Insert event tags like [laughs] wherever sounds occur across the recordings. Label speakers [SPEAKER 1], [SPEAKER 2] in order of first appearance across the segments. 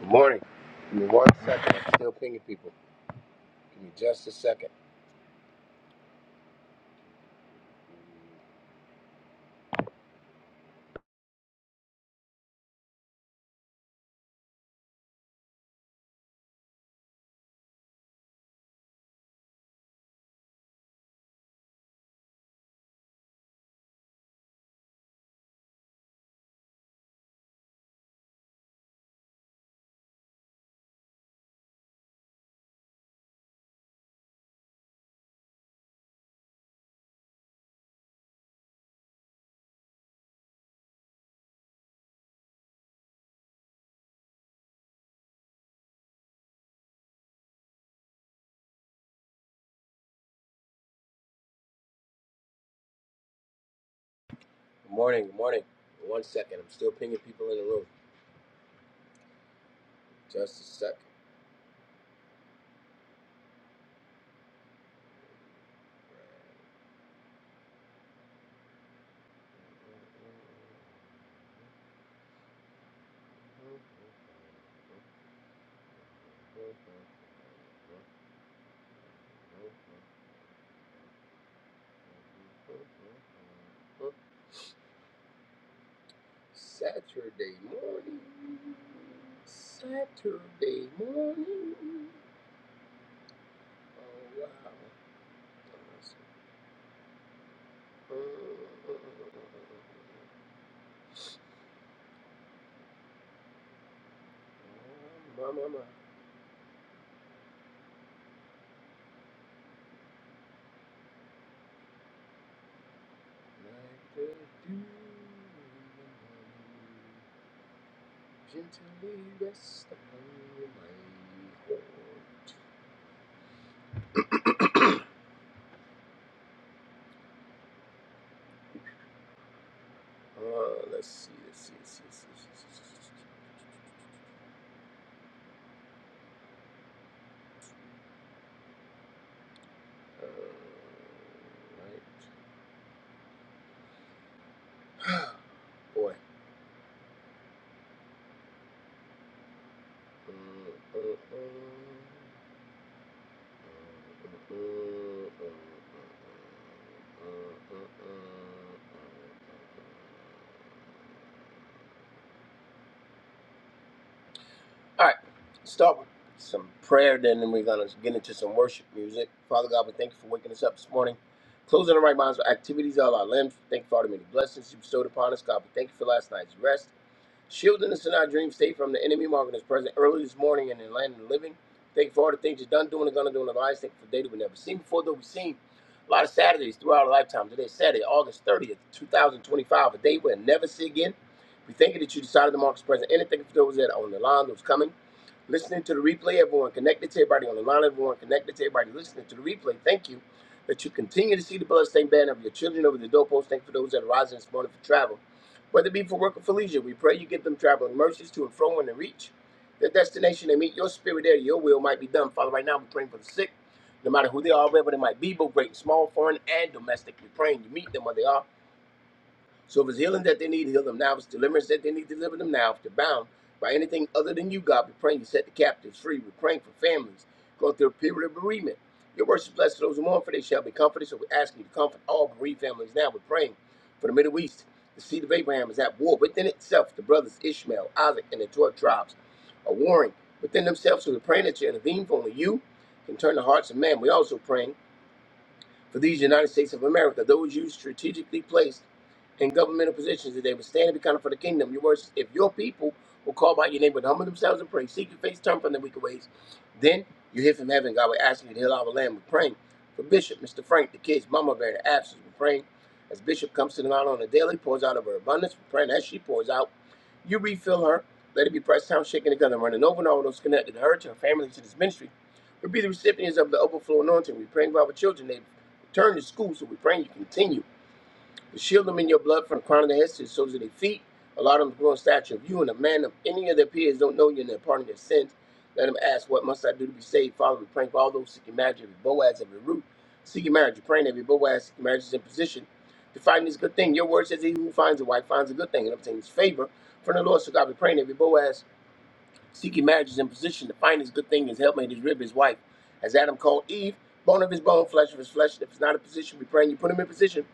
[SPEAKER 1] Good morning. Give me one second. I'm still pinging people. Give me just a second. Good morning. Good morning. One second. I'm still pinging people in the room. Just a second. Saturday morning. Saturday morning. Oh, wow. Mama, mama. Like the dew in the morning, gently rest upon my heart. Uh, let's see, let's see, let's see, let's see, let's see, let's see, let's see. Uh, right. [sighs] Boy. Uh, uh, uh. Uh, uh, uh, uh, uh, uh, uh, uh, uh, uh, uh, All right, start with some prayer, then and we're going to get into some worship music. Father God, we thank you for waking us up this morning. Closing the right minds with activities of our limbs. Thank you for all the many blessings you bestowed upon us, God. We thank you for last night's rest, shielding us in our dream state from the enemy, marking us present early this morning in the land of the living. Thank you for all the things you've done, doing, and going to do in our lives. Thank you for the day that we never seen before, though we've seen a lot of Saturdays throughout our lifetime. Today's Saturday, August 30th, 2025, a day we'll never see again. We thank you that you decided to mark us present. And thank you for those that are on the line, those coming listening to the replay. Everyone connected to everybody on the line. Everyone connected to everybody listening to the replay. Thank you that you continue to see the bloodstained banner of your children over the doorpost. Thank you for those that are rising this morning for travel. Whether it be for work or for leisure, we pray you give them traveling mercies to and fro and to reach their destination. They meet your spirit there. Your will might be done. Father, right now we're praying for the sick, no matter who they are, wherever they might be, both great and small, foreign and domestic. We're praying you meet them where they are so if it's healing that they need, heal them now. If it's deliverance that they need, deliver them now. If they're bound by anything other than you, God, we're praying to set the captives free. We're praying for families going through a period of bereavement. Your worship is blessed to those who mourn, for they shall be comforted. So we're asking you to comfort all bereaved families now. We're praying for the Middle East. The seed of Abraham is at war within itself. The brothers Ishmael, Isaac, and the 12 tribes are warring within themselves. So we're praying that you intervene, for only you can turn the hearts of man. We're also praying for these United States of America, those you strategically placed in governmental positions, that they would stand and be counted for the kingdom. Your words, if your people will call by your name, would humble themselves and pray, seek your face, turn from their wicked ways, then you hear from heaven. God will ask you to heal our land. We're praying for Bishop, Mr. Frank, the kids, Mama Bear, the absence. We're praying as Bishop comes to the line on a daily, pours out of her abundance. We're praying as she pours out, you refill her. Let it be pressed down, shaken together, and running over, and all those connected to her, to her family, to this ministry. We'll be the recipients of the overflow anointing. We pray for our children. They Turn to school so we pray you continue to shield them in your blood from the crown of their heads to the soles of their feet. Allow them to grow in stature of you and a man of any of their peers don't know you and they're pardon their sins. Let them ask, What must I do to be saved? Father, we pray for all those seeking marriage, every Boaz, every Ruth Seeking marriage, we pray every Boaz, seeking marriage is in position to find this good thing. Your word says, He who finds a wife finds a good thing and obtains favor from the Lord. So God, we pray every Boaz. Seeking marriage is in position. The finest good thing is helpmate, his rib, his wife. As Adam called Eve, bone of his bone, flesh of his flesh. If it's not a position, we praying you put him in position.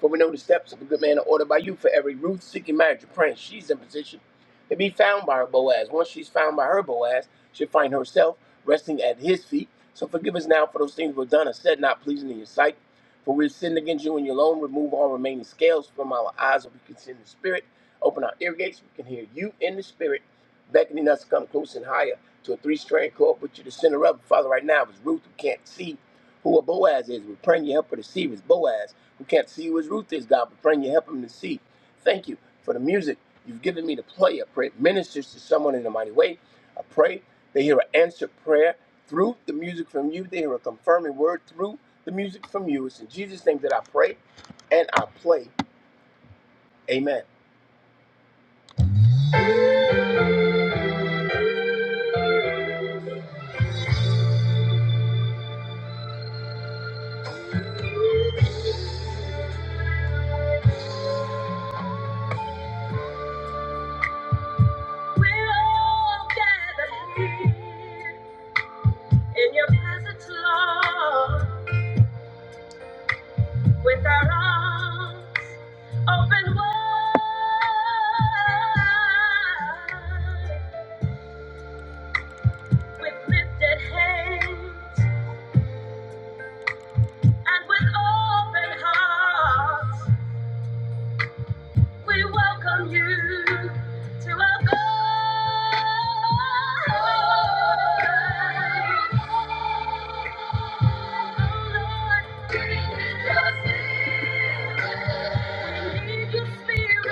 [SPEAKER 1] For we know the steps of a good man are ordered by you. For every Ruth seeking marriage, you're praying she's in position to be found by her Boaz. Once she's found by her Boaz, she'll find herself resting at his feet. So forgive us now for those things we've done or said not pleasing in your sight. For we've sinned against you and you alone. Remove all remaining scales from our eyes so we can see in the spirit. Open our ear gates, so we can hear you in the spirit beckoning us to come close and higher to a three-strand cord, put you to the center of it. Father, right now, if it's Ruth who can't see who a Boaz is, we're praying you help her to see if it's Boaz who can't see who his Ruth is, God. We're praying you help him to see. Thank you for the music you've given me to play. I pray it ministers to someone in a mighty way. I pray they hear an answered prayer through the music from you. They hear a confirming word through the music from you. It's in Jesus' name that I pray and I play. Amen. We're all gathered here In your presence, Lord, with our arms open wide, with lifted hands and with open hearts, We welcome you to our Oh Oh Lord, Lord, we We need need Your spirit. We need Your spirit.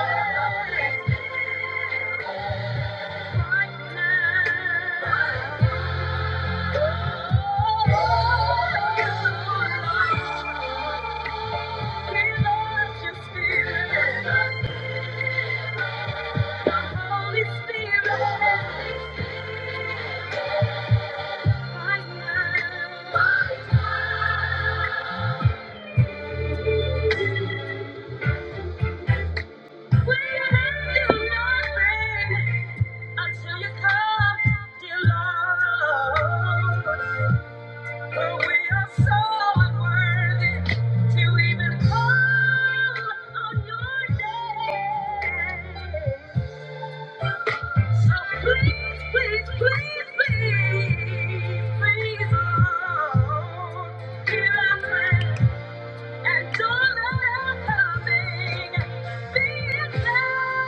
[SPEAKER 1] spirit Your spirit. Holy Spirit, right now. nothing until you come, dear Lord. For we are so unworthy to even call on your name. So please, please, please, please, please, Lord, hear our prayer and don't let our coming be in vain.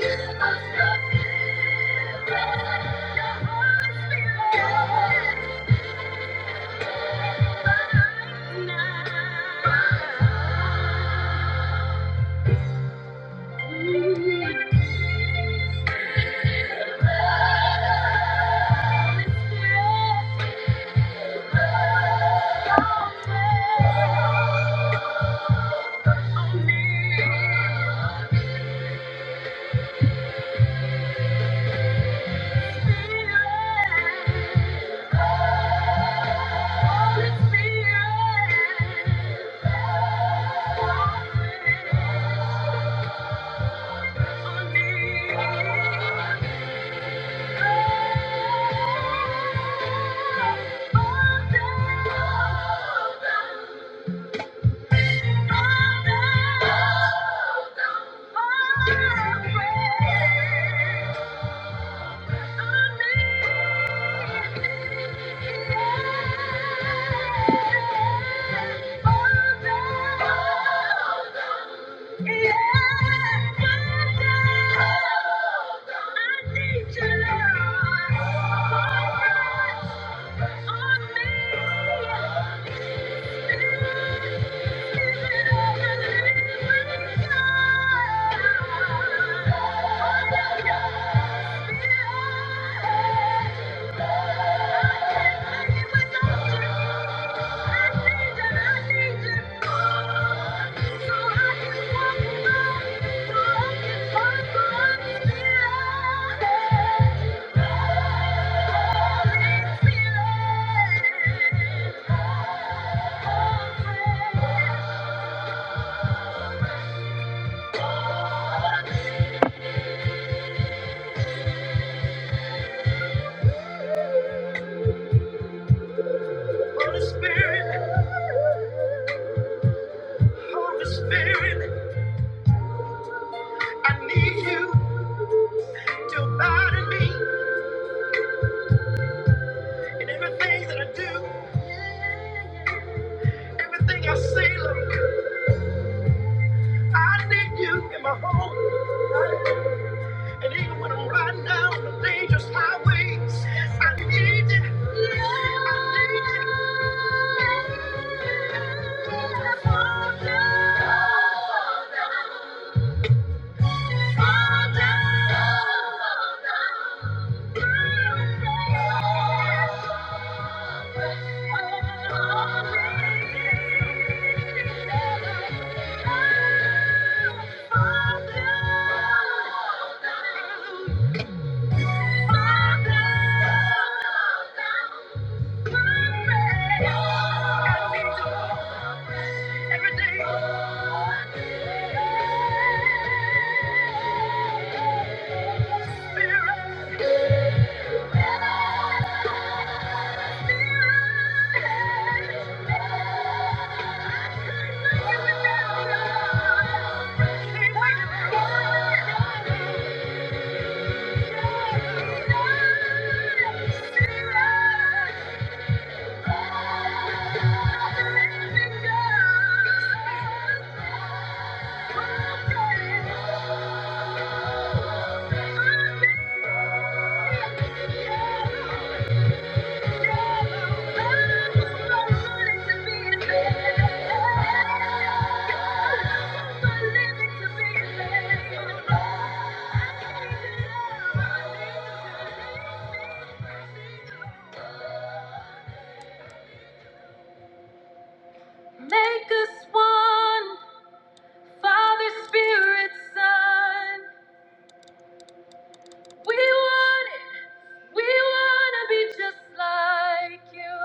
[SPEAKER 1] Give us the your spirit. Thank you. Oh, Yeah. Holy Spirit, Holy Spirit, I need you to abide in me in everything that I do, everything I say, Lord. I need you in my home, and even when I'm riding down the dangerous highways, I need you. I need you. Father, Thank you. Thank you. Make us one, Father, Spirit, Son. We want it. We want to be just like you.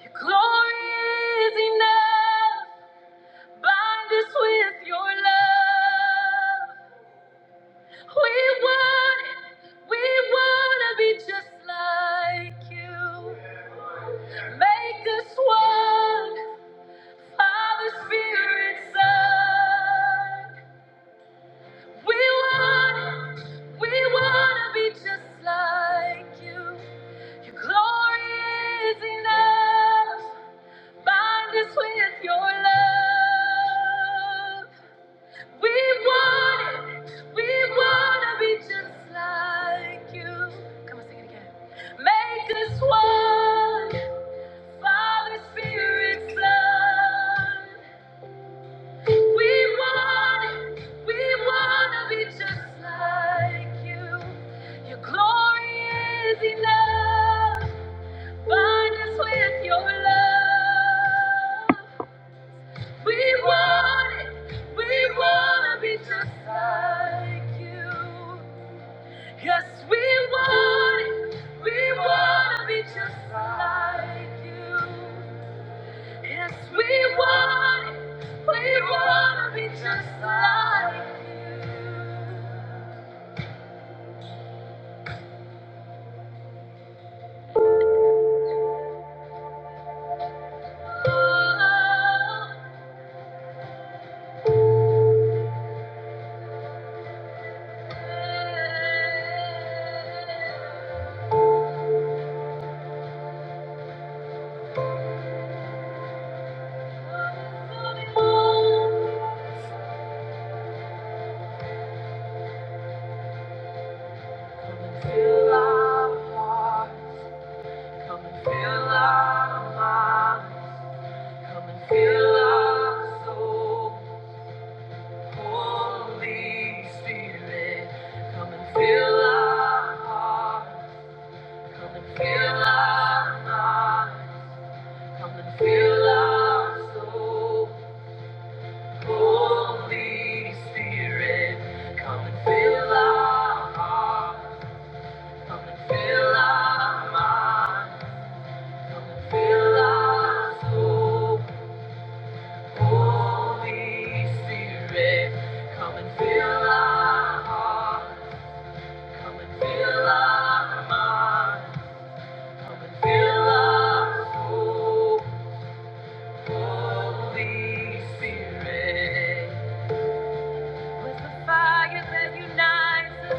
[SPEAKER 1] Your glory is enough. Bind us with your love. We want it. We want to be just like you. Make us one, Father, Spirit, Son. We want, we want to be just like you. Your glory is enough. Bind us with your love. We want it. We want to be just like you. Come on, sing it again. Make us one. Father, Spirit, Son. We want it. We want to be just like you. Your glory is enough. Bind us with your love. We want it. We want to be just like you. Yes, we want it. We want to be just like you. Yes, we want it. We want to be just like you. Oh, yeah. Come and fill our hearts. Come and fill our minds. Come and fill our soul. Holy Spirit, come and fill our hearts. Come and fill our minds. Come and fill our soul. Holy Spirit, come and fill our hearts. Come and fill our minds. Come and fill our soul. Holy Spirit, come and fill our hearts. Come and fill our minds. Come and fill our soul. Holy Spirit, with the fire that unites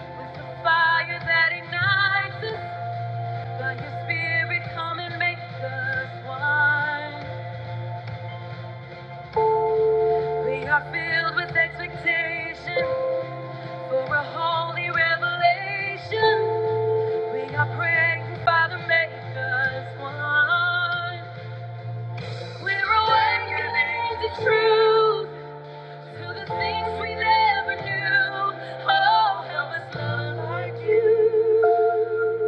[SPEAKER 1] with the fire that ignites us, your Spirit, come and make us one. We are filled with expectation for a holy revelation. We are praying, Father, make us one. We're awakening to truth. To the things we never do. Oh, help us love like you.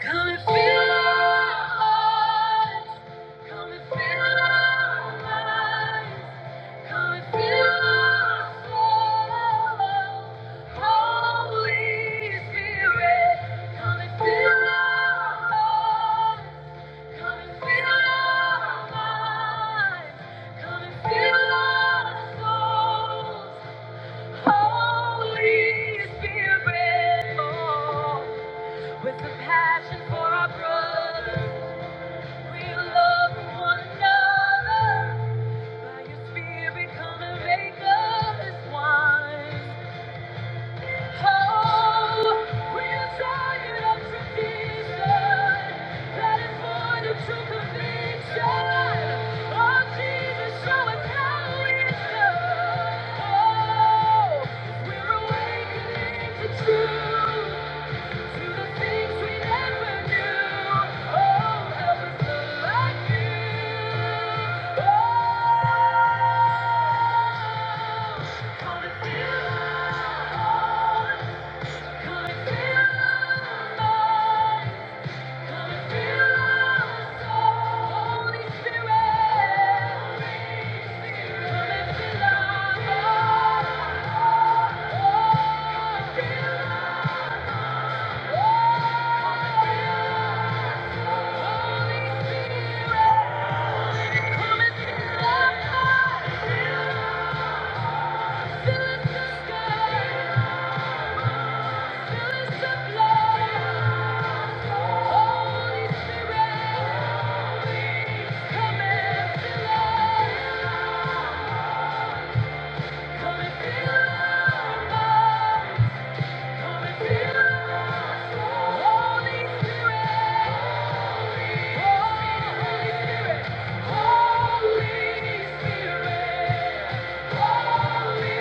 [SPEAKER 1] Come and fill our hearts. Come and fill our minds. Come and fill our soul. Holy Spirit, come and fill our hearts. Come and fill our minds. Come and fill our souls. Holy Spirit, oh. With a passion for our brothers, we love one another. By your spirit, come and make us one. Oh, we are tired of tradition. That is for the true conviction. Oh, Jesus, show us how it's done. Oh, we're awakening to truth. Oh Come and feel us. Holy Spirit, Holy Spirit, Holy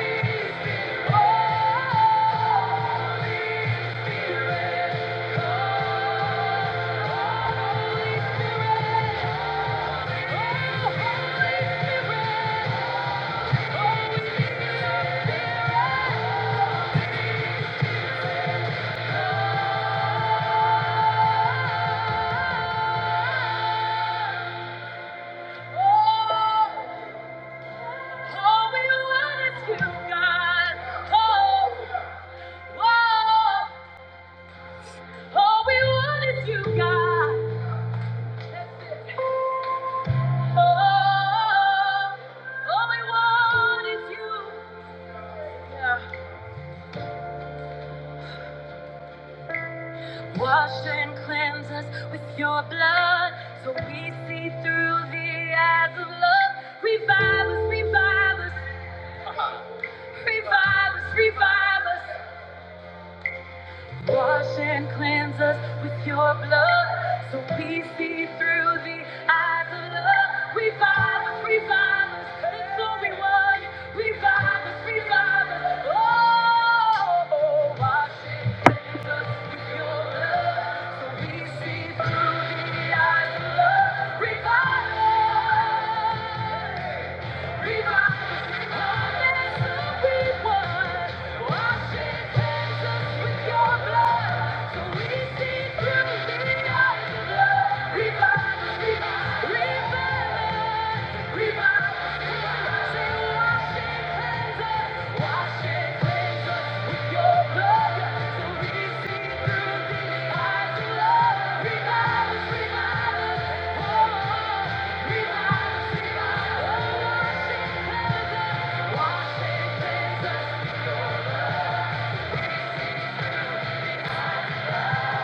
[SPEAKER 1] Spirit, oh. All we want you, God. Oh, whoa. All we want you, God. That's Oh, all we want you. Yeah. Wash and cleanse us with your blood so we see through the eyes of love. Revive us, revive us, revive us, revive us. Wash and cleanse us with your blood so we see through the eyes of love. Revive us, revive us. That's all we want. Revive us, revive us. Oh, wash and cleanse us with your blood so we see through the eyes of love. Revive us. Revive us, revive That's all we want. Wash and cleanse us with your blood.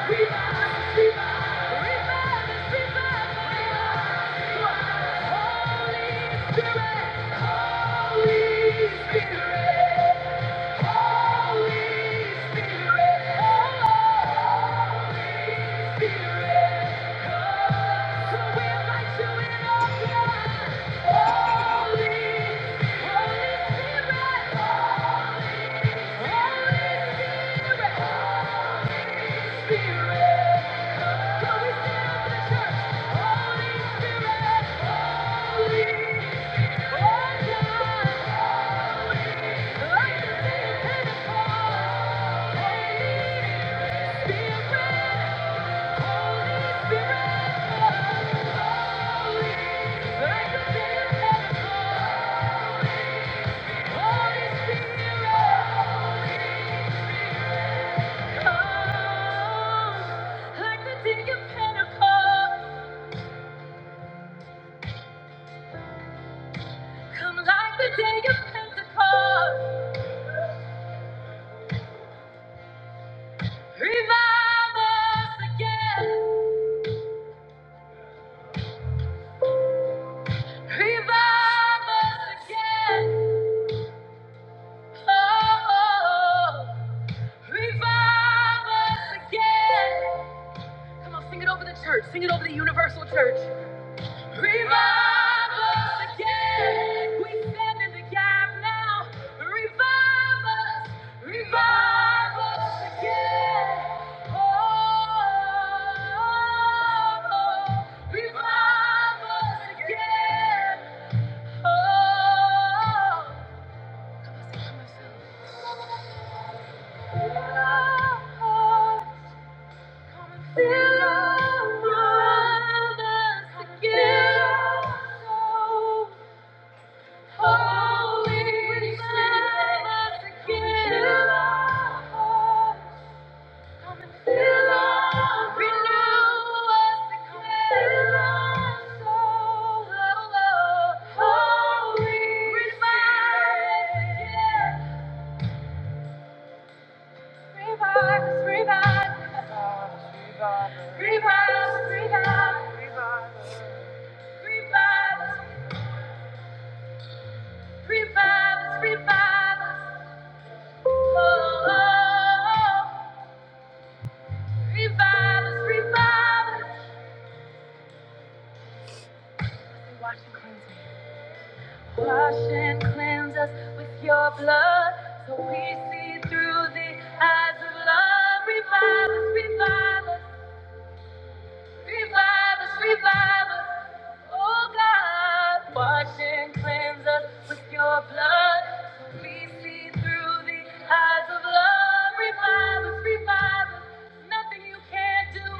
[SPEAKER 1] Holy Spirit! Like the day of Pentecost, come like the day of Pentecost. Revive us again. Revive us again. Oh, revive us again. Come on, sing it over the church. Sing it over the universal church. Revive us again. We stand in the gap now. Revive us. Revive us again. Oh, revive us again. Oh, come on, Come and fill us. Revive us. again. Revive us, revive us, revive us. Oh, oh, oh. Revive us, revive us. So Wash and cleanse us. Wash and cleanse us with your blood so we see through the eyes of love. Revive us, revive us. Revive us, revive us, oh God. Wash and cleanse us with your blood. We see through the eyes of love. Revive us, revive us. Nothing you can't do.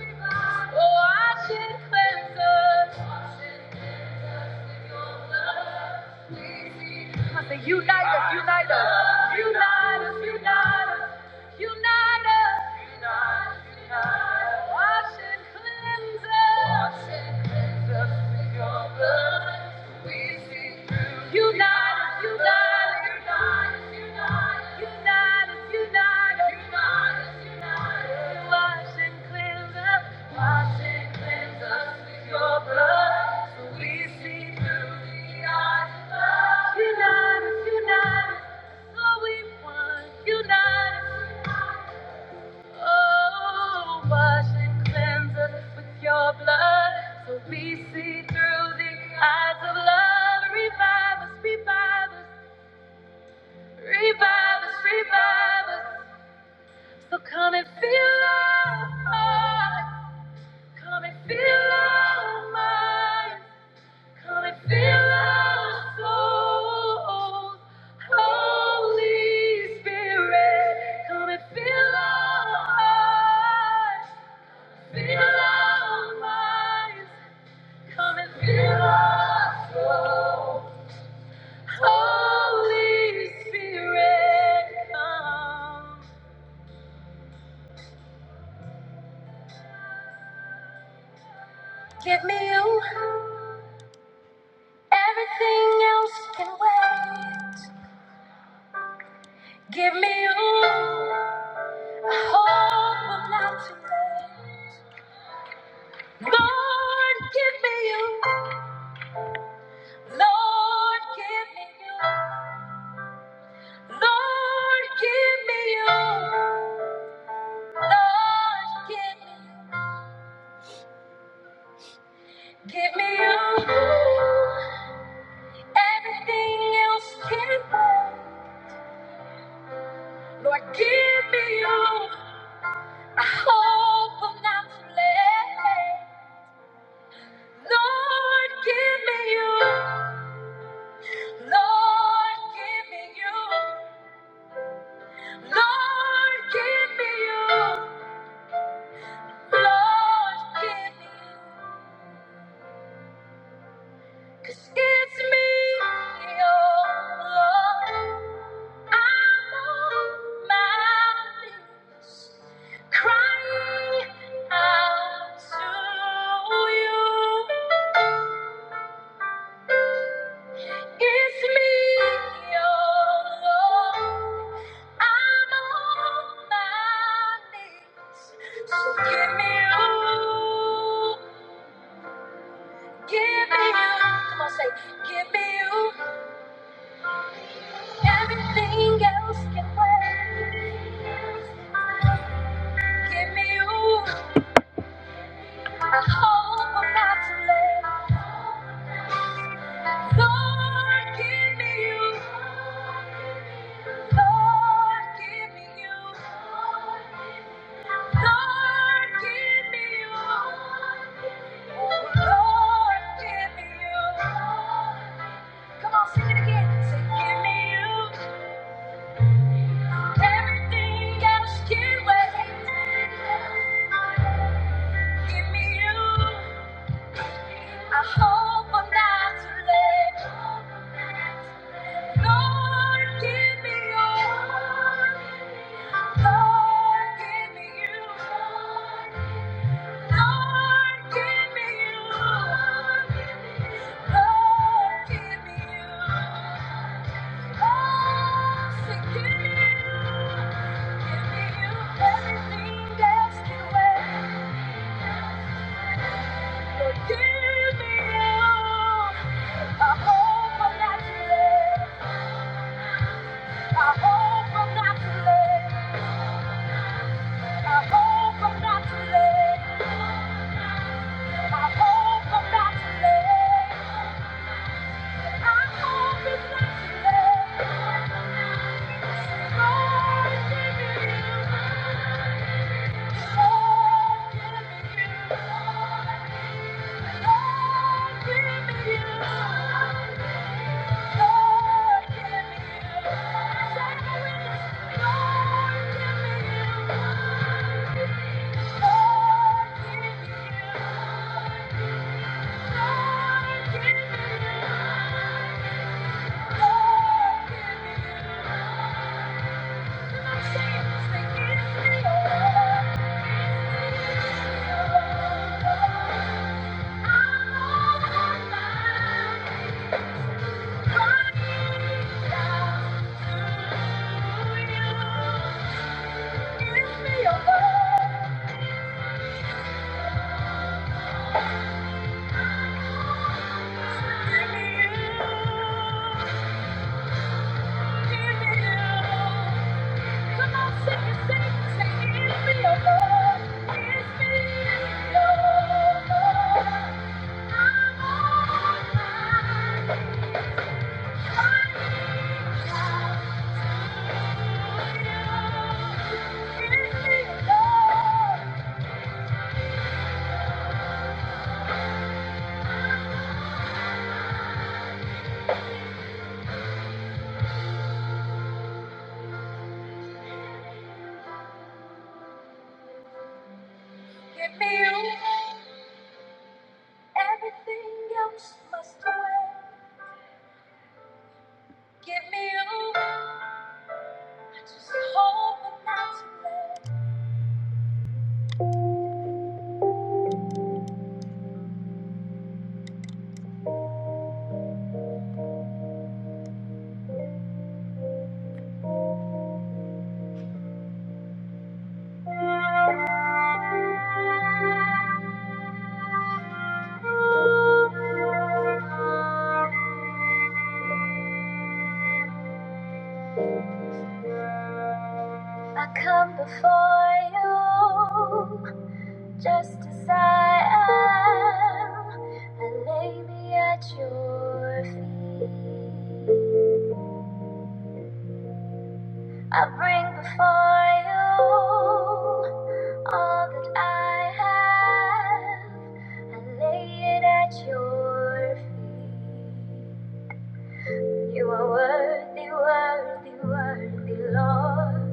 [SPEAKER 1] Revive us. revive us. Oh, wash and cleanse us. Wash and cleanse with your blood. We see through Come on, say, Unite us, unite us, unite us, unite us, unite us. Wash and cleanse us. Wash and cleanse us with your blood. We see through. Unite us, unite us, unite us, unite us, unite us, unite us, Wash and cleanse us. Wash and cleanse us with your blood. So we see through the eyes of love. Unite us, unite us. That's all we want. Unite us. Oh, wash and cleanse us with your blood so we see through the eyes of love. Revive us, revive us, revive us, revive us. So come and feel our hearts, come and feel our minds, come and feel our souls. Holy Spirit, come and fill our hearts. Feel our minds, come and fill our soul. Holy Spirit, come. Give me you, everything else can wait. Give me you, I hope will not too late. Lord, give me you. Lord, give me you. Lord, give me you. Lord, give me you. Give me you. Everything else can wait. Lord, give me you. I hope I'm not too late. Lord, give me you. Lord, give me you. Lord, give me you. Lord, give me you. Cause it's me, your Lord. I'm on my knees, crying out to you. It's me, your Lord. I'm on my knees, so give me you, give me you. Come on, say, give me you. Everything else can wait. Give me you. I hope I'm not too late. Lord, give me you. Lord, give me you. Lord, give me you. Oh, Lord, give me you. Come on, sing it again. Say, give me you. Everything else can wait. Give me you. I hope I'm not too late. Lord, give me you. Lord, give me you. Lord, give me you. Lord, give me you. Oh, say, give me, you. give me you. Everything else can wait. Lord, give me you. I hope I'm not too late. My hope I'm not too late. My hope I'm not too late. My hope I'm not too late. I hope it's not too late. Lord, give me you. Lord, give me you. Lord, give me you. Lord, give me you. Lord, give me you. Give me your you. Come on, sing it, sing it, sing me, oh Lord. It's me, oh Lord. I'm on my crying out me, oh Lord. Give me you. Everything else must wait. Give me you. Just hope not to late. I come before you. Just as I am, I lay me at your feet. I bring before you all that I have. I lay it at your feet. You are worthy, worthy, worthy, Lord.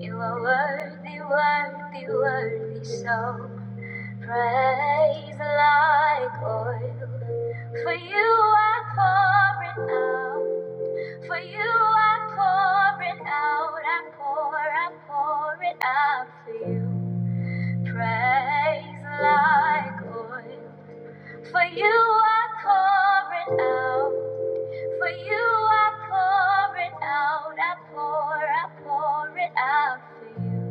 [SPEAKER 1] You are worthy, worthy, worthy, so. Praise like oil. For you I pour it out. For you I pour it out. I pour, I pour it out for you. Praise like oil. For you I pour it out. For you I pour it out. I pour, I pour it out for you.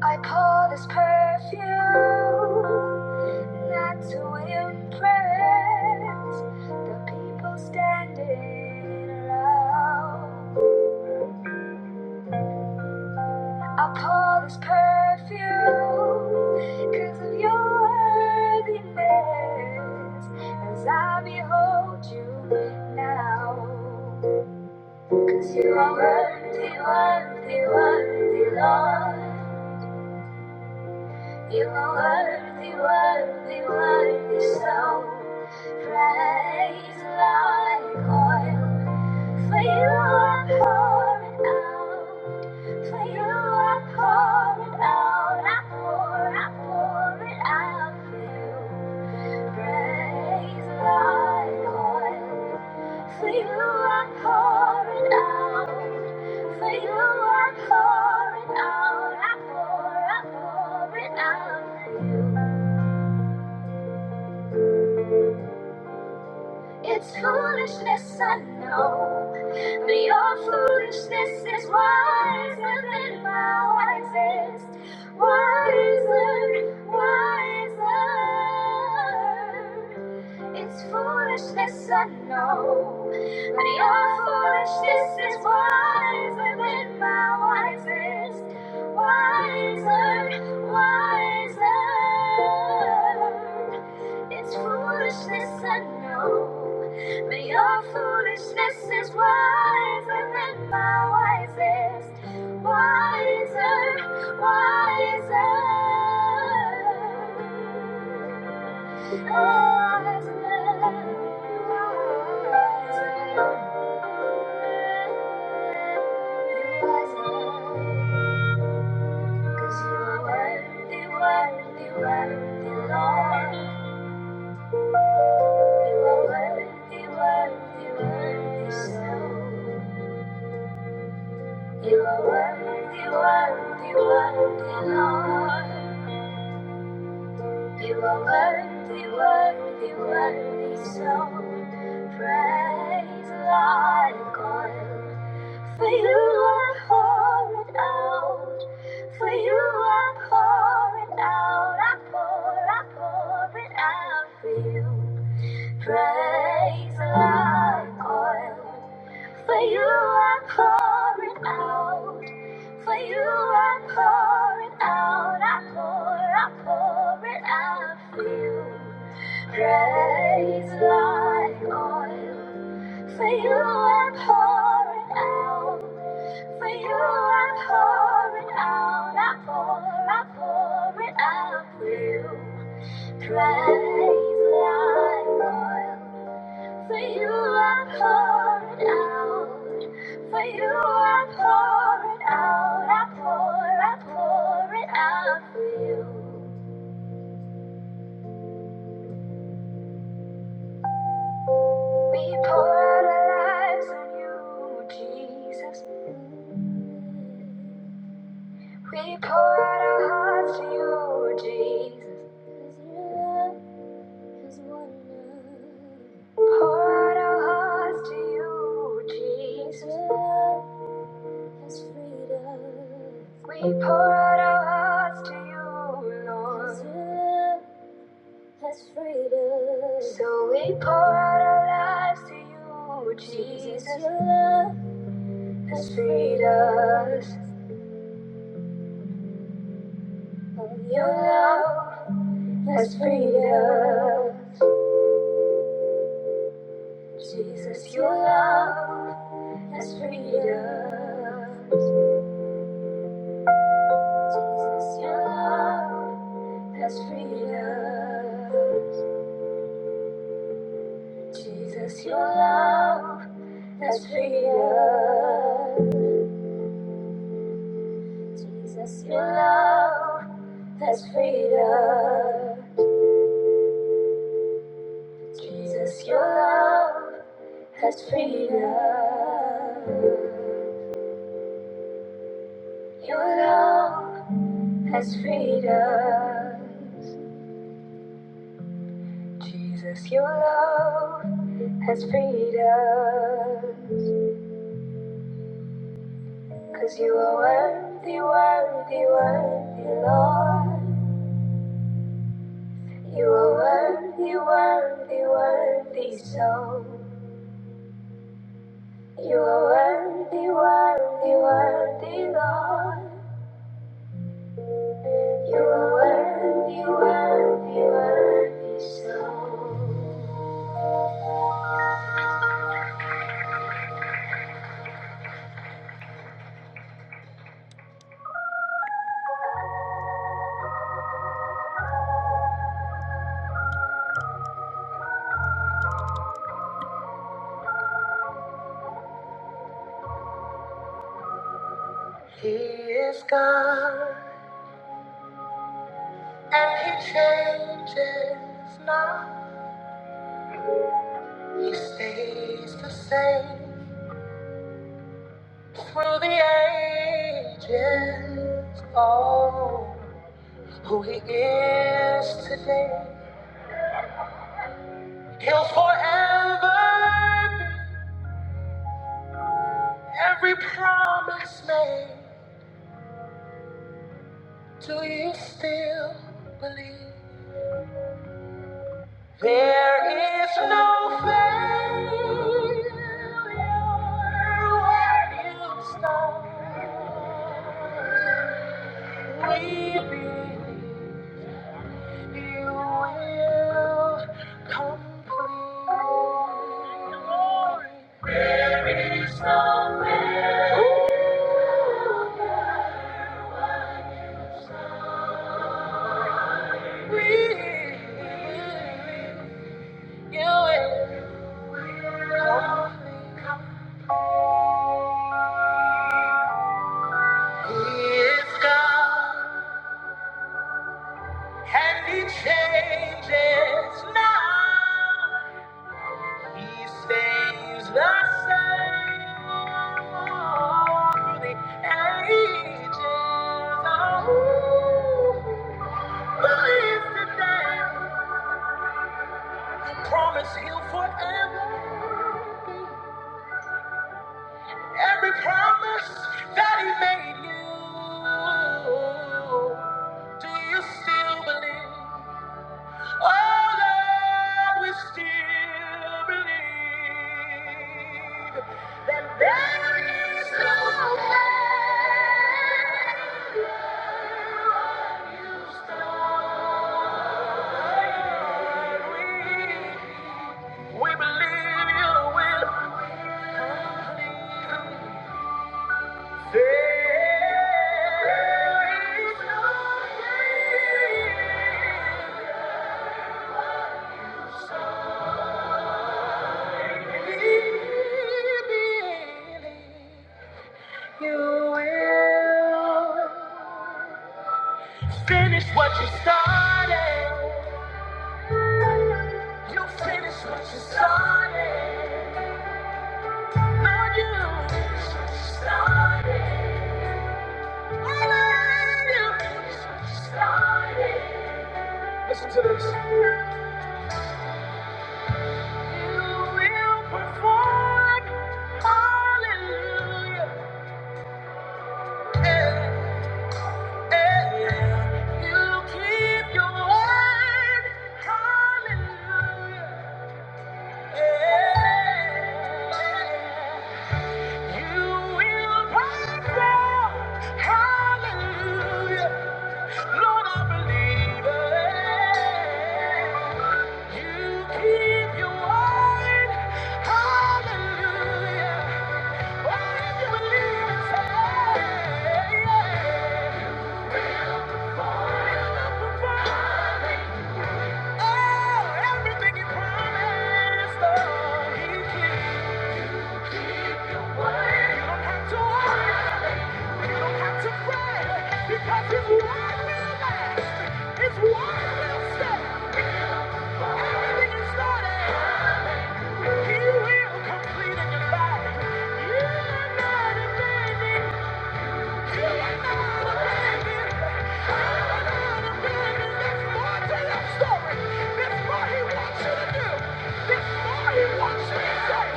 [SPEAKER 1] I pour this perfume not to impress the people standing around. I pour this perfume because of your worthiness as I behold you now. Because you are worthy, worthy, worthy, Lord. You are worthy, worthy, worthy, so praise like oil. For you I pour it out, for you I pour it out, I pour, I pour it out for you. Praise thy God. Faithful art pouring out. Faithful art pouring out. I pour, I pour it out for you. It's foolishness, I know. But your foolishness is wiser than my wisest. Wiser, wiser. It's foolishness, I know. But your foolishness is wiser than my wisest. Wiser, wiser. It's foolishness, I know. But your foolishness is wiser than my wisest. Wiser, wiser. Oh, wiser. Wiser. wiser. 'Cause you are worthy, worthy, worthy, Lord. You are worthy, worthy, worthy, so. You are worthy, worthy, worthy, Lord. You are worthy, worthy, worthy, so. Praise like oil. For you I pour it out. For you I pour it out. I pour, I pour it out for you. Praise like oil. For you I pour it out. For you I pour it out. I pour, I pour it out for you. Praise like oil. For you I pour it out. For you I pour it out, I pour, I pour it out for you. Praise like oil. For you I pour it out. For you I pour it out, I pour, I pour it out for you. We pour out our lives on you, Jesus. We pour out our hearts to you, Jesus. 'Cause your love is wonderful. Pour out our hearts to you, Jesus. your love has freed us. We pour out our hearts to you, Lord. 'Cause your love has freed us. So we pour out our lives to you, Jesus. Your love has freed us. Your love has freed us. Jesus, your love has freedom. Jesus, your love has freedom. Jesus, your love has freedom. Jesus, your love has freedom. Jesus, your love has freedom. Your love has freedom. Jesus, your love has freed us. 'Cause you are worthy, worthy, worthy, Lord. You are worthy, worthy, worthy, so. You are worthy, worthy, worthy, Lord. You are worthy, worthy, worthy, so. He is God, and He changes not. He stays the same through the ages. Oh, who he is today, he'll forever be. Every promise made, do you still believe? There is no failure where you start. We believe. You will Ages, oh. Believe today, He promised He'll forever. Every promise that He made you, do you still believe? Oh Lord, we still believe that there is no failure. You start. We believe you will save. We believe you will finish what you started. You finish what you started. you. will praise God. Hallelujah. Lord, I believe it. You keep your word. Hallelujah. Oh, if you believe it, say, yeah. Oh, everything you promised, oh, He keeps. You don't have to worry. You don't have to pray because His word will last. His word will stay. Everything you started, He will complete in your life. You're not abandoned. You're not abandoned. You're not abandoned. There's more to your story. There's more He wants you to do. There's more He wants you to say.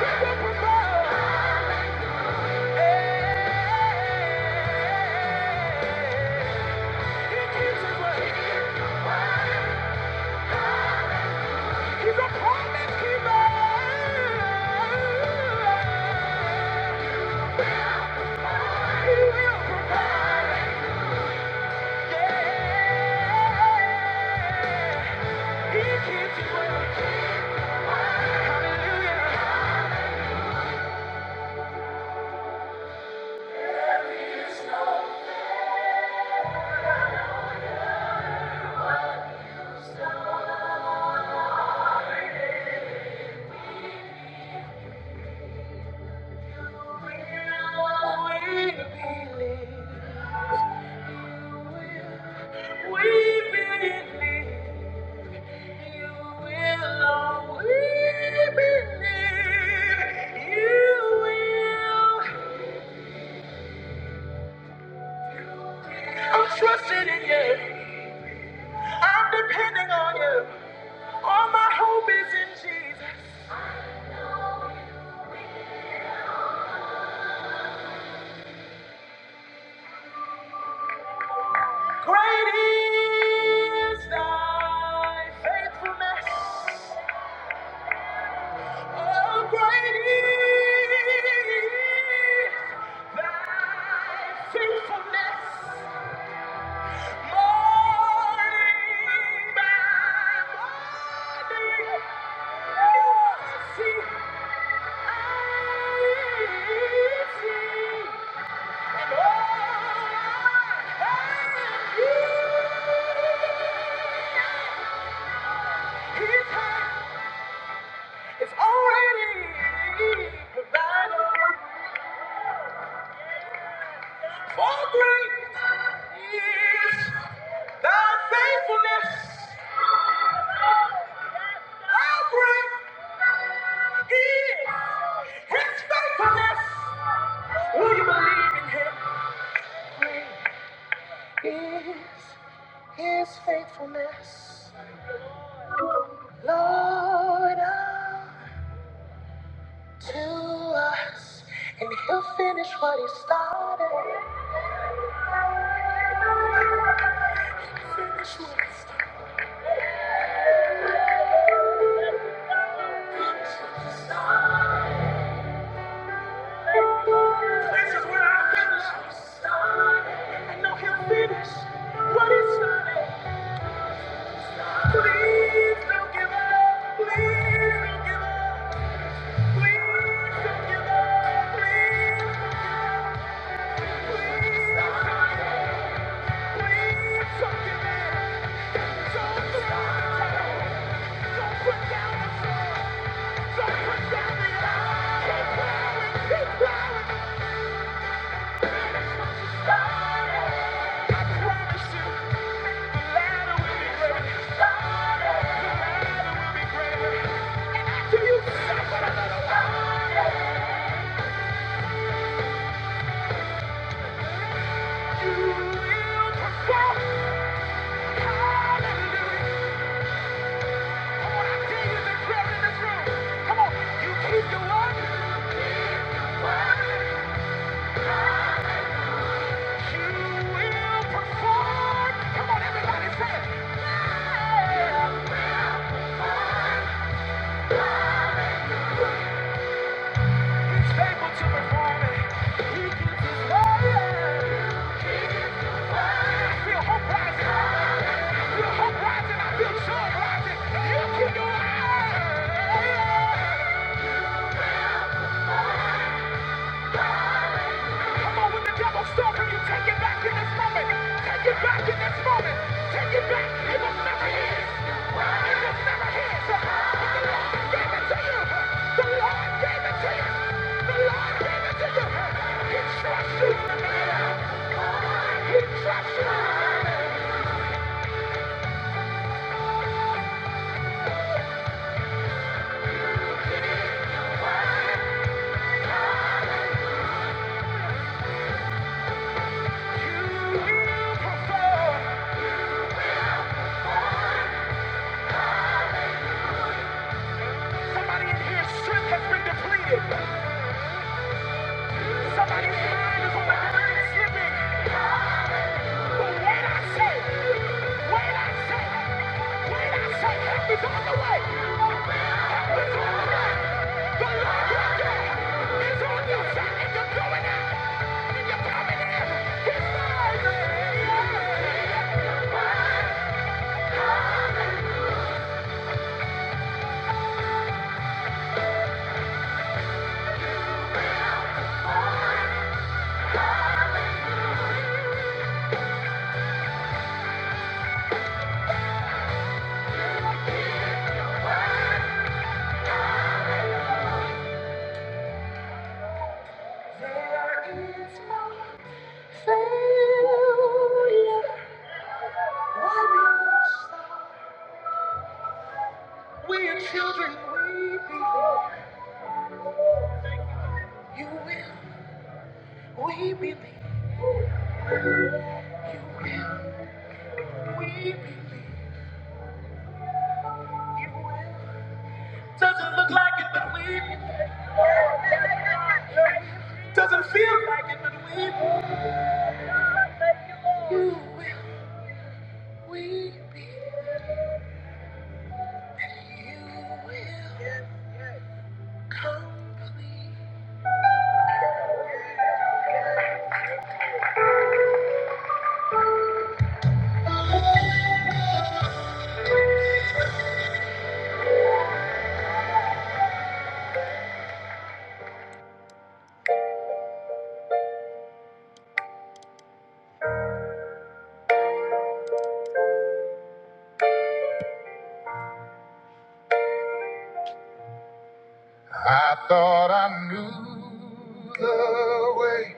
[SPEAKER 1] He will provide. He gives you what He's a promise keeper. He will provide. Yeah. We believe you will We believe you will. I'm trusting in you. I'm depending on you. All my hope is in Jesus. Great is thy faithfulness. Oh, great is thy Morning by morning, new mercy I see. And all I have is already provided. For great is Thy faithfulness, how great is. His faithfulness. Will you believe in him? Great is his faithfulness, Lord, to us. And he'll finish what he started. Finish what he started. This is where I finish. I know he'll finish. Please, thank you, Lord. He started. You will perform. Hallelujah. You Keep your eyes. Come on, when the devil's stalking you, take it back in this moment. Take it back in this moment. Take it back. It was never his. It was never his. But The Lord gave it to you. The Lord gave it to you. The Lord gave it to you. He trusts you. He trusts you. You will perform. Somebody in here, strength has been depleted. Somebody's mind is on the ground and slipping. We are children. We believe you will. We believe you will. We believe. Doesn't look like it, but we believe. Doesn't feel like it, but we believe. You will. We believe. I thought I knew the way.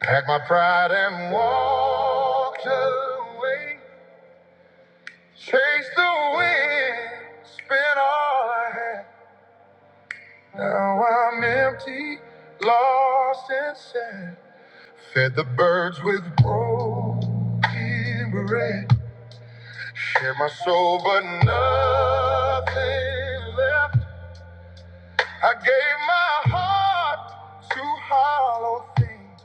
[SPEAKER 1] Packed my pride and walked away. Chased the wind, spent all I had. Now I'm empty, lost and sad. Fed the birds with broken bread. Shared my soul, but nothing left. I gave my heart to hollow things.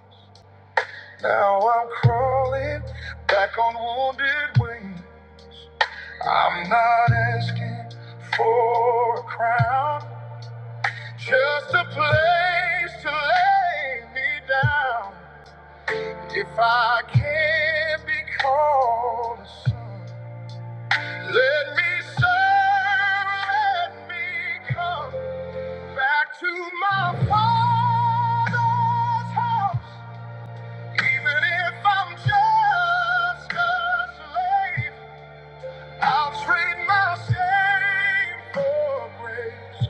[SPEAKER 1] Now I'm crawling back on wounded wing. I'm not asking for a crown, just a place to lay me down. If I can be called a son, let me serve, let me come back to my father's house, even if I'm just a slave. I'll trade my shame for grace.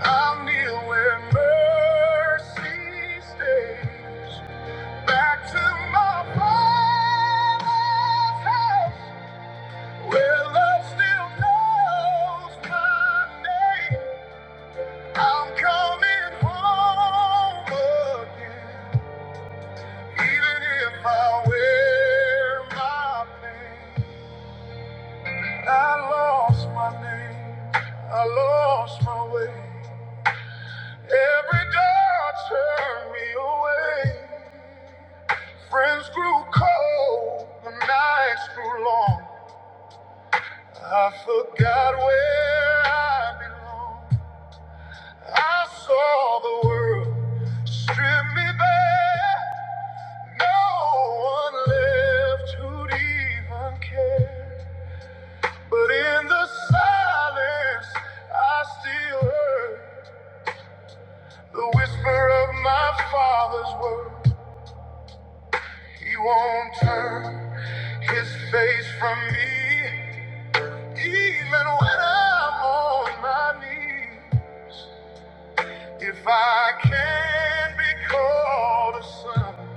[SPEAKER 1] I'll kneel where mercy stays. Back to my father's house, where love still knows my name. I'm coming home again, even if I wear my pain. I lost my name, I lost my way. Every door turned me away. Friends grew cold, the nights grew long. I forgot where I belong. I saw the world strip me bare. No one left who'd even care. But in the silence, I still heard. The whisper of my father's word, he won't turn his face from me, even when I'm on my knees. If I can be called a son,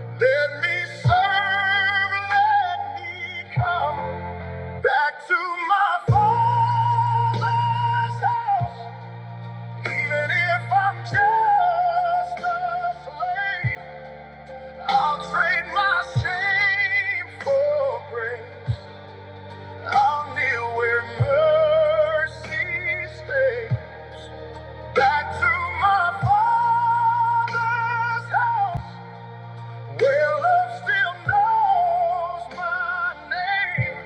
[SPEAKER 1] let me serve, let me come back to my father's house, even if I'm just a slave. I'll trade my shame for grace. I'll kneel where mercy stays. Back to my father's house, where love still knows my name.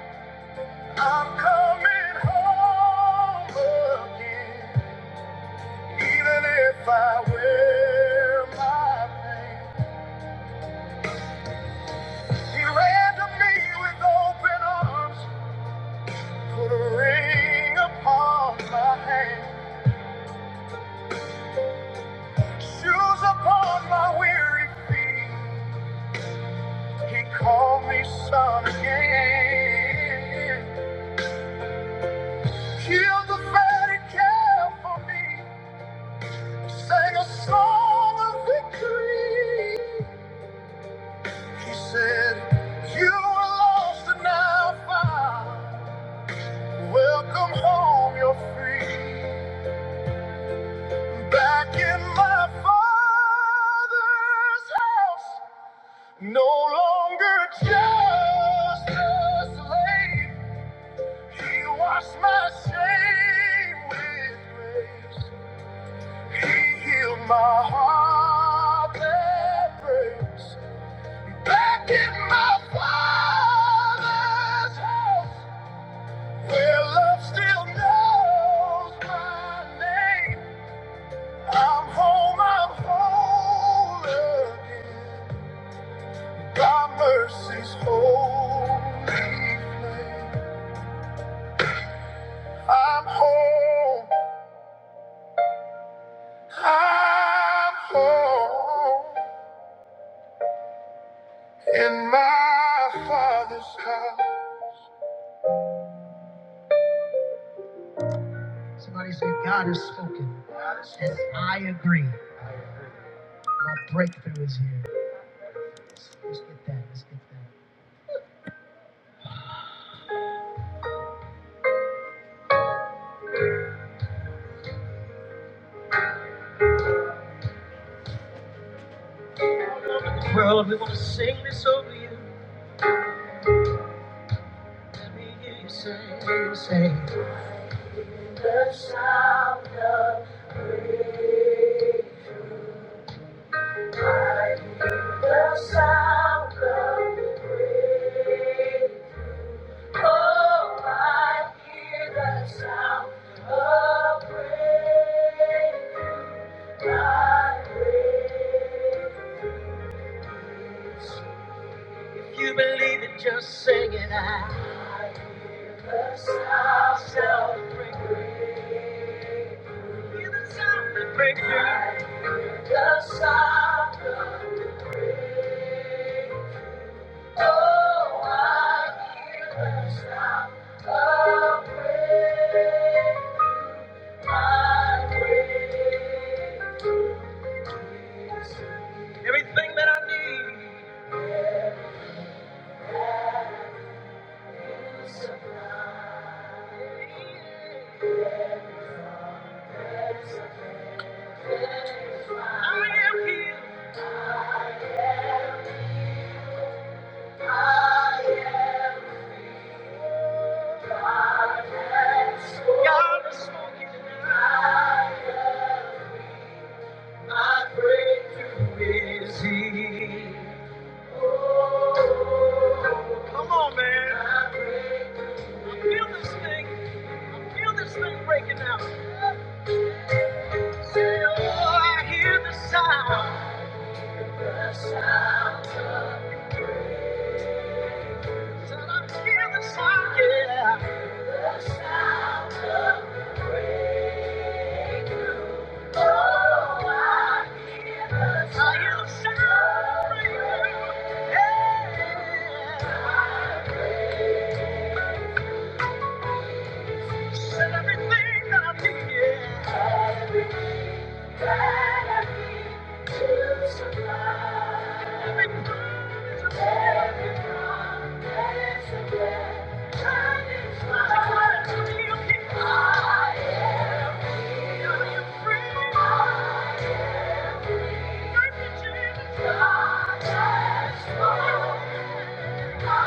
[SPEAKER 1] I'm coming home again, even if I wear my pain. He ran to me with open arms. Put a ring upon my hand, shoes upon my weary feet. He called me son again. Killed the fatty calf for me, sang a song of victory. He said, You were lost and now found. Welcome home, you're free. Back in my father's house. No longer just a slave, he washed my shame with grace. He healed my heart that breaks. Back in my father's house, where love still knows my name. I'm home, I'm whole again. Thy mercy's holy flame. I'm home. I'm home in my father's house. Well, we want to sing this over you. You say if you believe it, just hear the sound that breaks through. I am here. God is smoking. now. Come on, man. I feel this thing. I feel this thing breaking out. Say, oh, I hear the sound. Said I hear the sound. Yeah. Thank you. Thank you.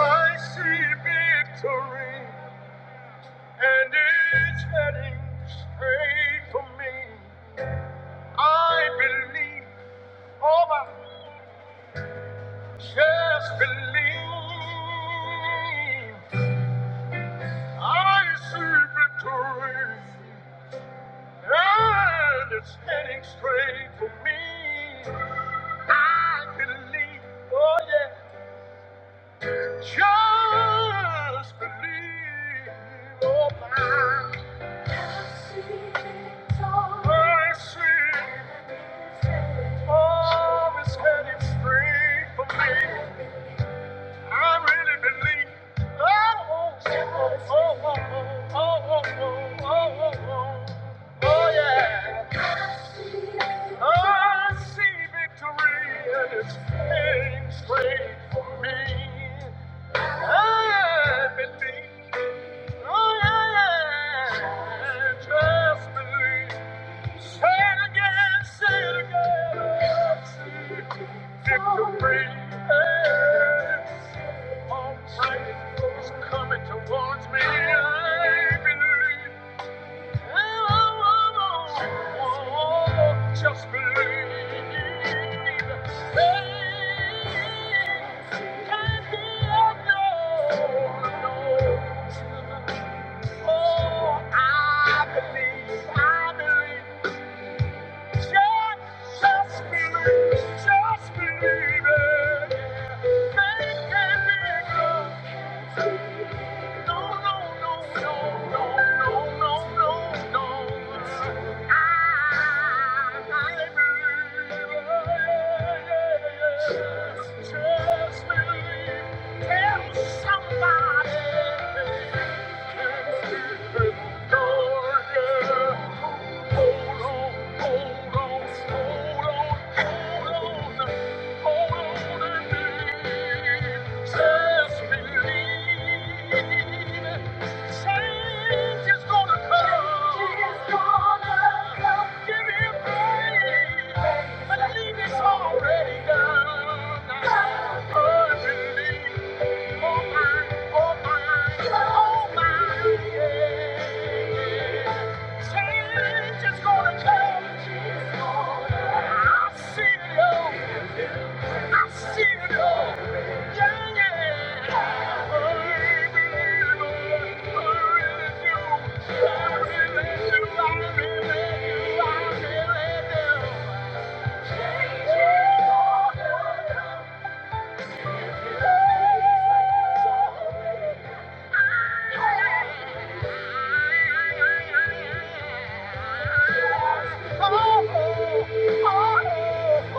[SPEAKER 1] I see victory, and it's heading straight for me. I believe, oh my, just believe. I see victory, and it's heading straight for me. I believe, oh yeah, just believe, oh my. I see, victory, I see, oh, it's heading straight for me. I really believe. Oh, oh, oh, oh, oh, oh, oh, oh, oh, oh, oh, oh, yeah. I see victory and it's heading for me. I believe. Oh, yeah, yeah. Just believe. Say it again, say it again. Victory. Almighty force I believe. And I want just believe. Faith can't be no, no. Oh, I believe, I believe. Just, just believe, just believe it. Faith can be no. Somebody can keep it door, yeah. Already done. Oh my, oh my, oh my, yeah. Change gonna come. I see it all. I see it all. Yeah, yeah. I believe it. I really do. I really do. I really do. I really do. Change gonna come. Oh, oh,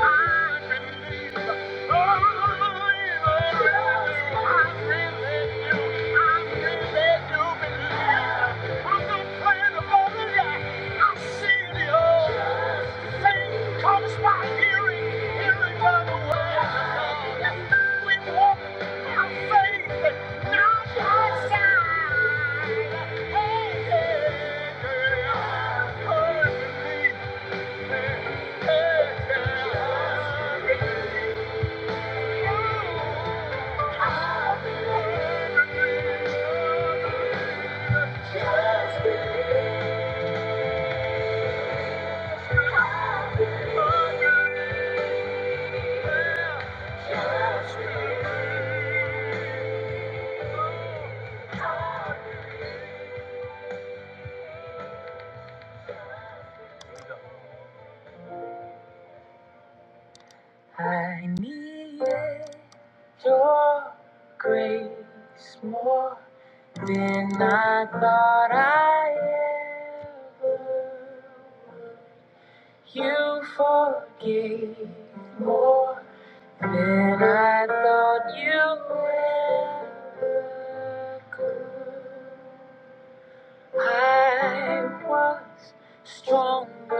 [SPEAKER 1] oh, oh, oh. Thank you.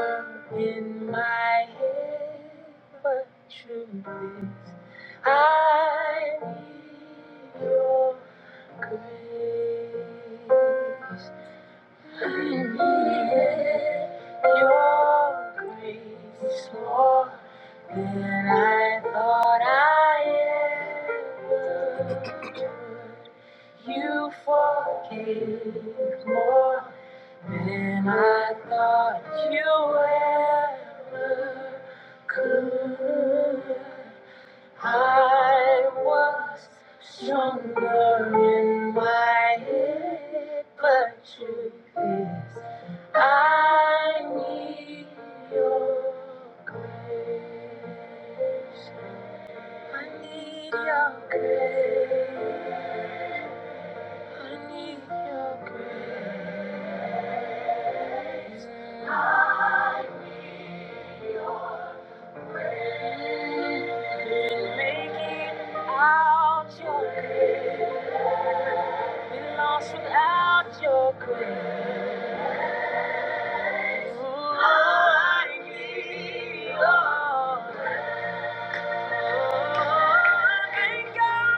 [SPEAKER 1] whisper in my head, but truth is, I need your grace. I I I your grace more than I thought I ever could. You forgave more than I thought you ever could. I was stronger in my head, but truth is, I need your grace. I need your grace. Make it out your grace. Be lost without your grace. I need your grace. Thank God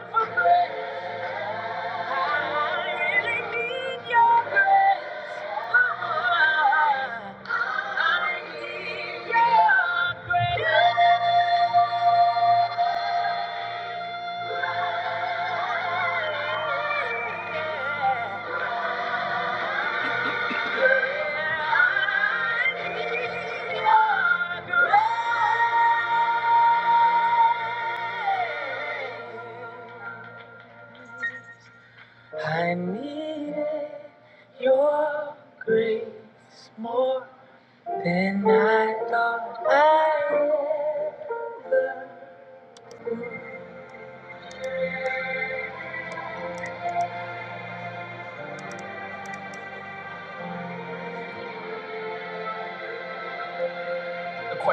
[SPEAKER 1] The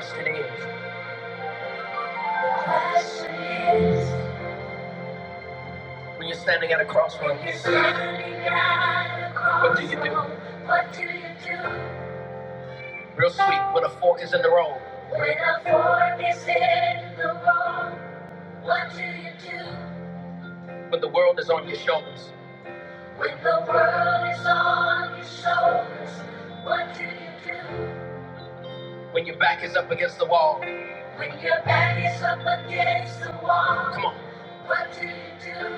[SPEAKER 1] question is, when you're standing at a crossroads, what do you do? What do you do? Real sweet, when a fork is in the road. When a fork is in the road, what do you do? When the world is on your shoulders. When the world is on your shoulders, what do? When your back is up against the wall. When your back is up against the wall. Come on. What do you do?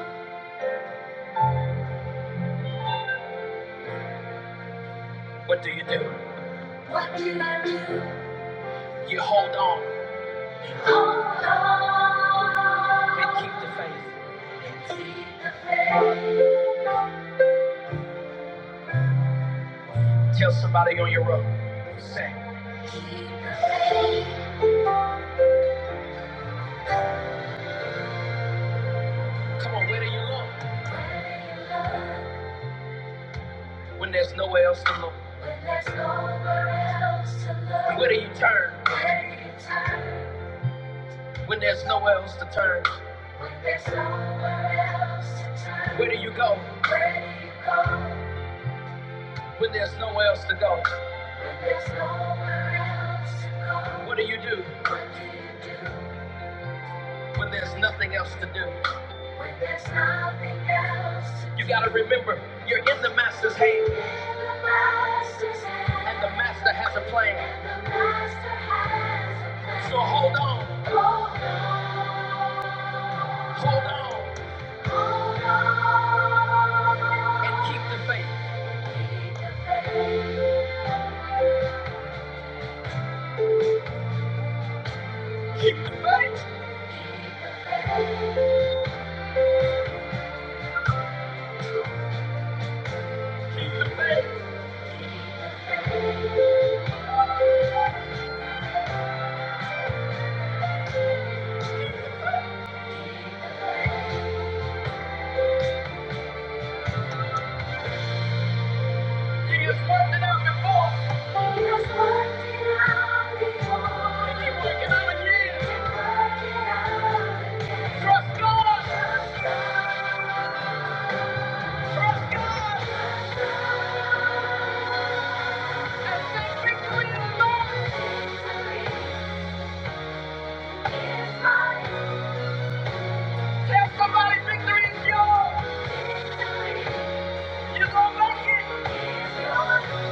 [SPEAKER 1] What do you do? What do you do? You hold on and keep the. Tell somebody on your road. Say. Keep the faith. Come on, where do you go? Where do you go? When there's nowhere else to look. When there's nowhere else to look. Where do you turn? Where do you turn? When there's nowhere else to turn, when there's nowhere else to turn, where do you go? Where do you go? When there's nowhere else to go, when there's nowhere else to go, what do you do? What do you do? When there's nothing else to do, when there's nothing else to do, you gotta remember you're in the master's hand, in the master's hand, and the master has a plan. And the master has a plan. So hold on, Hold on. he has worked it out before. Trust God. Trust God. Tell somebody victory is yours. You're gonna make it.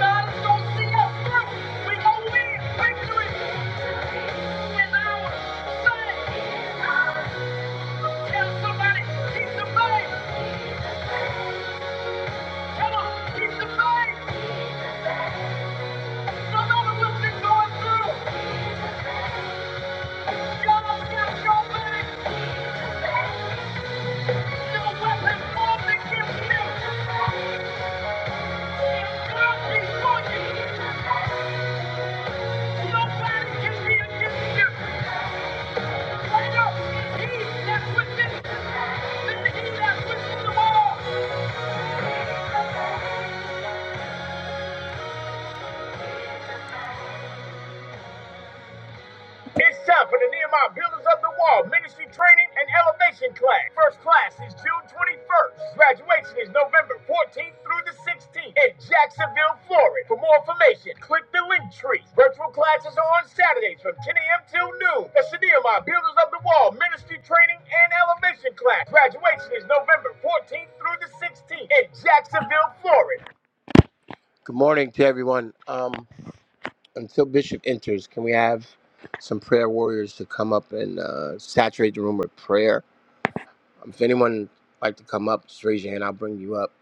[SPEAKER 1] God is gonna see us through. We gonna win. Victory is ours. Say it. Tell somebody. Keep the faith. Come on. Keep the faith. No matter what you're going through, God's got your back. No weapon formed against you. Thank you. It's time for the Nehemiah Builders of the Wall Ministry Training and Elevation Class. First class is June 21st. Graduation is November 14th through the 16th in Jacksonville, Florida. For more information, click the link tree. Virtual classes are on Saturdays from 10 a.m. till noon. That's the Nehemiah Builders of the Wall Ministry Training and Elevation Class. Graduation is November 14th through the 16th in Jacksonville, Florida. Good morning to everyone. Um until Bishop enters, can we have some prayer warriors to come up and uh, saturate the room with prayer? Um, if anyone like to come up, just raise your hand. I'll bring you up.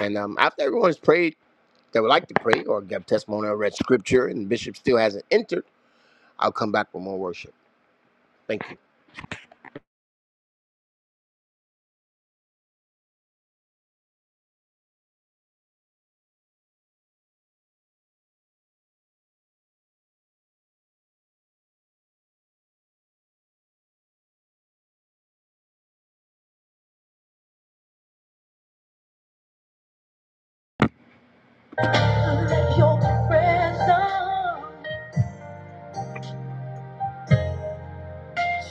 [SPEAKER 1] And um, after everyone's prayed that would like to pray or give testimony or read scripture, and Bishop still hasn't entered, I'll come back with more worship. Thank you.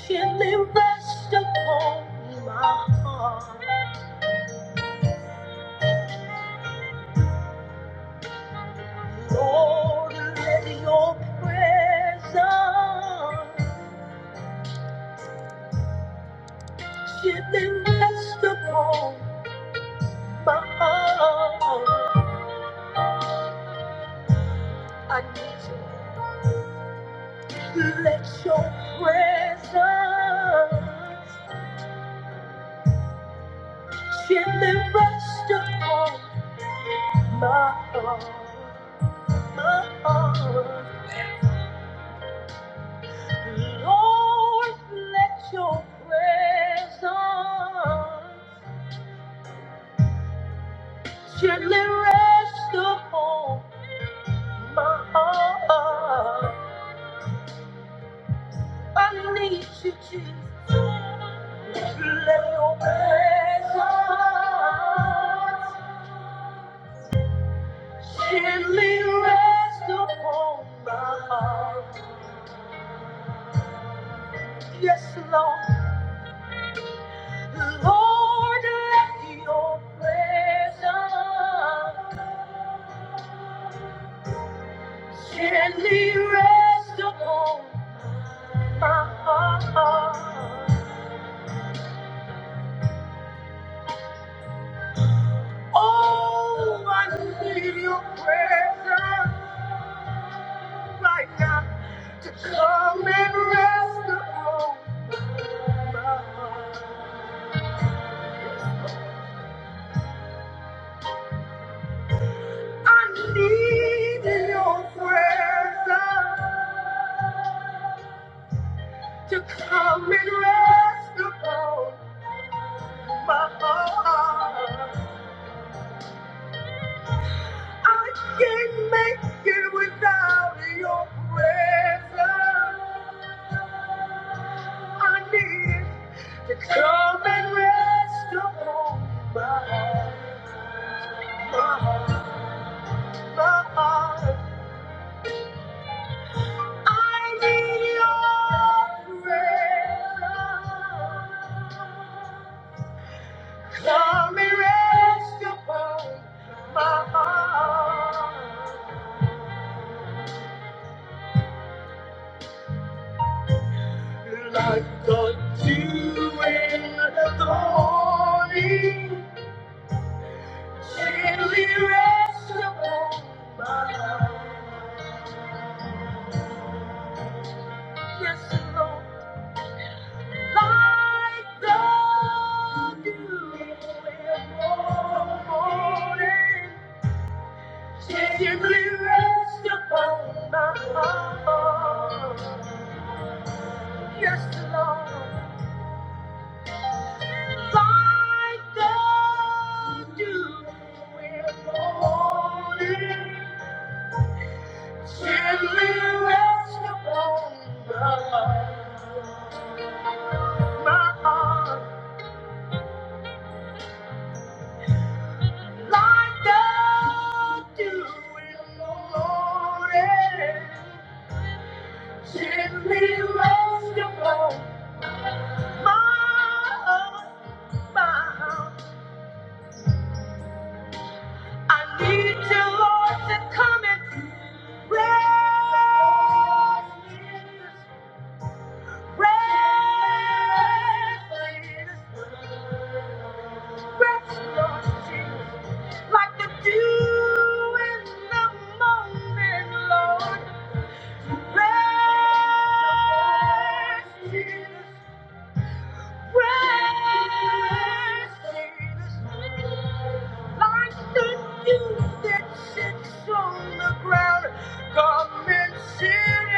[SPEAKER 1] Gently rest upon my heart, Lord, let your presence gently rest upon my heart. I need you. Let your presence gently rest upon my heart. My heart. Lord, let your presence gently rest upon my heart. I need you, Jesus. Let your presence Gently rest upon my heart. Yes, Lord. Lord, let your presence gently rest upon my heart. Oh, I need your presence right now to come and rest upon my heart. I need your presence. to come and rest upon my heart. I can't make it without your presence. I need to come and rest upon my heart. My heart, my heart. I need your presence. Come and rest upon my heart. Like the dew in the morning, gently rest upon my life. Yes, Lord, like the dew in the morning, gently upon my heart. Yes, Lord, like the dew in the morning, gently rest upon my life. Like the dew in the morning, Lord. Praise Jesus. Praise Jesus. Like the dew that sits on the ground. Come and sit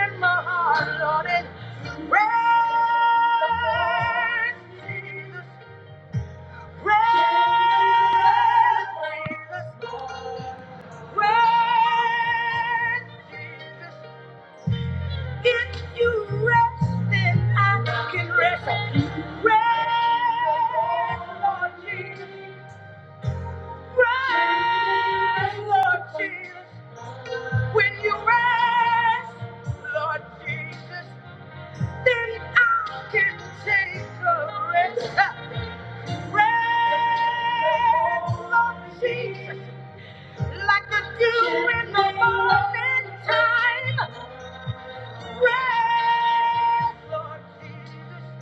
[SPEAKER 1] in my heart, Lord, and Jesus. Praise Jesus. Praise Jesus. If you rest, then I can rest. Like the dew in the morning time, red, Lord Jesus.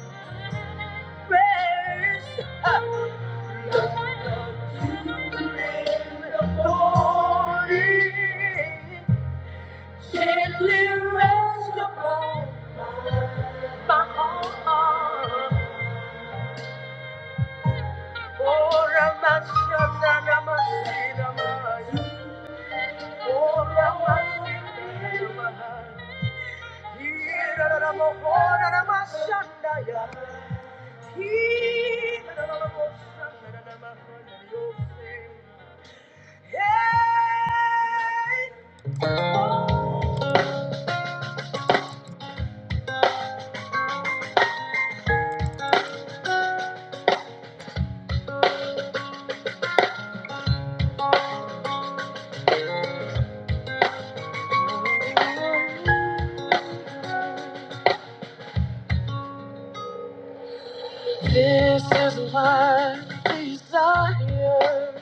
[SPEAKER 1] This is my desire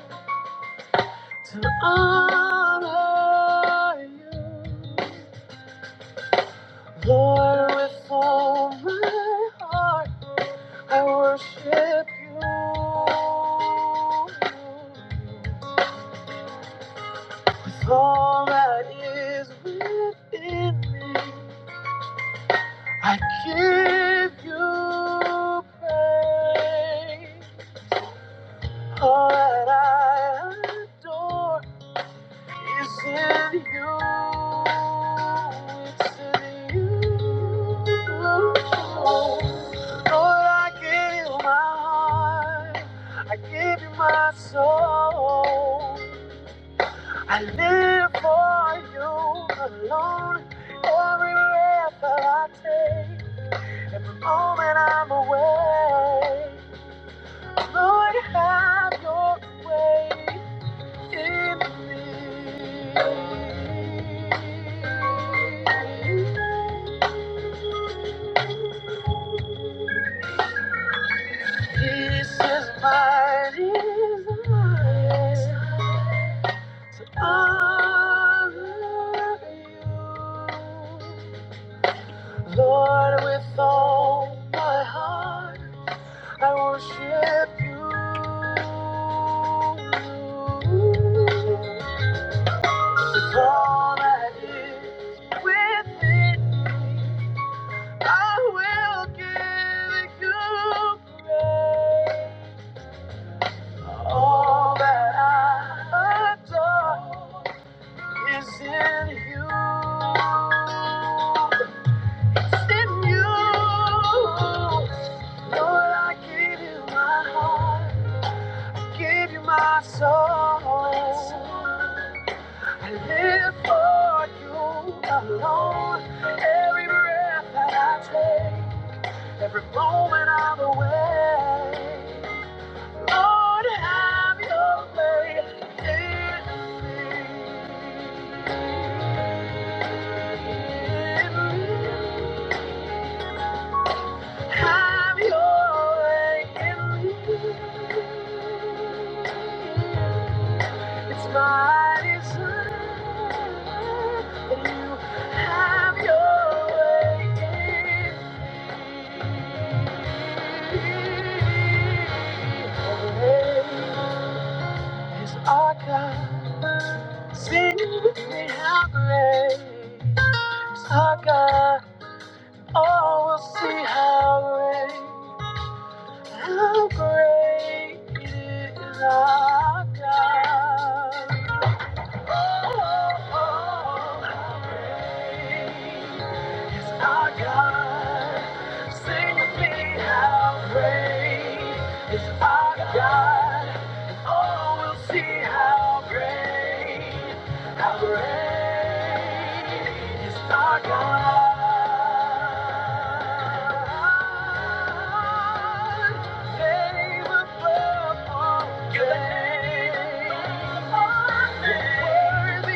[SPEAKER 1] to honor you. Lord, with all my heart, I worship you. With all that is within me, I give you praise. All that I adore. It's in you. It's in you. Lord, I give you my heart. I give you my soul. I live for you alone. Every breath that I take, every moment I'm away. Lord, have your way in me. This is my desire to honor you. Lord, with all my heart, I worship you. With all that is within me. I will give you praise. All that I adore is in you. It's in you. Lord, I give you my heart, I give you my soul. I live for you alone. Every breath that I take. Every moment I'm away, Lord, have your way in me. Have your way in me. It's my desire that you have your way in me. Is our God. Sing with me how great is our God. Oh, we'll see how great, how great is our God. Oh, oh, how great is our God. Sing with me, how great is our God. Oh, we'll see how great. Our aim is our God.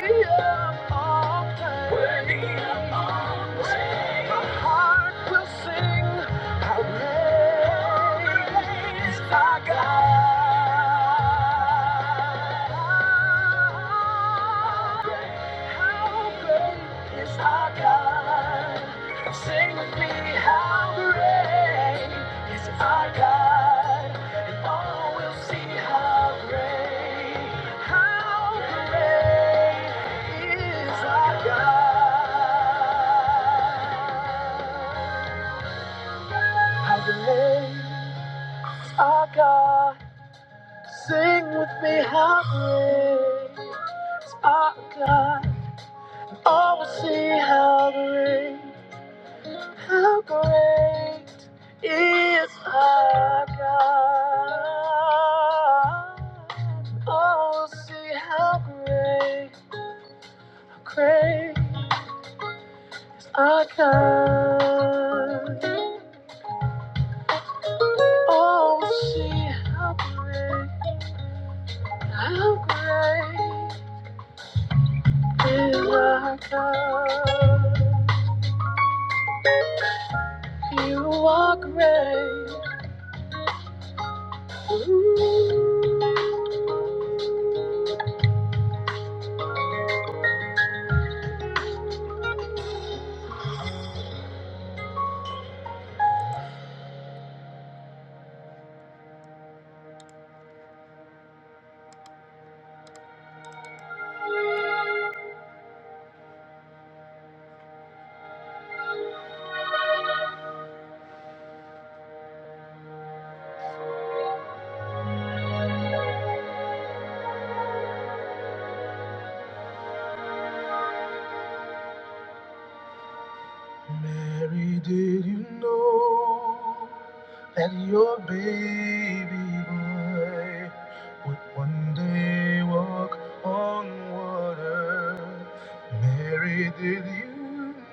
[SPEAKER 1] God. How great is our God? Sing with me, how great is our God? And all will see how great, how great is our God. How great is our God? Sing with me, how great is our God? All will see how great. How great is our God? Oh, see how great, great is our God. Oh, see how great, how great is our God. You are great,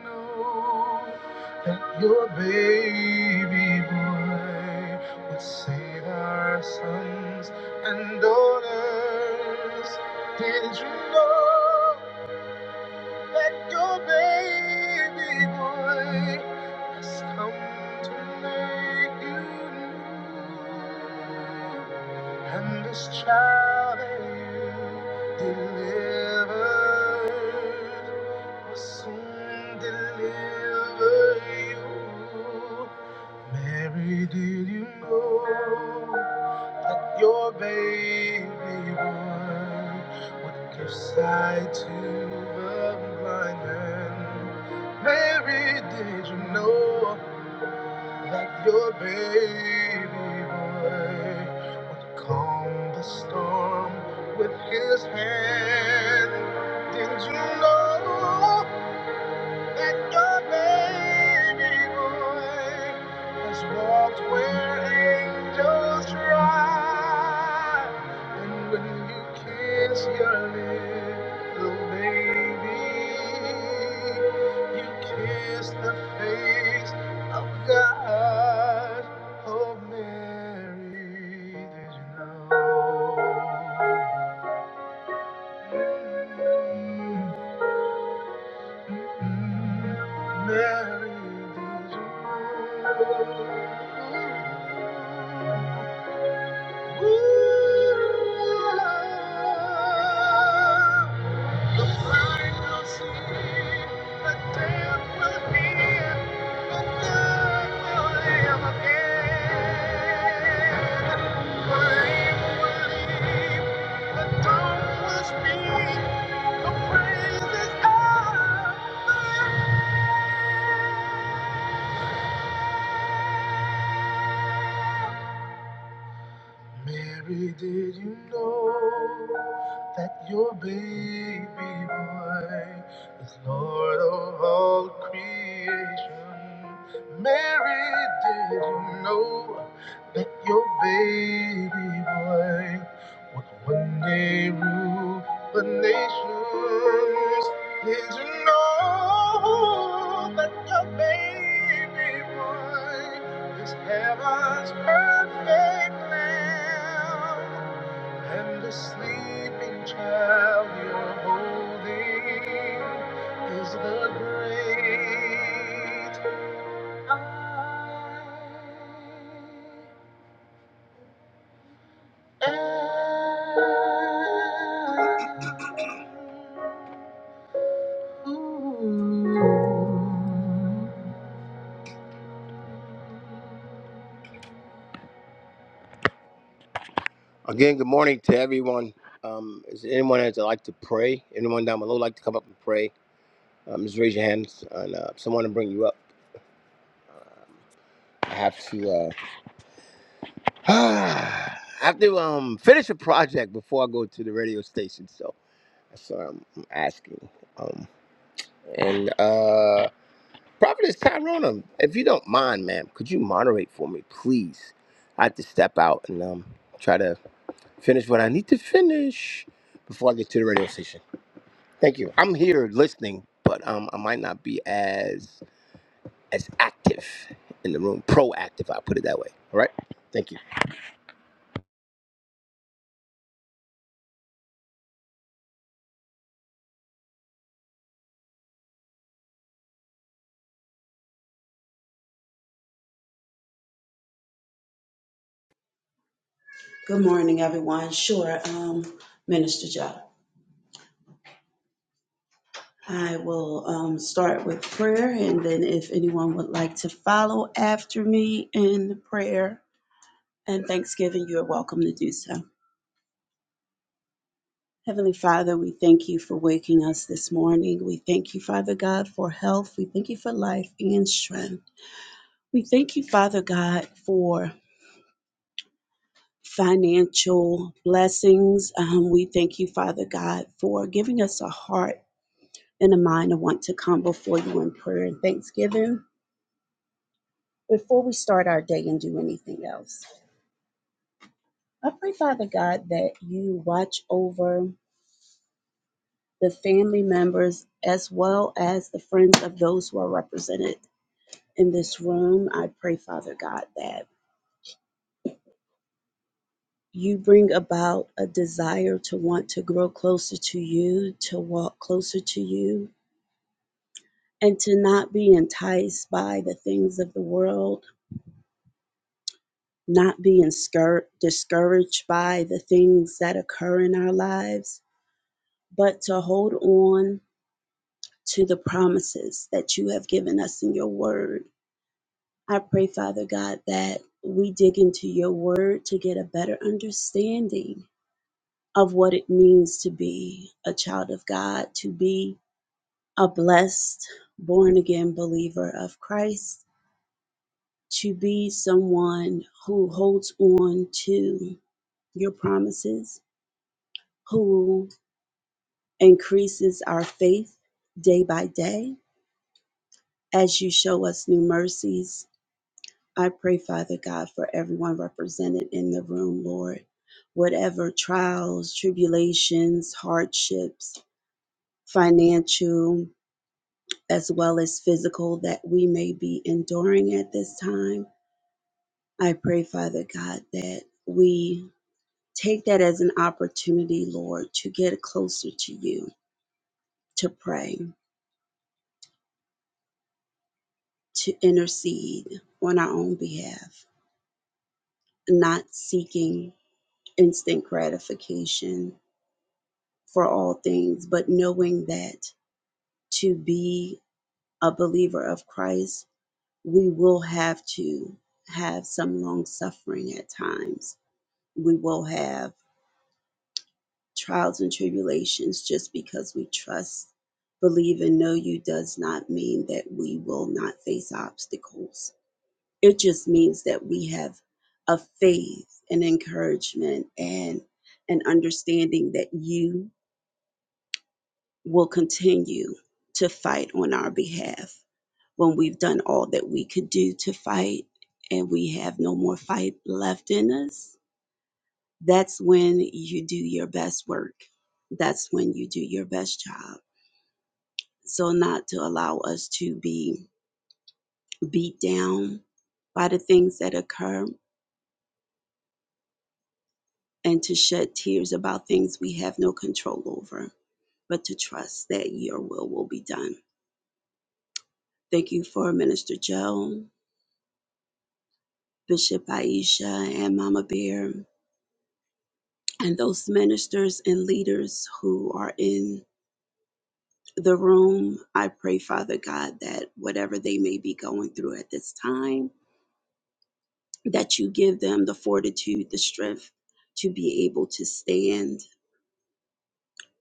[SPEAKER 1] know that your baby boy would save our sons and daughters. Did you know? That your baby boy has come to make you new. And this child that you delivered will soon deliver you. Mary, did you know that your baby boy would give sight to the blind man? Mary, did you know that your baby boy would calm the storm with his hand? Did you know? And your baby boy has walked where angels ride. And when you kiss your little baby, you kiss the face of God. Oh, Mary, did you know? Mm, mm, Mary, did you Mary, did you know? that your baby boy is Lord of all creation. Mary, did you know that your baby boy would one day rule the nations? Did you know that your baby boy is heaven's perfect lamb? And the sleeping child you're holding is the great I am. Again, good morning to everyone. Um, is there anyone that would like to pray? Anyone down below like to come up and pray? Um, just raise your hands and uh, someone will bring you up. I have to. uh, [sighs] I have to um finish a project before I go to the radio station, so that's what I'm, I'm asking. Um, and uh, Prophetess Tyrone, if you don't mind, ma'am, could you moderate for me, please? I have to step out and um try to finish what I need to finish before I get to the radio station. Thank you. I'm here listening, but um I might not be as as active in the room, proactive. I'll put it that way. All right. Thank you.
[SPEAKER 2] Good morning, everyone. Sure, um, Minister Joe. I will um, start with prayer, and then if anyone would like to follow after me in prayer and thanksgiving, you're welcome to do so. Heavenly Father, we thank you for waking us this morning. We thank you, Father God, for health. We thank you for life and strength. We thank you, Father God, for financial blessings. Um, we thank you, Father God, for giving us a heart in a mind to want to come before you in prayer and thanksgiving before we start our day and do anything else. I pray, Father God, that you watch over the family members as well as the friends of those who are represented in this room. I pray, Father God, that you bring about a desire to want to grow closer to you, to walk closer to you, and to not be enticed by the things of the world not being scur- discouraged by the things that occur in our lives, but to hold on to the promises that you have given us in your word. I pray, Father God, that we dig into your word to get a better understanding of what it means to be a child of God, to be a blessed, born again believer of Christ, to be someone who holds on to your promises, who increases our faith day by day as you show us new mercies. I pray, Father God, for everyone represented in the room, Lord. Whatever trials, tribulations, hardships, financial, as well as physical, that we may be enduring at this time, I pray, Father God, that we take that as an opportunity, Lord, to get closer to you, to pray, to intercede on our own behalf. not seeking instant gratification for all things, but knowing that to be a believer of Christ, we will have to have some long suffering at times. We will have trials and tribulations just because we trust, believe, and know you does not mean that we will not face obstacles It just means that we have a faith and encouragement and an understanding that you will continue to fight on our behalf when we've done all that we could do to fight and we have no more fight left in us. That's when you do your best work. That's when you do your best job. So, not to allow us to be beat down by the things that occur and to shed tears about things we have no control over, but to trust that your will will be done. Thank you for Minister Joe, Bishop Aisha, and Mama Bear, and those ministers and leaders who are in the room. I pray, Father God, that whatever they may be going through at this time, that you give them the fortitude, the strength to be able to stand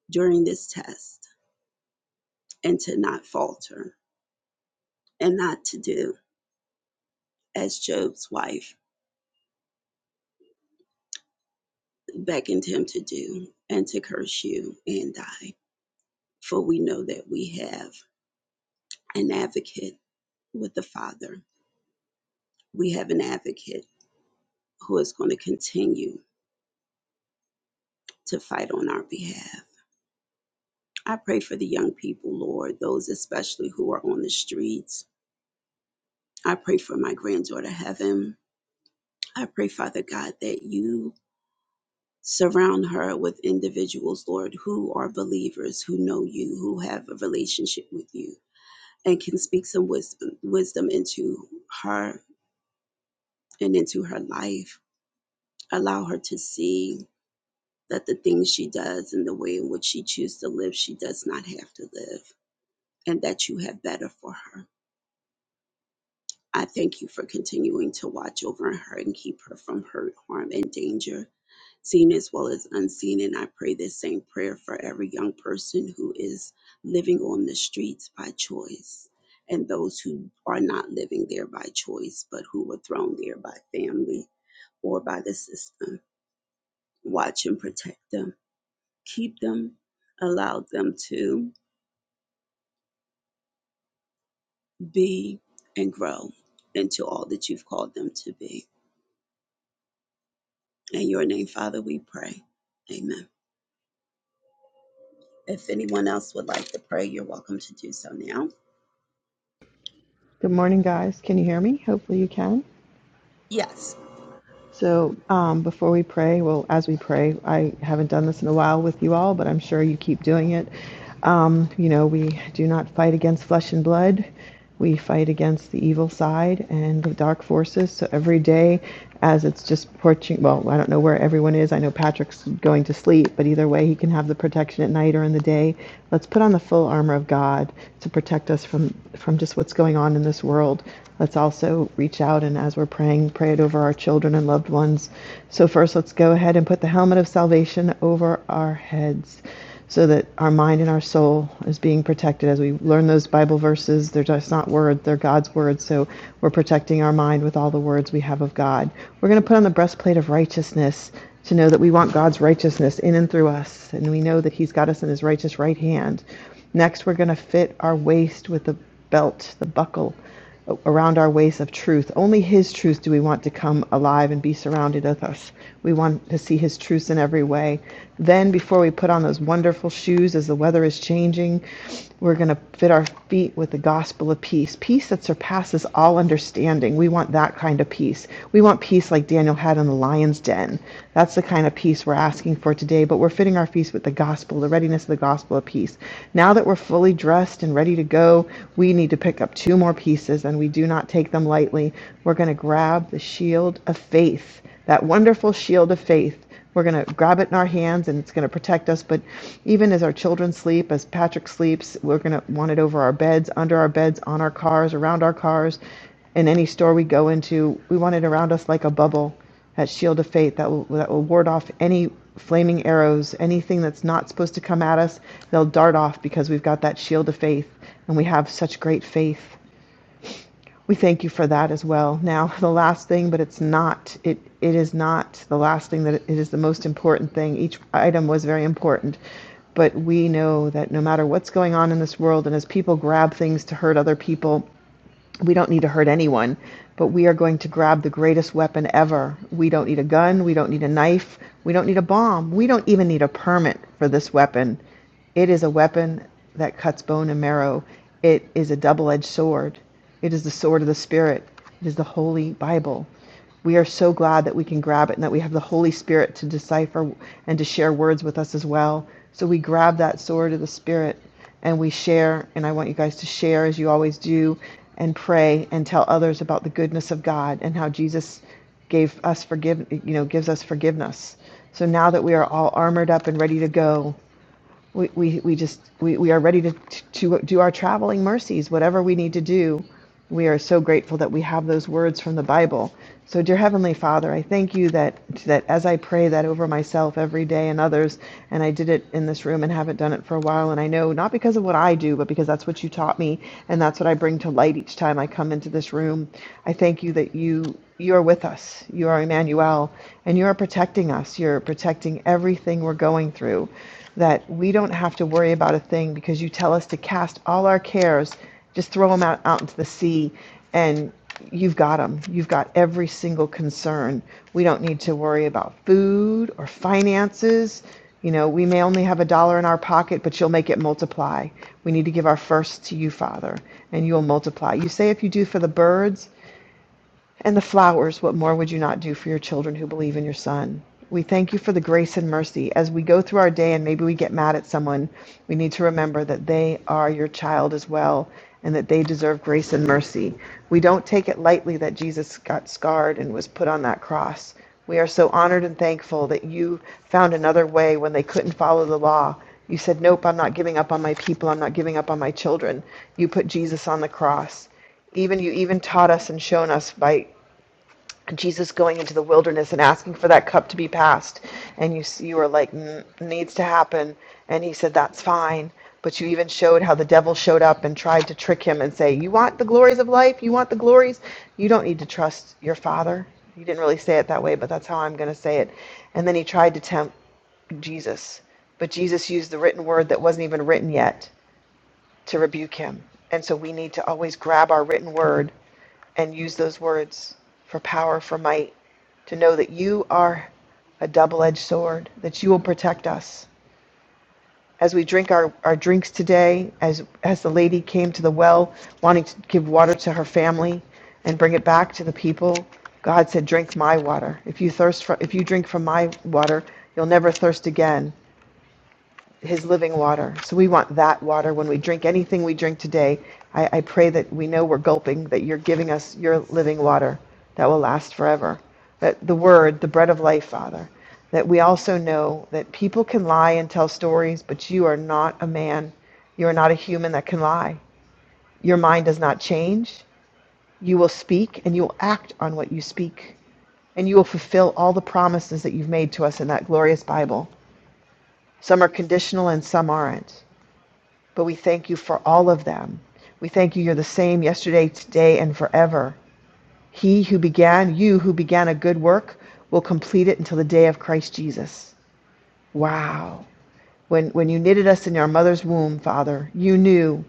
[SPEAKER 2] during this test and to not falter and not to do. as Job's wife beckoned him to do, and to curse you and die. For we know that we have an advocate with the Father. We have an advocate who is going to continue to fight on our behalf. I pray for the young people, Lord, those especially who are on the streets. I pray for my granddaughter, Heaven. I pray, Father God, that you surround her with individuals, Lord, who are believers, who know you, who have a relationship with you and can speak some wisdom, wisdom into her and into her life. Allow her to see that the things she does and the way in which she chooses to live, she does not have to live, and that you have better for her. I thank you for continuing to watch over her and keep her from hurt, harm, and danger. seen as well as unseen. And I pray this same prayer for every young person who is living on the streets by choice and those who are not living there by choice, but who were thrown there by family or by the system. Watch and protect them, keep them, allow them to be and grow into all that you've called them to be. In your name, Father, we pray. Amen. If anyone else would like to pray, you're welcome to do so now.
[SPEAKER 3] Good morning, guys. Can you hear me? Hopefully, you can.
[SPEAKER 2] Yes.
[SPEAKER 3] So, um, before we pray, well, as we pray, I haven't done this in a while with you all, but I'm sure you keep doing it. Um, you know, we do not fight against flesh and blood. We fight against the evil side and the dark forces. So every day, as it's just approaching, well, I don't know where everyone is. I know Patrick's going to sleep, but either way, he can have the protection at night or in the day. Let's put on the full armor of God to protect us from from just what's going on in this world. Let's also reach out and as we're praying, pray and pray it over our children and loved ones. So, first, let's go ahead and put the helmet of salvation over our heads so that our mind and our soul is being protected as we learn those Bible verses. They're just not words; they're God's words. So, we're protecting our mind with all the words we have of God. We're going to put on the breastplate of righteousness to know that we want God's righteousness in and through us, and we know that He's got us in His righteous right hand. Next, we're going to fit our waist with the belt, the buckle around our ways of truth. Only His truth do we want to come alive and be surrounded with us. We want to see His truth in every way. Then, before we put on those wonderful shoes as the weather is changing, we're going to fit our feet with the gospel of peace, peace that surpasses all understanding. We want that kind of peace. We want peace like Daniel had in the lion's den. That's the kind of peace we're asking for today, but we're fitting our feet with the gospel, the readiness of the gospel of peace. Now that we're fully dressed and ready to go, we need to pick up two more more pieces, and we do not take them lightly. We're going to grab the shield of faith, that wonderful shield of faith. We're going to grab it in our hands and it's going to protect us. But even as our children sleep, as Patrick sleeps, we're going to want it over our beds, under our beds, on our cars, around our cars, in any store we go into. We want it around us like a bubble, that shield of faith that will, that will ward off any flaming arrows, anything that's not supposed to come at us. They'll dart off because we've got that shield of faith and we have such great faith we thank you for that as well. Now, [laughs] the last thing, but it's not, it, it is not the last thing that it is the most important thing. Each item was very important. But we know that no matter what's going on in this world, and as people grab things to hurt other people, we don't need to hurt anyone, but we are going to grab the greatest weapon ever. We don't need a gun, we don't need a knife, we don't need a bomb, we don't even need a permit for this weapon. It is a weapon that cuts bone and marrow. It is a double edged sword. It is the sword of the Spirit. It is the Holy Bible. We are so glad that we can grab it and that we have the Holy Spirit to decipher and to share words with us as well. So we grab that sword of the Spirit and we share. And I want you guys to share as you always do and pray and tell others about the goodness of God and how Jesus gave us forgive you know gives us forgiveness. So now that we are all armored up and ready to go, we, we, we just we, we are ready to, to do our traveling mercies whatever we need to do we are so grateful that we have those words from the bible so dear heavenly father i thank you that that as i pray that over myself every day and others and i did it in this room and haven't done it for a while and i know not because of what i do but because that's what you taught me and that's what i bring to light each time i come into this room i thank you that you you are with us you are emmanuel and you are protecting us you're protecting everything we're going through that we don't have to worry about a thing because you tell us to cast all our cares, just throw them out, out into the sea, and you've got them. You've got every single concern. We don't need to worry about food or finances. You know, we may only have a dollar in our pocket, but you'll make it multiply. We need to give our first to you, Father, and you'll multiply. You say if you do for the birds, and the flowers, what more would you not do for your children who believe in your son? We thank you for the grace and mercy. As we go through our day and maybe we get mad at someone, we need to remember that they are your child as well and that they deserve grace and mercy. We don't take it lightly that Jesus got scarred and was put on that cross. We are so honored and thankful that you found another way when they couldn't follow the law. You said, Nope, I'm not giving up on my people. I'm not giving up on my children. You put Jesus on the cross. Even you even taught us and shown us by Jesus going into the wilderness and asking for that cup to be passed, and you you were like needs to happen, and he said that's fine. But you even showed how the devil showed up and tried to trick him and say, "You want the glories of life? You want the glories? You don't need to trust your father." You didn't really say it that way, but that's how I'm going to say it. And then he tried to tempt Jesus. But Jesus used the written word that wasn't even written yet to rebuke him. And so we need to always grab our written word and use those words for power, for might, to know that you are a double edged sword, that you will protect us. As we drink our, our drinks today, as, as the lady came to the well wanting to give water to her family and bring it back to the people, God said, Drink my water. If you, thirst for, if you drink from my water, you'll never thirst again his living water. So we want that water when we drink anything we drink today. I, I pray that we know we're gulping, that you're giving us your living water that will last forever. That the word, the bread of life, Father. That we also know that people can lie and tell stories, but you are not a man. You are not a human that can lie. Your mind does not change. You will speak and you will act on what you speak. And you will fulfill all the promises that you've made to us in that glorious Bible. Some are conditional and some aren't. But we thank you for all of them. We thank you, you're the same yesterday, today, and forever. He who began, you who began a good work, will complete it until the day of Christ Jesus. Wow. When, when you knitted us in our mother's womb, Father, you knew.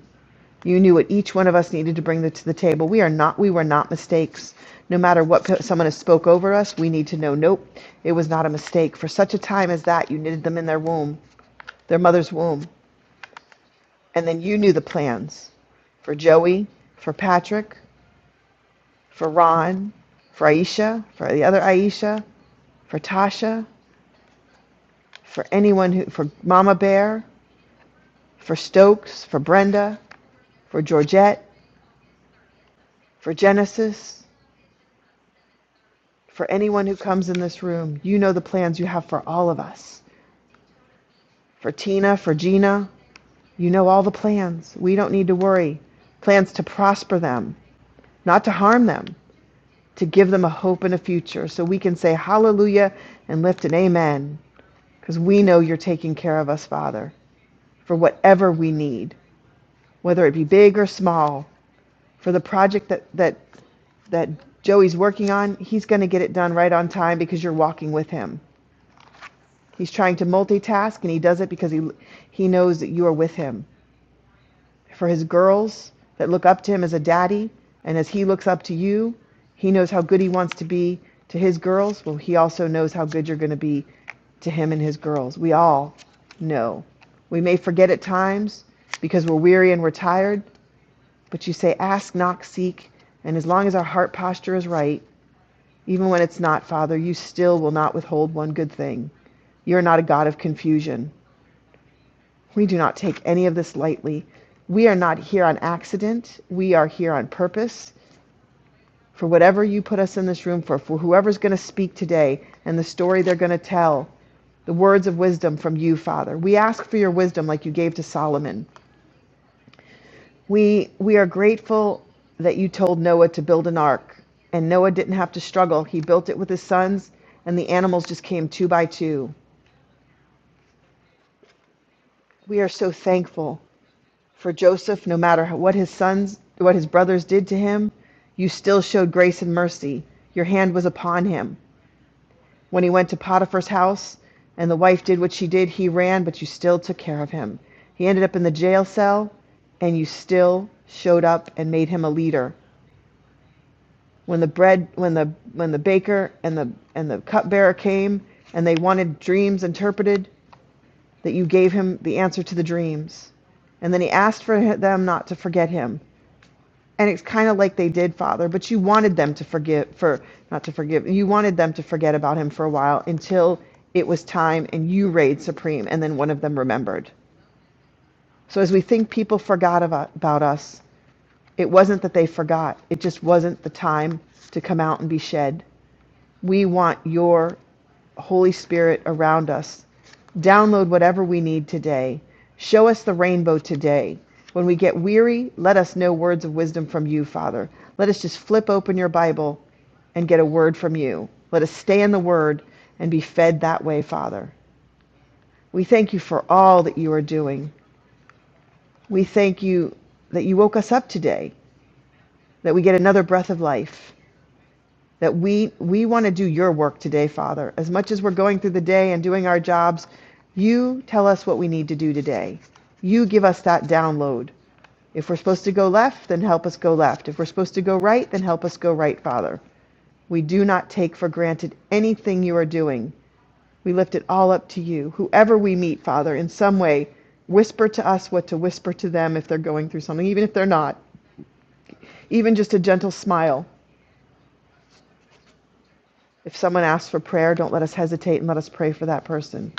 [SPEAKER 3] You knew what each one of us needed to bring to the table. We are not, we were not mistakes. No matter what someone has spoke over us, we need to know, nope, it was not a mistake. For such a time as that, you knitted them in their womb, their mother's womb. And then you knew the plans. for Joey, for Patrick, for Ron, for Aisha, for the other Aisha, for Tasha, for anyone who, for Mama Bear, for Stokes, for Brenda, for Georgette, for Genesis, for anyone who comes in this room. You know the plans you have for all of us. For Tina, for Gina, you know all the plans. We don't need to worry. Plans to prosper them, not to harm them, to give them a hope and a future so we can say hallelujah and lift an amen. because we know you're taking care of us, Father, for whatever we need, whether it be big or small, for the project that that that Joey's working on, he's going to get it done right on time because you're walking with him. He's trying to multitask and he does it because he he knows that you are with him. for his girls that look up to him as a daddy. And as he looks up to you, he knows how good he wants to be to his girls. Well, he also knows how good you're going to be to him and his girls. We all know. We may forget at times because we're weary and we're tired, but you say, Ask, knock, seek. And as long as our heart posture is right, even when it's not, Father, you still will not withhold one good thing. You're not a God of confusion. We do not take any of this lightly. We are not here on accident. We are here on purpose for whatever you put us in this room for, for whoever's going to speak today and the story they're going to tell, the words of wisdom from you, Father. We ask for your wisdom like you gave to Solomon. We, we are grateful that you told Noah to build an ark, and Noah didn't have to struggle. He built it with his sons, and the animals just came two by two. We are so thankful For Joseph, no matter what his sons, what his brothers did to him, you still showed grace and mercy. Your hand was upon him. When he went to Potiphar's house and the wife did what she did, he ran, but you still took care of him. He ended up in the jail cell and you still showed up and made him a leader. When the bread, when the when the baker and the and the cupbearer came and they wanted dreams interpreted, that you gave him the answer to the dreams. And then he asked for them not to forget him. and it's kind of like they did father but you wanted them to forgive for not to forgive you wanted them to forget about him for a while until it was time and you reigned supreme and then one of them remembered so as we think people forgot about, about us it wasn't that they forgot it just wasn't the time to come out and be shed we want your Holy Spirit around us. Download whatever we need today. Show us the rainbow today. When we get weary, let us know words of wisdom from you, Father. Let us just flip open your Bible and get a word from you. Let us stay in the word and be fed that way, Father. We thank you for all that you are doing. We thank you that you woke us up today, that we get another breath of life. that we we want to do your work today, Father. As much as we're going through the day and doing our jobs, you tell us what we need to do today. You give us that download. If we're supposed to go left, then help us go left. If we're supposed to go right, then help us go right, Father. We do not take for granted anything you are doing. We lift it all up to you. Whoever we meet, Father, in some way, whisper to us what to whisper to them if they're going through something, even if they're not. Even just a gentle smile If someone asks for prayer, don't let us hesitate and let us pray for that person.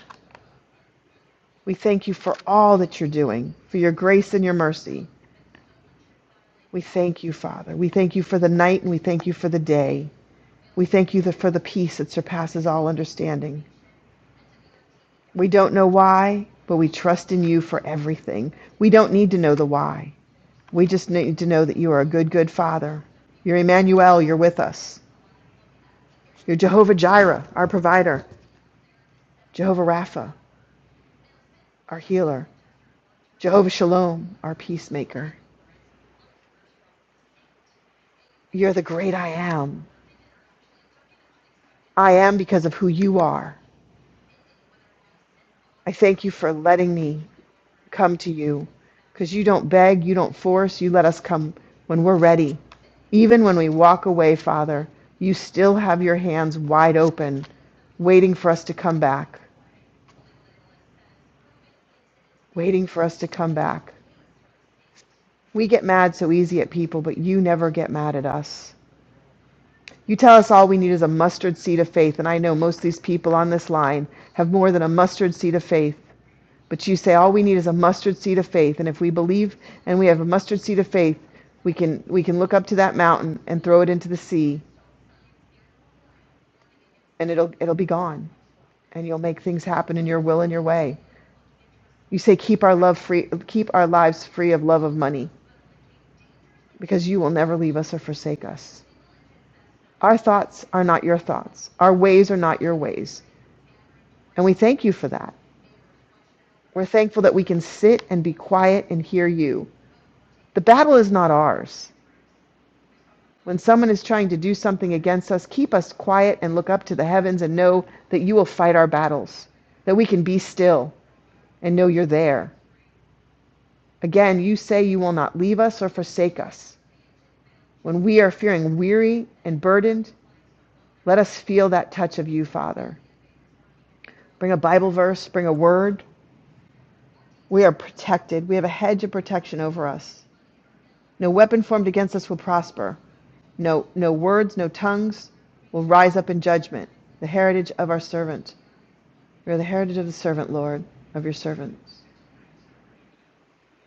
[SPEAKER 3] We thank you for all that you're doing, for your grace and your mercy. We thank you, Father. We thank you for the night and we thank you for the day. We thank you for the peace that surpasses all understanding. We don't know why, but we trust in you for everything. We don't need to know the why. We just need to know that you are a good, good Father. You're Emmanuel, you're with us. You're Jehovah Jireh, our provider, Jehovah Rapha, our healer. Jehovah Shalom, our peacemaker. You're the great I am. I am because of who you are. I thank you for letting me come to you because you don't beg, you don't force, you let us come when we're ready. Even when we walk away, Father, you still have your hands wide open, waiting for us to come back, waiting for us to come back. We get mad so easy at people, but you never get mad at us. You tell us all we need is a mustard seed of faith, and I know most of these people on this line have more than a mustard seed of faith. But you say all we need is a mustard seed of faith, and if we believe and we have a mustard seed of faith, we can we can look up to that mountain and throw it into the sea, and it'll it'll be gone, and you'll make things happen in your will and your way. You say keep our love free, keep our lives free of love of money, because you will never leave us or forsake us. Our thoughts are not your thoughts. Our ways are not your ways. And we thank you for that. We're thankful that we can sit and be quiet and hear you. The battle is not ours. When someone is trying to do something against us, keep us quiet and look up to the heavens and know that you will fight our battles, that we can be still and know you're there. Again, you say you will not leave us or forsake us. When we are feeling weary and burdened, let us feel that touch of you, Father. Bring a Bible verse, bring a word. We are protected. We have a hedge of protection over us. No weapon formed against us will prosper. No, no words, no tongues will rise up in judgment. The heritage of our servant. We are the heritage of the servant, Lord, of your servants.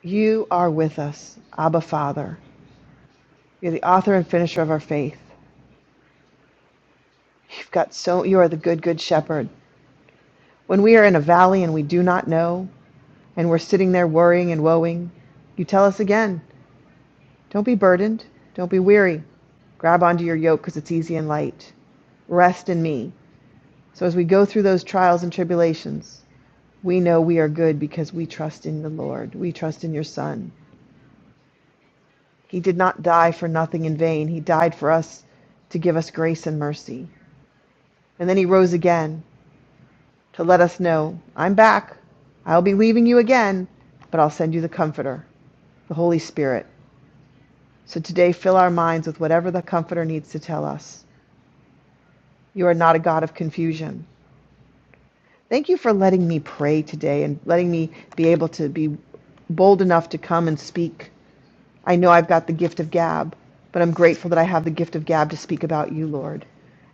[SPEAKER 3] You are with us, Abba Father. You're the author and finisher of our faith. You've got so you are the good, good shepherd. When we are in a valley and we do not know, and we're sitting there worrying and woeing, you tell us again, don't be burdened, don't be weary. Grab onto your yoke because it's easy and light. Rest in me. So as we go through those trials and tribulations, We know we are good because we trust in the Lord. We trust in your Son. He did not die for nothing in vain. He died for us to give us grace and mercy. And then he rose again to let us know I'm back. I'll be leaving you again, but I'll send you the Comforter, the Holy Spirit. So today, fill our minds with whatever the Comforter needs to tell us. You are not a God of confusion. Thank you for letting me pray today and letting me be able to be bold enough to come and speak I know I've got the gift of gab, but I'm grateful that I have the gift of gab to speak about you, Lord.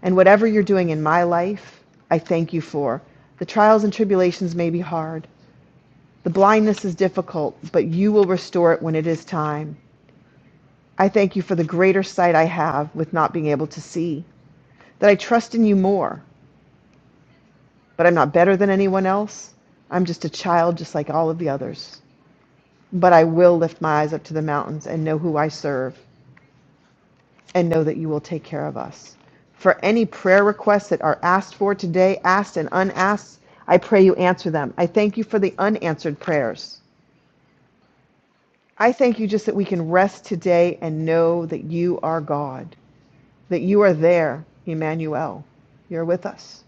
[SPEAKER 3] And whatever you're doing in my life, I thank you for. The trials and tribulations may be hard. The blindness is difficult, but you will restore it when it is time. I thank you for the greater sight I have with not being able to see, that I trust in you more, but I'm not better than anyone else. I'm just a child, just like all of the others. But I will lift my eyes up to the mountains and know who I serve. and know that you will take care of us. For any prayer requests that are asked for today, asked and unasked, I pray you answer them. I thank you for the unanswered prayers. I thank you just that we can rest today and know that you are God, that you are there, Emmanuel. You're with us.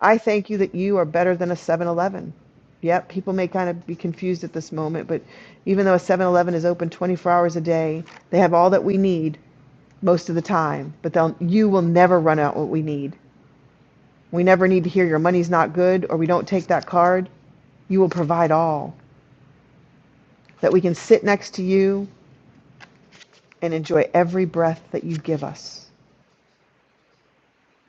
[SPEAKER 3] I thank you that you are better than a 7 Eleven. Yep, people may kind of be confused at this moment, but even though a 7 Eleven is open 24 hours a day, they have all that we need. most of the time, but they'll, you will never run out what we need. We never need to hear your money's not good or we don't take that card. You will provide all that we can sit next to you and enjoy every breath that you give us.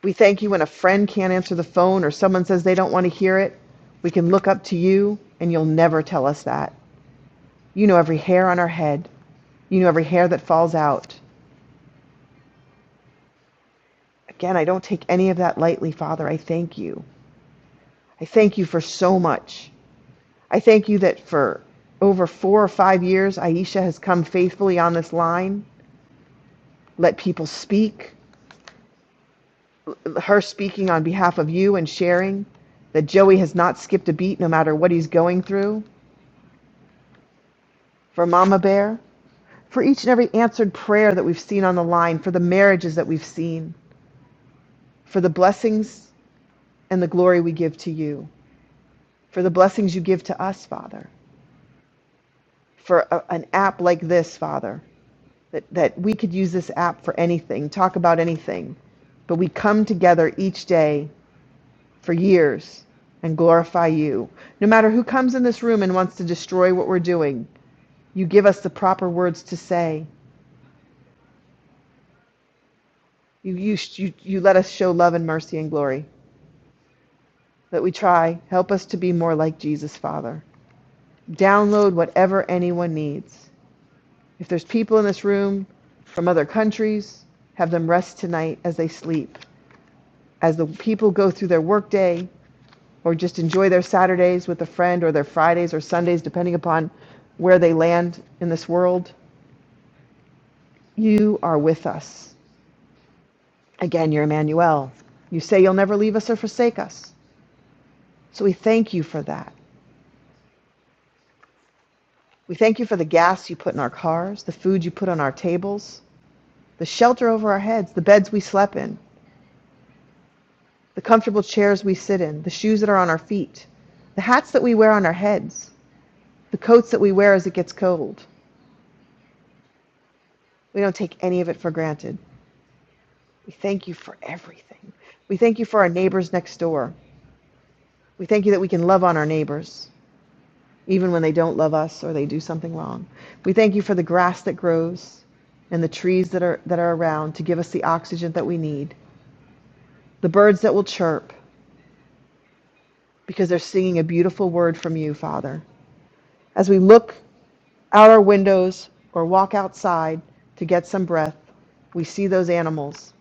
[SPEAKER 3] We thank you when a friend can't answer the phone or someone says they don't want to hear it. We can look up to you and you'll never tell us that. You know every hair on our head. You know every hair that falls out. Again, I don't take any of that lightly, Father. I thank you. I thank you for so much. I thank you that for over four or five years, Aisha has come faithfully on this line, let people speak, her speaking on behalf of you and sharing, that Joey has not skipped a beat no matter what he's going through, for Mama Bear, for each and every answered prayer that we've seen on the line, for the marriages that we've seen, for the blessings and the glory we give to you, for the blessings you give to us, Father, for a- an app like this, Father, that, that we could use this app for anything, talk about anything, but we come together each day for years and glorify you. No matter who comes in this room and wants to destroy what we're doing, you give us the proper words to say. You, you, you, you let us show love and mercy and glory. That we try, help us to be more like Jesus, Father. Download whatever anyone needs. If there's people in this room from other countries, have them rest tonight as they sleep. As the people go through their workday, or just enjoy their Saturdays with a friend or their Fridays or Sundays, depending upon where they land in this world, you are with us. Again, you're Emmanuel. You say you'll never leave us or forsake us. So we thank you for that. We thank you for the gas you put in our cars, the food you put on our tables, the shelter over our heads, the beds we slept in, the comfortable chairs we sit in, the shoes that are on our feet, the hats that we wear on our heads, the coats that we wear as it gets cold. We don't take any of it for granted. We thank you for everything. We thank you for our neighbors next door. We thank you that we can love on our neighbors, even when they don't love us or they do something wrong. We thank you for the grass that grows and the trees that are, that are around to give us the oxygen that we need, the birds that will chirp because they're singing a beautiful word from you, Father. As we look out our windows or walk outside to get some breath, we see those animals,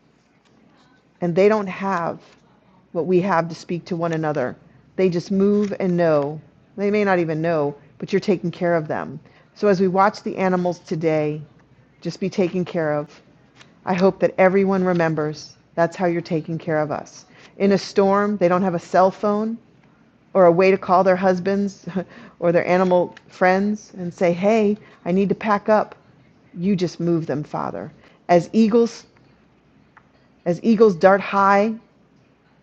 [SPEAKER 3] and they don't have what we have to speak to one another. They just move and know. They may not even know, but you're taking care of them. So as we watch the animals today, just be taken care of. I hope that everyone remembers that's how you're taking care of us. In a storm, they don't have a cell phone or a way to call their husbands [laughs] or their animal friends and say, "Hey, I need to pack up." You just move them, Father. As eagles, as eagles dart high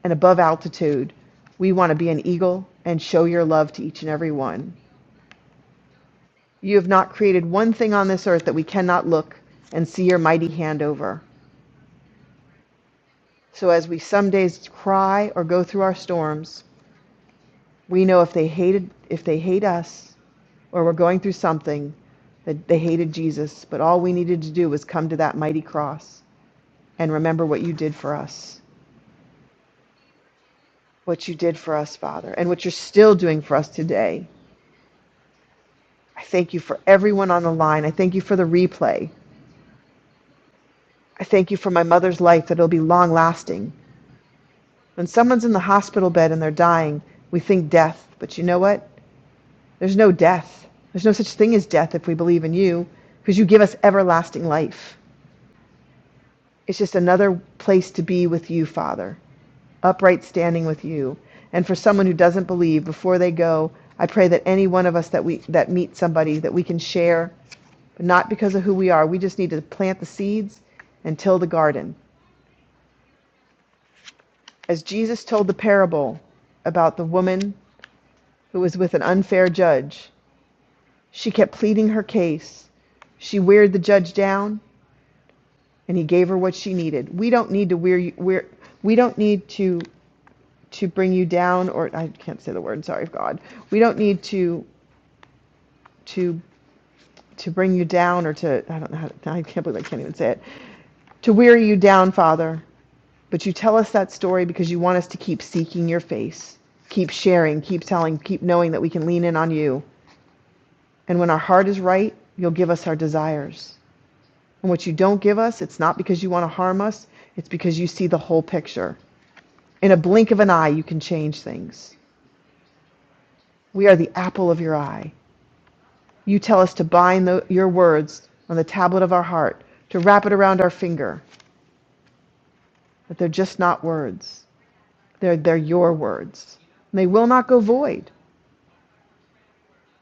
[SPEAKER 3] and above altitude, we want to be an eagle and show your love to each and every one. You have not created one thing on this earth that we cannot look and see your mighty hand over. So as we some days cry or go through our storms, we know if they hated if they hate us or we're going through something that they hated Jesus, but all we needed to do was come to that mighty cross and remember what you did for us, what you did for us, Father, and what you're still doing for us today. I thank you for everyone on the line. I thank you for the replay. I thank you for my mother's life that it'll be long lasting. When someone's in the hospital bed and they're dying, we think death. But you know what? There's no death. There's no such thing as death if we believe in you, because you give us everlasting life. It's just another place to be with you, Father, upright standing with you. And for someone who doesn't believe, before they go, I pray that any one of us that we that meet somebody that we can share but not because of who we are. We just need to plant the seeds and till the garden. As Jesus told the parable about the woman who was with an unfair judge, she kept pleading her case. She weared the judge down, and he gave her what she needed. We don't need to wear you. Wear, we don't need to to bring you down, or I can't say the word. Sorry, God. We don't need to to to bring you down, or to I don't know. How, to, I can't believe I can't even say it. To weary you down, Father. But you tell us that story because you want us to keep seeking your face, keep sharing, keep telling, keep knowing that we can lean in on you. And when our heart is right, you'll give us our desires. And what you don't give us, it's not because you want to harm us, it's because you see the whole picture. In a blink of an eye, you can change things. We are the apple of your eye. You tell us to bind the, your words on the tablet of our heart, to wrap it around our finger, that they're just not words. They're, they're your words. And they will not go void.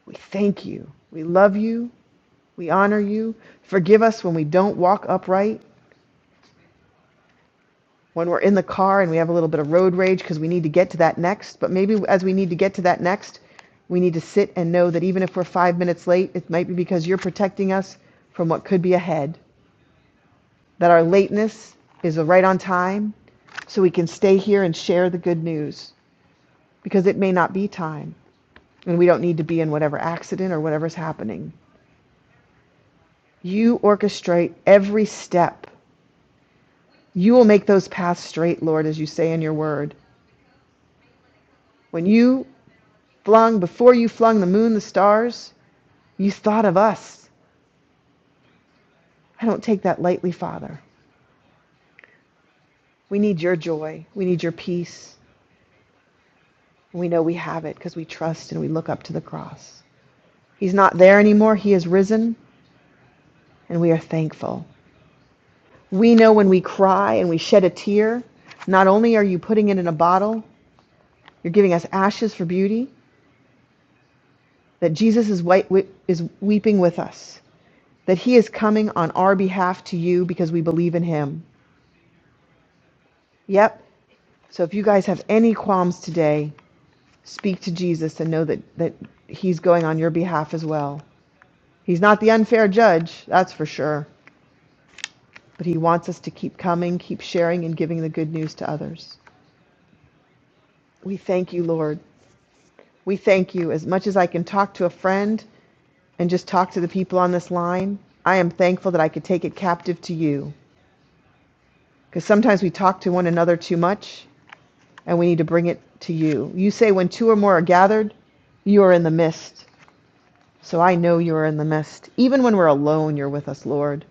[SPEAKER 3] We thank you. We love you. We honor you. Forgive us when we don't walk upright, when we're in the car and we have a little bit of road rage because we need to get to that next. But maybe as we need to get to that next, we need to sit and know that even if we're five minutes late, it might be because you're protecting us from what could be ahead, that our lateness is right on time so we can stay here and share the good news because it may not be time and we don't need to be in whatever accident or whatever's happening. You orchestrate every step You will make those paths straight, Lord, as you say in your word. When you flung, before you flung the moon, the stars, you thought of us. I don't take that lightly, Father. We need your joy. We need your peace. And we know we have it because we trust and we look up to the cross. He's not there anymore. He is risen, and we are thankful. We know when we cry and we shed a tear, not only are you putting it in a bottle, you're giving us ashes for beauty, that Jesus is, white, is weeping with us. that He is coming on our behalf to you because we believe in Him. Yep. So if you guys have any qualms today, speak to Jesus and know that, that He's going on your behalf as well. He's not the unfair judge, that's for sure, but He wants us to keep coming, keep sharing, and giving the good news to others. We thank you, Lord. We thank you. As much as I can talk to a friend and just talk to the people on this line, I am thankful that I could take it captive to you. Because sometimes we talk to one another too much and we need to bring it to you. You say, when two or more are gathered, you are in the midst. So I know you are in the midst. Even when we're alone, you're with us, Lord.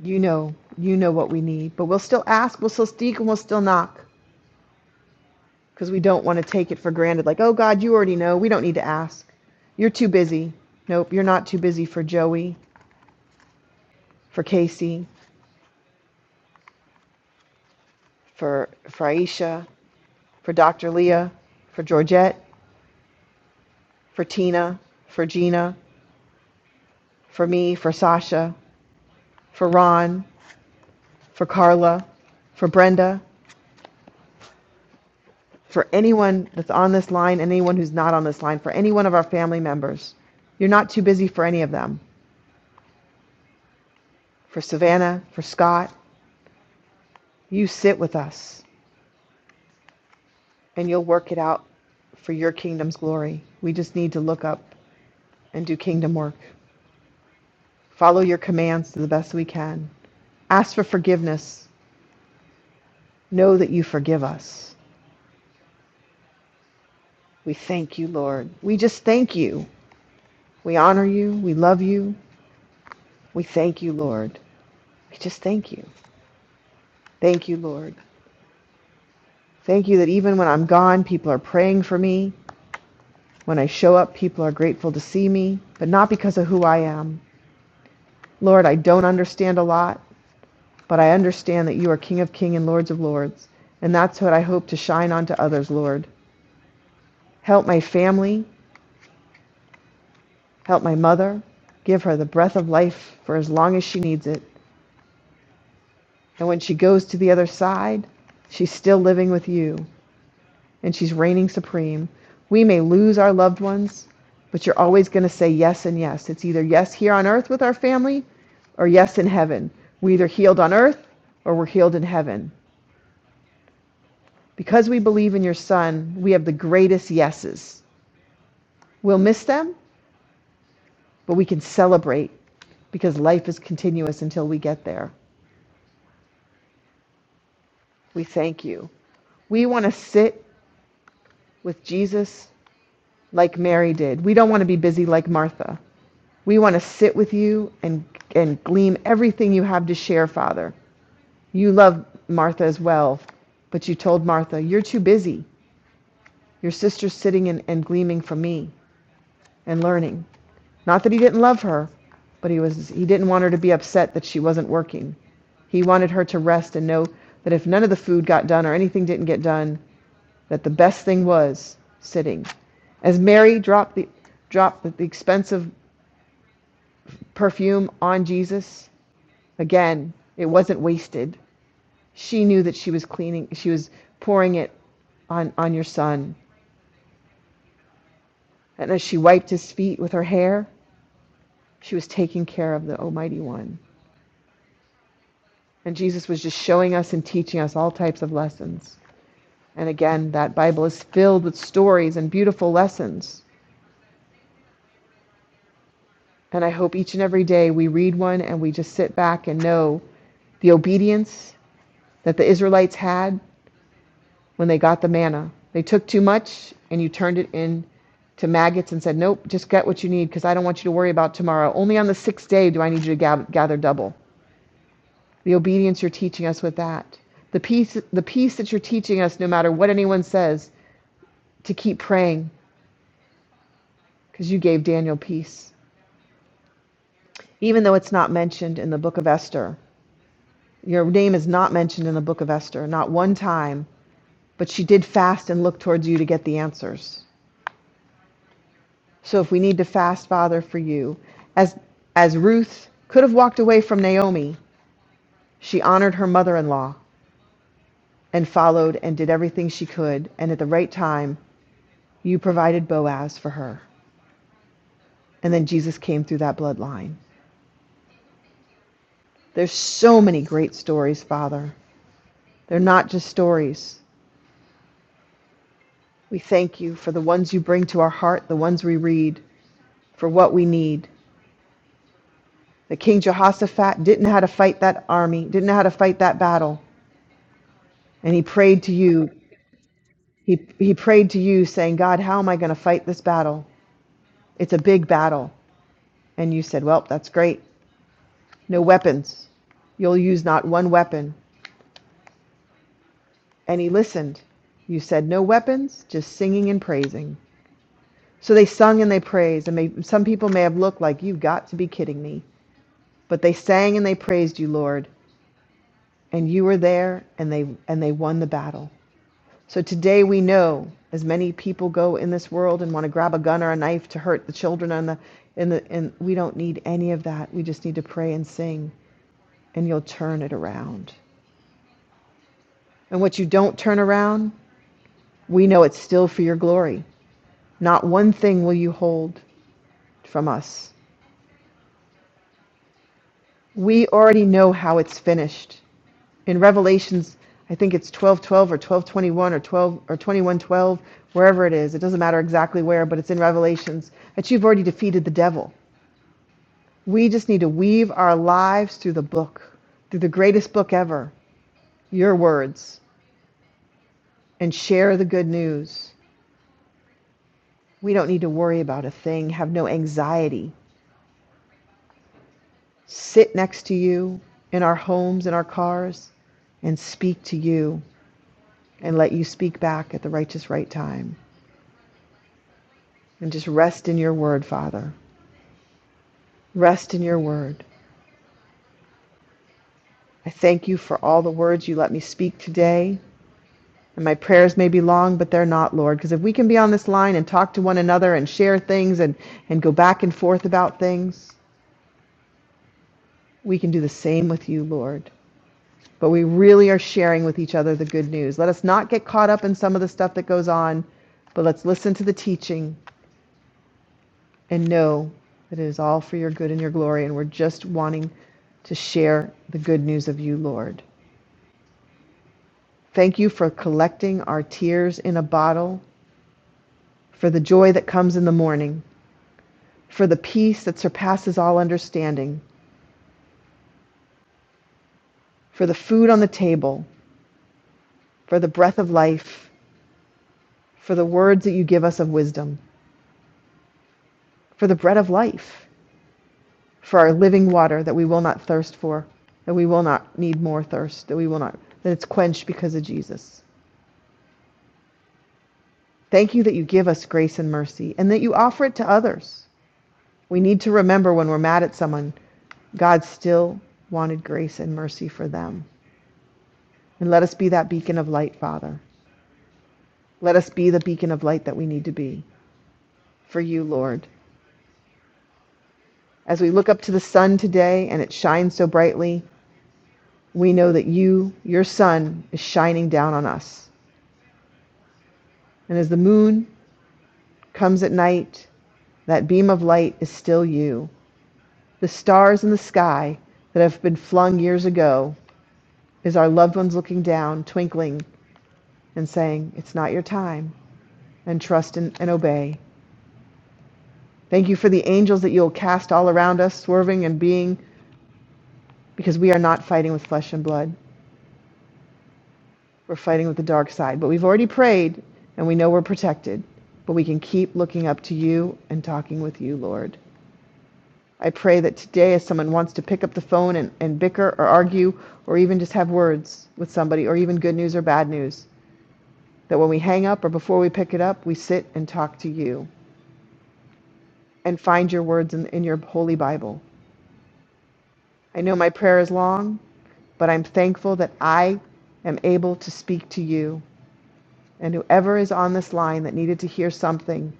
[SPEAKER 3] You know, you know what we need. But we'll still ask, we'll still seek, and we'll still knock because we don't want to take it for granted. Like, oh God, you already know. We don't need to ask. You're too busy. Nope, you're not too busy for Joey, for Casey, for, for Aisha, for Dr. Leah, for Georgette, for Tina, for Gina, for me, for Sasha, for Ron, for Carla, for Brenda, for anyone that's on this line, and anyone who's not on this line, for any one of our family members. You're not too busy for any of them. For Savannah, for Scott, you sit with us and you'll work it out for your kingdom's glory. We just need to look up and do kingdom work. Follow your commands to the best we can. Ask for forgiveness. Know that you forgive us. We thank you, Lord. We just thank you. We honor you. We love you. We thank you, Lord. I just thank you. Thank you, Lord. Thank you that even when I'm gone, people are praying for me. When I show up, people are grateful to see me, but not because of who I am. Lord, I don't understand a lot, but I understand that you are King of Kings and Lords of Lords, and that's what I hope to shine onto others, Lord. Help my family, help my mother, give her the breath of life for as long as she needs it. And when she goes to the other side, she's still living with you. and she's reigning supreme. We may lose our loved ones, but you're always going to say yes and yes. It's either yes here on earth with our family or yes in heaven. We either healed on earth or we're healed in heaven. Because we believe in your son, we have the greatest yeses. We'll miss them, but we can celebrate because life is continuous until we get there. We thank you. We want to sit with Jesus like Mary did. We don't want to be busy like Martha. We want to sit with you and, and glean everything you have to share, Father. You love Martha as well, but you told Martha, You're too busy. Your sister's sitting and, and gleaming from me and learning. Not that he didn't love her, but he was he didn't want her to be upset that she wasn't working. He wanted her to rest and know that if none of the food got done or anything didn't get done, that the best thing was sitting. As Mary dropped the dropped the expensive perfume on Jesus, Again, it wasn't wasted. She knew that she was cleaning, she was pouring it on, on your son. And as she wiped his feet with her hair, she was taking care of the Almighty One. And Jesus was just showing us and teaching us all types of lessons. And again, that Bible is filled with stories and beautiful lessons. And I hope each and every day we read one and we just sit back and know the obedience that the Israelites had when they got the manna. They took too much and you turned it in to maggots and said, Nope, just get what you need because I don't want you to worry about tomorrow. Only on the sixth day do I need you to gather double. The obedience you're teaching us with that. The peace, the peace that you're teaching us, no matter what anyone says, to keep praying because you gave Daniel peace. Even though it's not mentioned in the book of Esther, your name is not mentioned in the book of Esther, not one time, but she did fast and look towards you to get the answers. So if we need to fast, Father, for you, as as Ruth could have walked away from Naomi, she honored her mother-in-law and followed and did everything she could, and at the right time, you provided Boaz for her. And then Jesus came through that bloodline. There's so many great stories, Father. They're not just stories. We thank you for the ones you bring to our heart, the ones we read, for what we need. That King Jehoshaphat didn't know how to fight that army, didn't know how to fight that battle, and he prayed to you He, he prayed to you, saying, God, how am I going to fight this battle? It's a big battle. And you said, Well, that's great. No weapons. You'll use not one weapon. And he listened. You said, No weapons, just singing and praising. So they sung and they praised. And may, some people may have looked like, You've got to be kidding me. But they sang and they praised you, Lord. And you were there and they, and they won the battle. So today we know, as many people go in this world and want to grab a gun or a knife to hurt the children and the and the and we don't need any of that. We just need to pray and sing, and you'll turn it around. And what you don't turn around, we know it's still for your glory. Not one thing will you hold from us. We already know how it's finished. In Revelations, I think it's 12:12 or 12:21 or 12 or 21:12, wherever it is. It doesn't matter exactly where, but it's in Revelations that you've already defeated the devil. We just need to weave our lives through the book, through the greatest book ever, your words, and share the good news. We don't need to worry about a thing, have no anxiety. Sit next to you in our homes, in our cars, and speak to you and let you speak back at the righteous right time. And just rest in your word, Father. Rest in your word. I thank you for all the words you let me speak today. And my prayers may be long, but they're not, Lord. Because if we can be on this line and talk to one another and share things and, and go back and forth about things, we can do the same with you, Lord. But we really are sharing with each other the good news. Let us not get caught up in some of the stuff that goes on, but let's listen to the teaching and know that it is all for your good and your glory. And we're just wanting to share the good news of you, Lord. Thank you for collecting our tears in a bottle for the joy that comes in the morning. for the peace that surpasses all understanding, for the food on the table, for the breath of life, for the words that you give us of wisdom, for the bread of life, for our living water that we will not thirst for, that we will not need more thirst, that we will not, that it's quenched because of Jesus. Thank you that you give us grace and mercy and that you offer it to others. We need to remember when we're mad at someone, God still wanted grace and mercy for them. And let us be that beacon of light, Father. Let us be the beacon of light that we need to be. for you, Lord. As we look up to the sun today and it shines so brightly, we know that you, your sun, is shining down on us. And as the moon comes at night, that beam of light is still you. The stars in the sky that have been flung years ago is our loved ones looking down, twinkling, and saying, It's not your time, and trust and, and obey. Thank you for the angels that you'll cast all around us, swerving and being, because we are not fighting with flesh and blood. We're fighting with the dark side, but we've already prayed and we know we're protected. But we can keep looking up to you and talking with you, Lord. I pray that today, as someone wants to pick up the phone and, and bicker or argue or even just have words with somebody or even good news or bad news, that when we hang up or before we pick it up, we sit and talk to you and find your words in, in your holy Bible. I know my prayer is long, but I'm thankful that I am able to speak to you. And whoever is on this line that needed to hear something,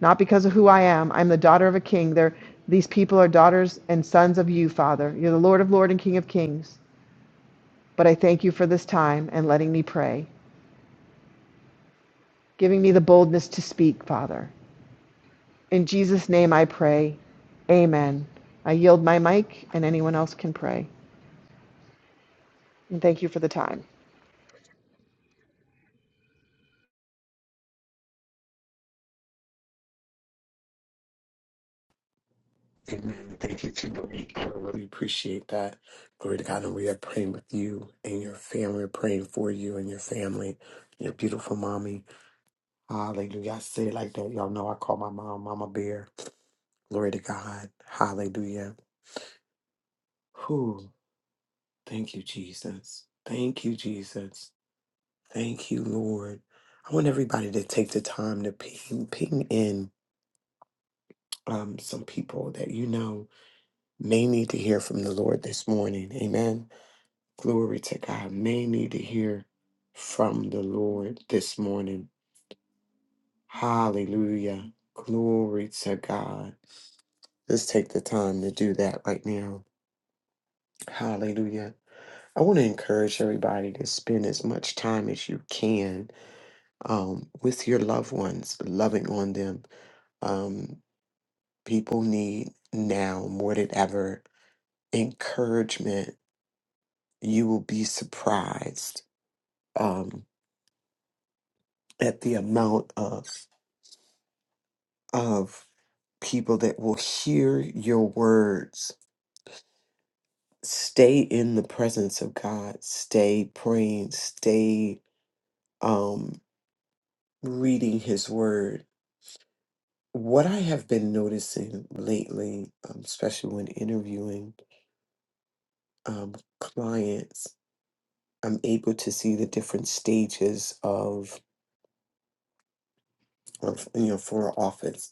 [SPEAKER 3] not because of who I am. I'm the daughter of a king. They're, these people are daughters and sons of you, Father. You're the Lord of Lords and King of Kings. But I thank you for this time and letting me pray, giving me the boldness to speak, Father. In Jesus' name I pray. Amen. I yield my mic, and anyone else can pray. And thank you for the time.
[SPEAKER 4] Amen. Thank you, Kimberly. I really appreciate that. Glory to God. And we are praying with you and your family. We're praying for you and your family, your beautiful mommy. Hallelujah. I say it like that. Y'all know I call my mom Mama Bear. Glory to God. Hallelujah. Whew. Thank you, Jesus. Thank you, Jesus. Thank you, Lord. I want everybody to take the time to ping, ping in um, some people that you know may need to hear from the Lord this morning. Amen. Glory to God. May need to hear from the Lord this morning. Hallelujah. Glory to God. Let's take the time to do that right now. Hallelujah. I want to encourage everybody to spend as much time as you can um, with your loved ones, loving on them. Um, people need now more than ever encouragement. You will be surprised um, at the amount of of people that will hear your words. Stay in the presence of God. Stay praying. Stay um, reading His Word. What I have been noticing lately, um, especially when interviewing um, clients, I'm able to see the different stages of, of you know for office.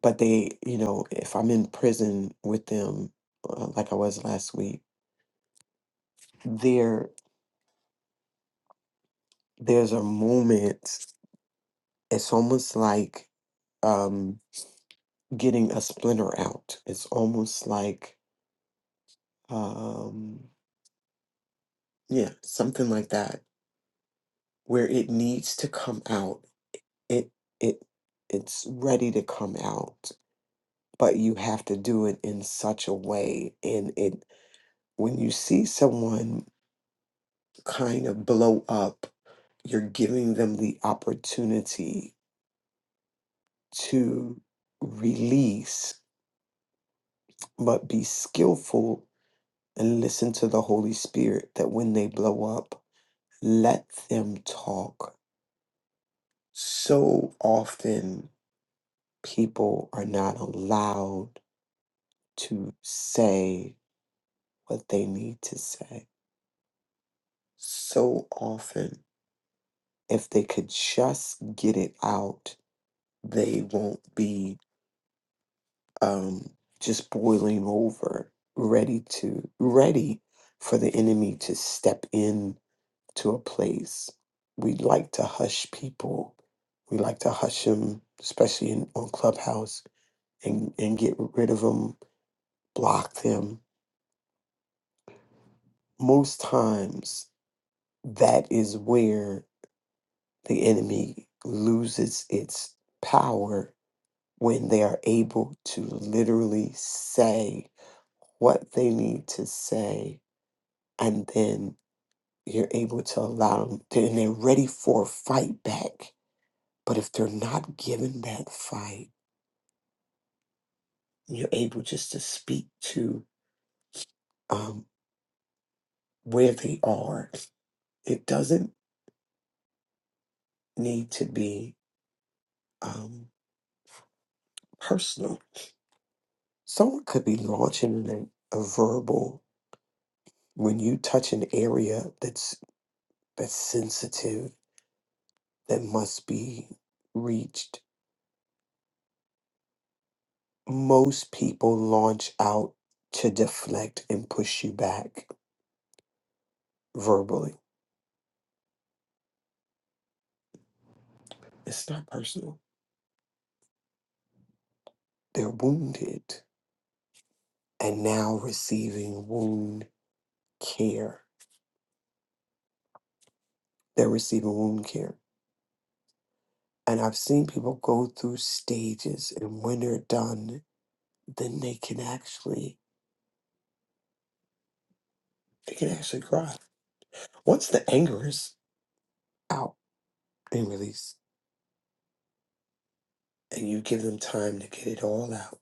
[SPEAKER 4] But they, you know, if I'm in prison with them, uh, like I was last week, there. there's a moment it's almost like um getting a splinter out it's almost like um yeah something like that where it needs to come out it it it's ready to come out but you have to do it in such a way and it when you see someone kind of blow up you're giving them the opportunity to release but be skillful and listen to the Holy Spirit that when they blow up, let them talk. So often people are not allowed to say what they need to say. So often, if they could just get it out, they won't be um, just boiling over, ready to, ready for the enemy to step in to a place. We like to hush people. We like to hush them, especially in, on Clubhouse, and, and get rid of them, block them. Most times, that is where the enemy loses its power when they are able to literally say what they need to say, and then you're able to allow them, and they're ready for a fight back. But if they're not given that fight, you're able just to speak to um, where they are. It doesn't need to be um, personal. Someone could be launching an, a verbal when you touch an area that's that's sensitive that must be reached. Most people launch out to deflect and push you back verbally. It's not personal. They're wounded and now receiving wound care They're receiving wound care. And I've seen people go through stages and when they're done, then they can actually they can actually cry. Once the anger is out and released and you give them time to get it all out,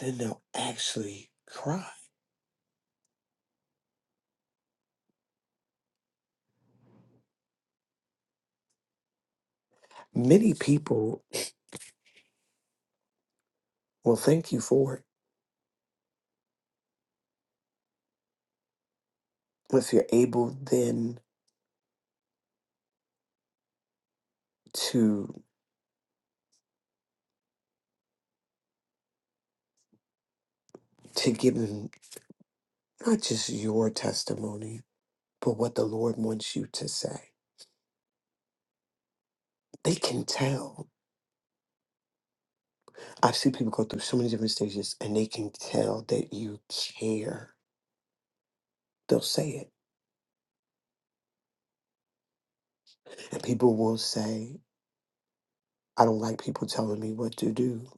[SPEAKER 4] then they'll actually cry. Many people will thank you for it if you're able then to to give them not just your testimony, but what the Lord wants you to say. They can tell I've seen people go through so many different stages and they can tell that you care. They'll say it. And people will say, I don't like people telling me what to do.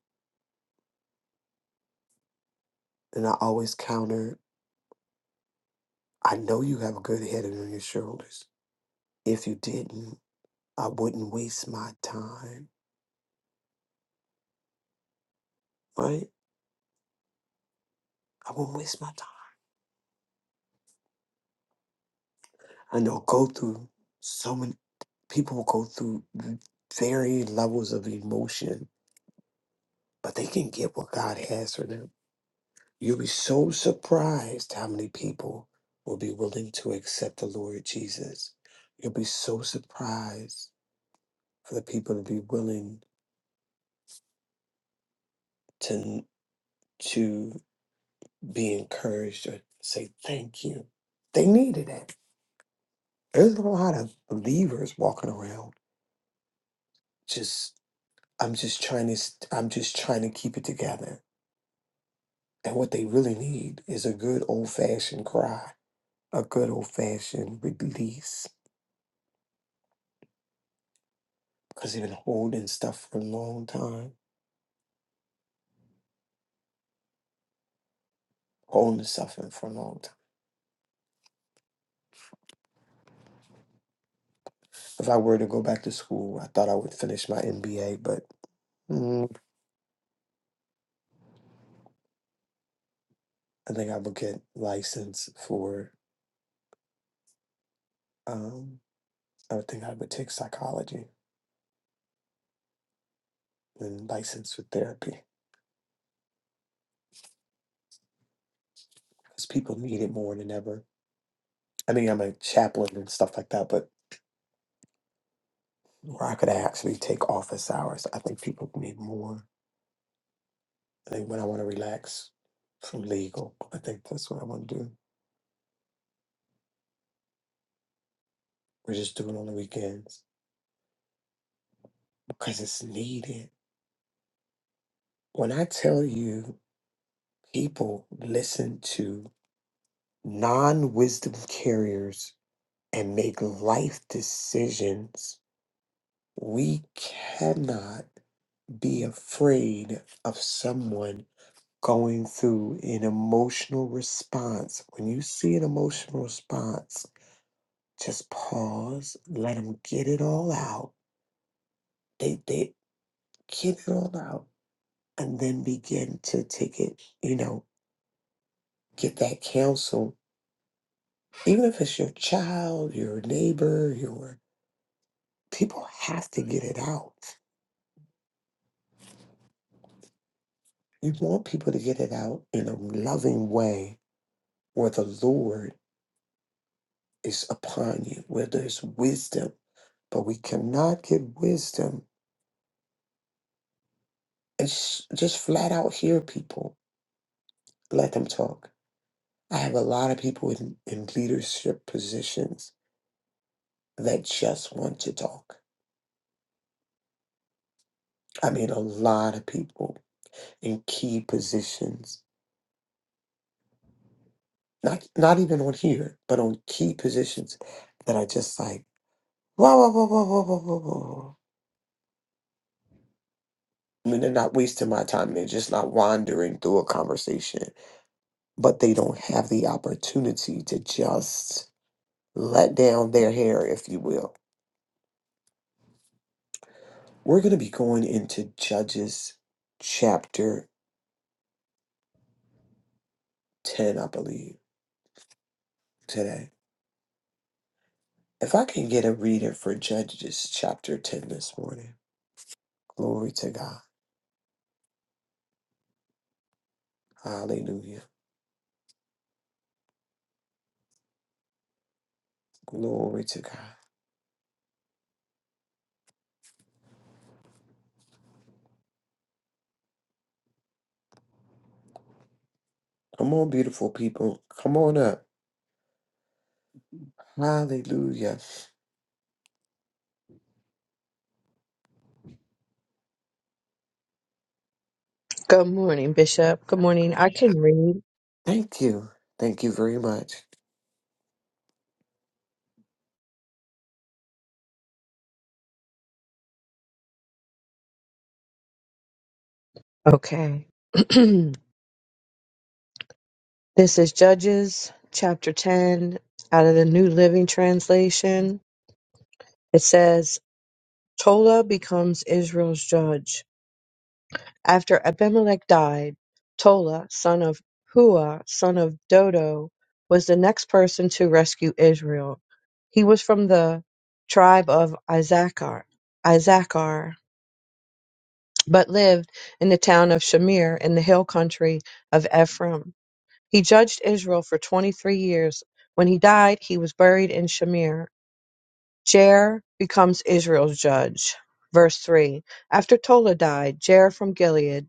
[SPEAKER 4] And I always counter, I know you have a good head on your shoulders. If you didn't, I wouldn't waste my time, right? I wouldn't waste my time. And they'll go through so many, people will go through varying levels of emotion, but they can get what God has for them You'll be so surprised how many people will be willing to accept the Lord Jesus. You'll be so surprised for the people to be willing to to be encouraged or say thank you. They needed it. There's a lot of believers walking around just I'm just trying to st- I'm just trying to keep it together. And what they really need is a good old fashioned cry, a good old fashioned release because they've been holding stuff for a long time, holding stuff in for a long time. If I were to go back to school, I thought I would finish my MBA, but mm, I think I would get licensed for. Um, I would think I would take psychology and license for therapy because people need it more than ever. I mean, I'm a chaplain and stuff like that, but where I could actually take office hours, I think people need more. I think when I want to relax from legal, I think that's what I want to do. We're just doing on the weekends because it's needed. When I tell you people listen to non wisdom carriers and make life decisions, we cannot be afraid of someone going through an emotional response. When you see an emotional response, just pause, let them get it all out. They, they get it all out and then begin to take it, you know, get that counsel, even if it's your child, your neighbor, your people have to get it out. You want people to get it out in a loving way where the Lord is upon you, where there's wisdom. But we cannot get wisdom and sh- just flat out hear people, let them talk. I have a lot of people in, in leadership positions that just want to talk. I mean, a lot of people in key positions Not not even on here, but on key positions that I just like whoa, whoa, whoa, whoa, whoa, whoa, whoa, whoa. I mean, they're not wasting my time. They're just not wandering through a conversation, but they don't have the opportunity to just let down their hair, if you will. We're going to be going into Judges chapter 10, I believe, today. If I can get a reader for Judges chapter 10 this morning, glory to God. Hallelujah. Glory to God. Come on, beautiful people. Come on up. Hallelujah.
[SPEAKER 5] Good morning, Bishop. Good morning. I can read.
[SPEAKER 4] Thank you. Thank you very much.
[SPEAKER 5] Okay. [clears throat] this is Judges chapter 10 out of the New Living Translation. It says, Tola becomes Israel's judge. After Abimelech died, Tola, son of Hua, son of Dodo, was the next person to rescue Israel. He was from the tribe of Issachar. Issachar but lived in the town of Shamir in the hill country of Ephraim. He judged Israel for 23 years. When he died, he was buried in Shamir. Jair becomes Israel's judge. Verse 3 After Tola died, Jair from Gilead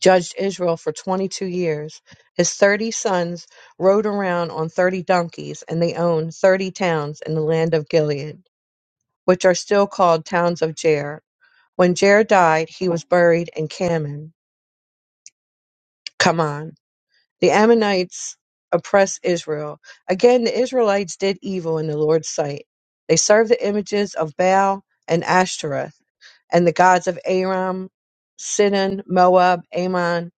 [SPEAKER 5] judged Israel for 22 years. His 30 sons rode around on 30 donkeys, and they owned 30 towns in the land of Gilead, which are still called towns of Jair. When Jair died, he was buried in Kaman. Come on. The Ammonites oppressed Israel. Again, the Israelites did evil in the Lord's sight. They served the images of Baal and Ashtoreth and the gods of Aram, Sidon, Moab, Ammon,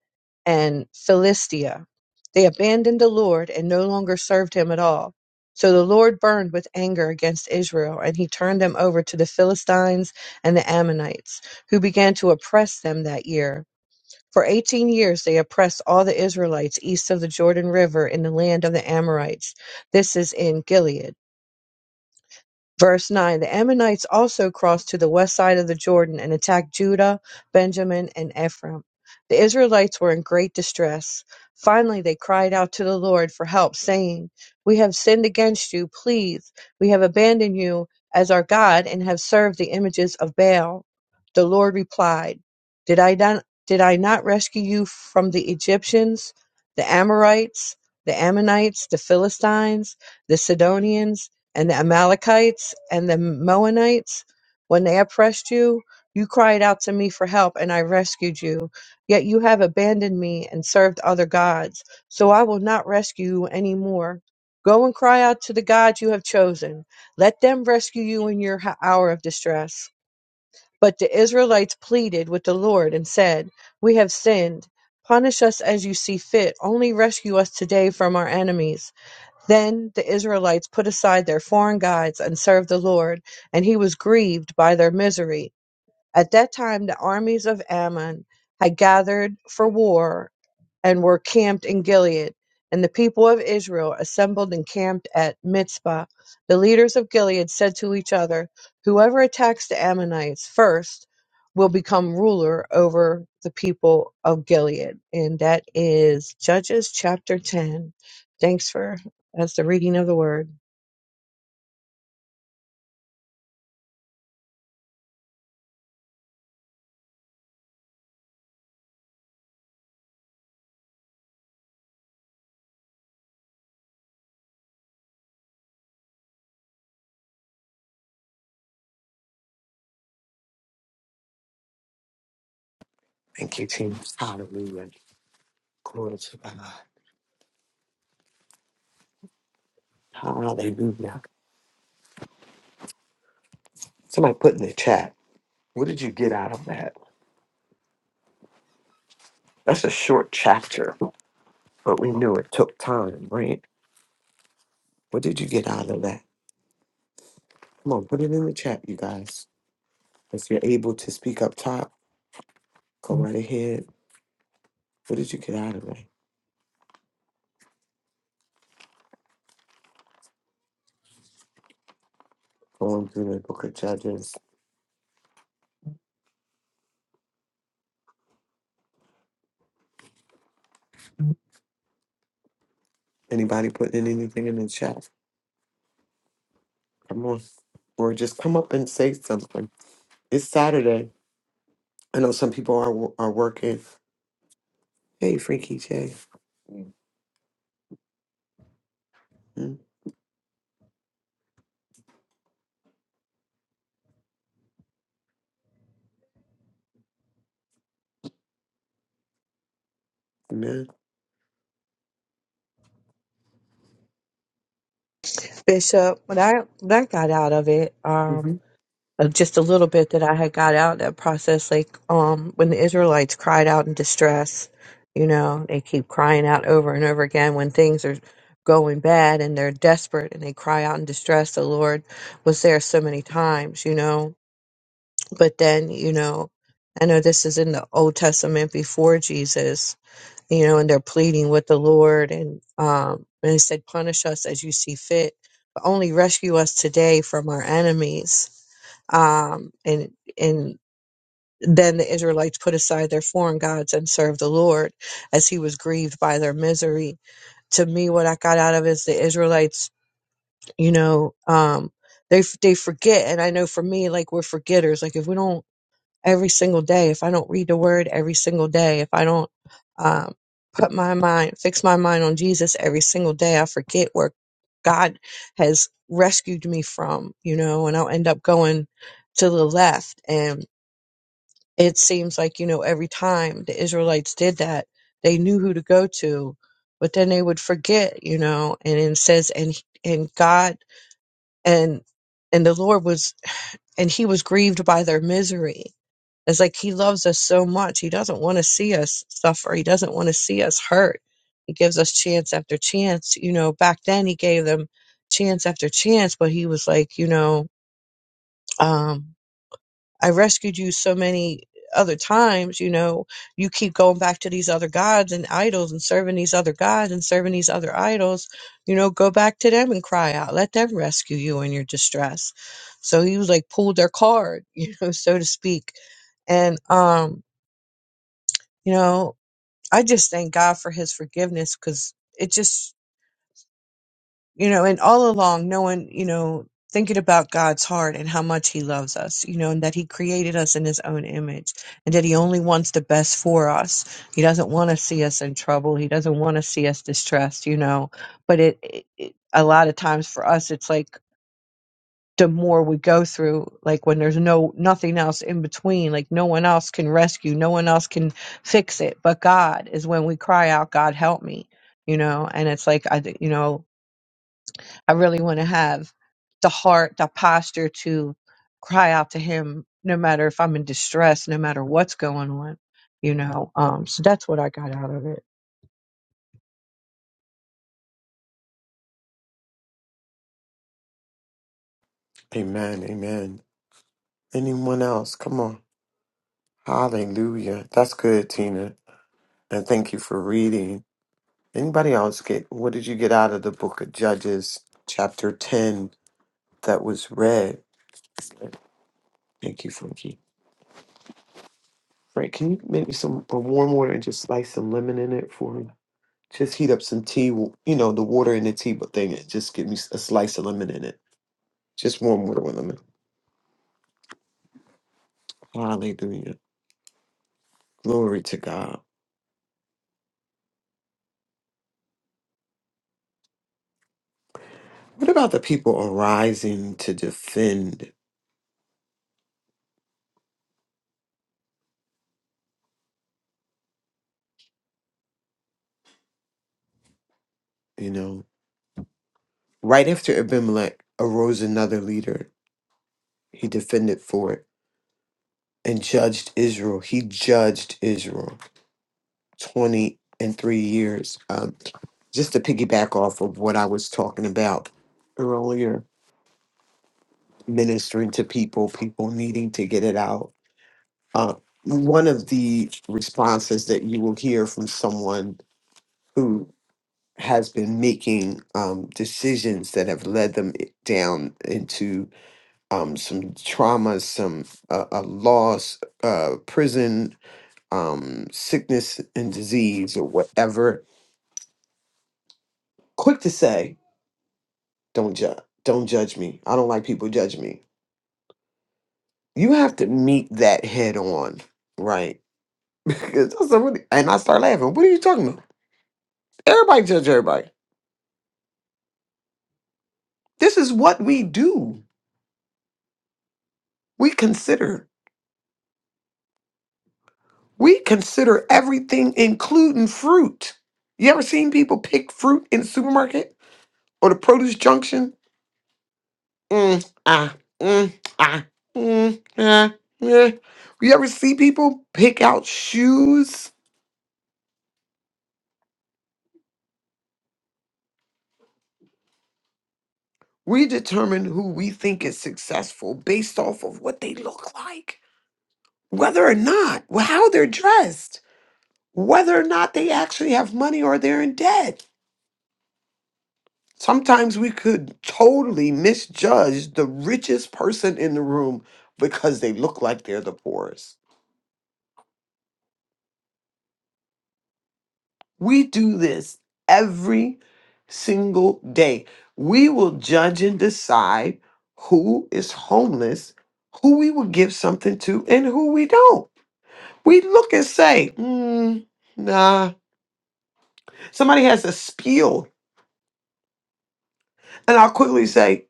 [SPEAKER 5] and Philistia. They abandoned the Lord and no longer served him at all. So the Lord burned with anger against Israel, and he turned them over to the Philistines and the Ammonites, who began to oppress them that year. For eighteen years they oppressed all the Israelites east of the Jordan river in the land of the Amorites. This is in Gilead. Verse 9 The Ammonites also crossed to the west side of the Jordan and attacked Judah, Benjamin, and Ephraim. The Israelites were in great distress. Finally, they cried out to the Lord for help, saying, We have sinned against you, please. We have abandoned you as our God and have served the images of Baal. The Lord replied, Did I not, did I not rescue you from the Egyptians, the Amorites, the Ammonites, the Philistines, the Sidonians? and the Amalekites and the Moabites, when they oppressed you, you cried out to me for help, and I rescued you. Yet you have abandoned me and served other gods, so I will not rescue you any more. Go and cry out to the gods you have chosen. Let them rescue you in your h- hour of distress. But the Israelites pleaded with the Lord and said, We have sinned. Punish us as you see fit. Only rescue us today from our enemies. Then the Israelites put aside their foreign gods and served the Lord, and he was grieved by their misery. At that time, the armies of Ammon had gathered for war and were camped in Gilead. And the people of Israel assembled and camped at Mitzpah. The leaders of Gilead said to each other, Whoever attacks the Ammonites first will become ruler over the people of Gilead. And that is Judges chapter 10. Thanks for that's the reading of the word.
[SPEAKER 4] Thank you, team. Hallelujah. Glory to God. Hallelujah. Somebody put in the chat. What did you get out of that? That's a short chapter, but we knew it took time, right? What did you get out of that? Come on, put it in the chat, you guys. If you're able to speak up top, go right ahead. What did you get out of it? Going through the book of Judges. Anybody putting anything in the chat? Come on. Or just come up and say something. It's Saturday. I know some people are wo- are working. Hey, Freaky J. Mhm. Amen.
[SPEAKER 5] Bishop, what I what I got out of it, um,
[SPEAKER 4] hmm
[SPEAKER 5] of just a little bit that I had got out of that process, like um, when the Israelites cried out in distress, you know, they keep crying out over and over again when things are going bad and they're desperate and they cry out in distress. The Lord was there so many times, you know. But then, you know, I know this is in the Old Testament before Jesus, you know, and they're pleading with the Lord. And, um, and he said, punish us as you see fit, but only rescue us today from our enemies. Um, and, and then the Israelites put aside their foreign gods and served the Lord as he was grieved by their misery. To me, what I got out of is the Israelites, you know, um, they, they forget. And I know for me, like we're forgetters. Like if we don't every single day, if I don't read the word every single day, if I don't um, put my mind, fix my mind on Jesus every single day, I forget where God has rescued me from, you know, and I'll end up going to the left. And it seems like, you know, every time the Israelites did that, they knew who to go to, but then they would forget, you know, and it says, and, and God, and, and the Lord was, and he was grieved by their misery it's like he loves us so much. He doesn't want to see us suffer. He doesn't want to see us hurt. He gives us chance after chance. You know, back then he gave them chance after chance, but he was like, you know, um, I rescued you so many other times, you know, you keep going back to these other gods and idols and serving these other gods and serving these other idols, you know, go back to them and cry out. Let them rescue you in your distress. So he was like pulled their card, [laughs] you know, so to speak. And um you know, I just thank God for his forgiveness because it just, you know, and all along knowing, you know, thinking about God's heart and how much he loves us, you know, and that he created us in his own image and that he only wants the best for us. He doesn't want to see us in trouble. He doesn't want to see us distressed, you know, but it, it, it a lot of times for us, it's like, the more we go through like when there's no nothing else in between like no one else can rescue no one else can fix it but god is when we cry out god help me you know and it's like I, you know I really want to have the heart, the posture to cry out to him, no matter if I'm in distress, no matter what's going on, you know. Um, so that's what I got out of it.
[SPEAKER 4] Amen. Amen. Anyone else? Come on. Hallelujah. That's good, Tina. And thank you for reading. Anybody else get what did you get out of the book of Judges, chapter 10, that was read? Thank you, Frankie. Frank, can you make me some a warm water and just slice some lemon in it for me? Just heat up some tea, w- you know, the water in the tea but thing. It just give me s- a slice of lemon in it. Just warm water with lemon. Hallelujah. Glory to God. What about the people arising to defend, you know? Right after Abimelech arose another leader. He defended for it and judged Israel. He judged Israel 20 and three years. Um, just to piggyback off of what I was talking about earlier, ministering to people, people needing to get it out Uh, one of the responses that you will hear from someone who has been making um, decisions that have led them i- down into um, some trauma, some uh, a loss, uh, prison, um, sickness and disease, or whatever. Quick to say, don't judge. Don't judge me. I don't like people judging me. You have to meet that head on, right? [laughs] Because that's somebody- and I start laughing. What are you talking about? Everybody judge everybody This is what we do. We consider. We consider everything, including fruit. You ever seen people pick fruit in the supermarket or the produce junction? Mm, ah, mm, ah, mm, ah, yeah. You ever see people pick out shoes? We determine who we think is successful based off of what they look like, whether or not, how they're dressed, whether or not they actually have money or they're in debt Sometimes we could totally misjudge the richest person in the room because they look like they're the poorest. We do this every single day. We will judge and decide who is homeless, who we will give something to, and who we don't. We look and say, mm, nah. Somebody has a spiel And I'll quickly say,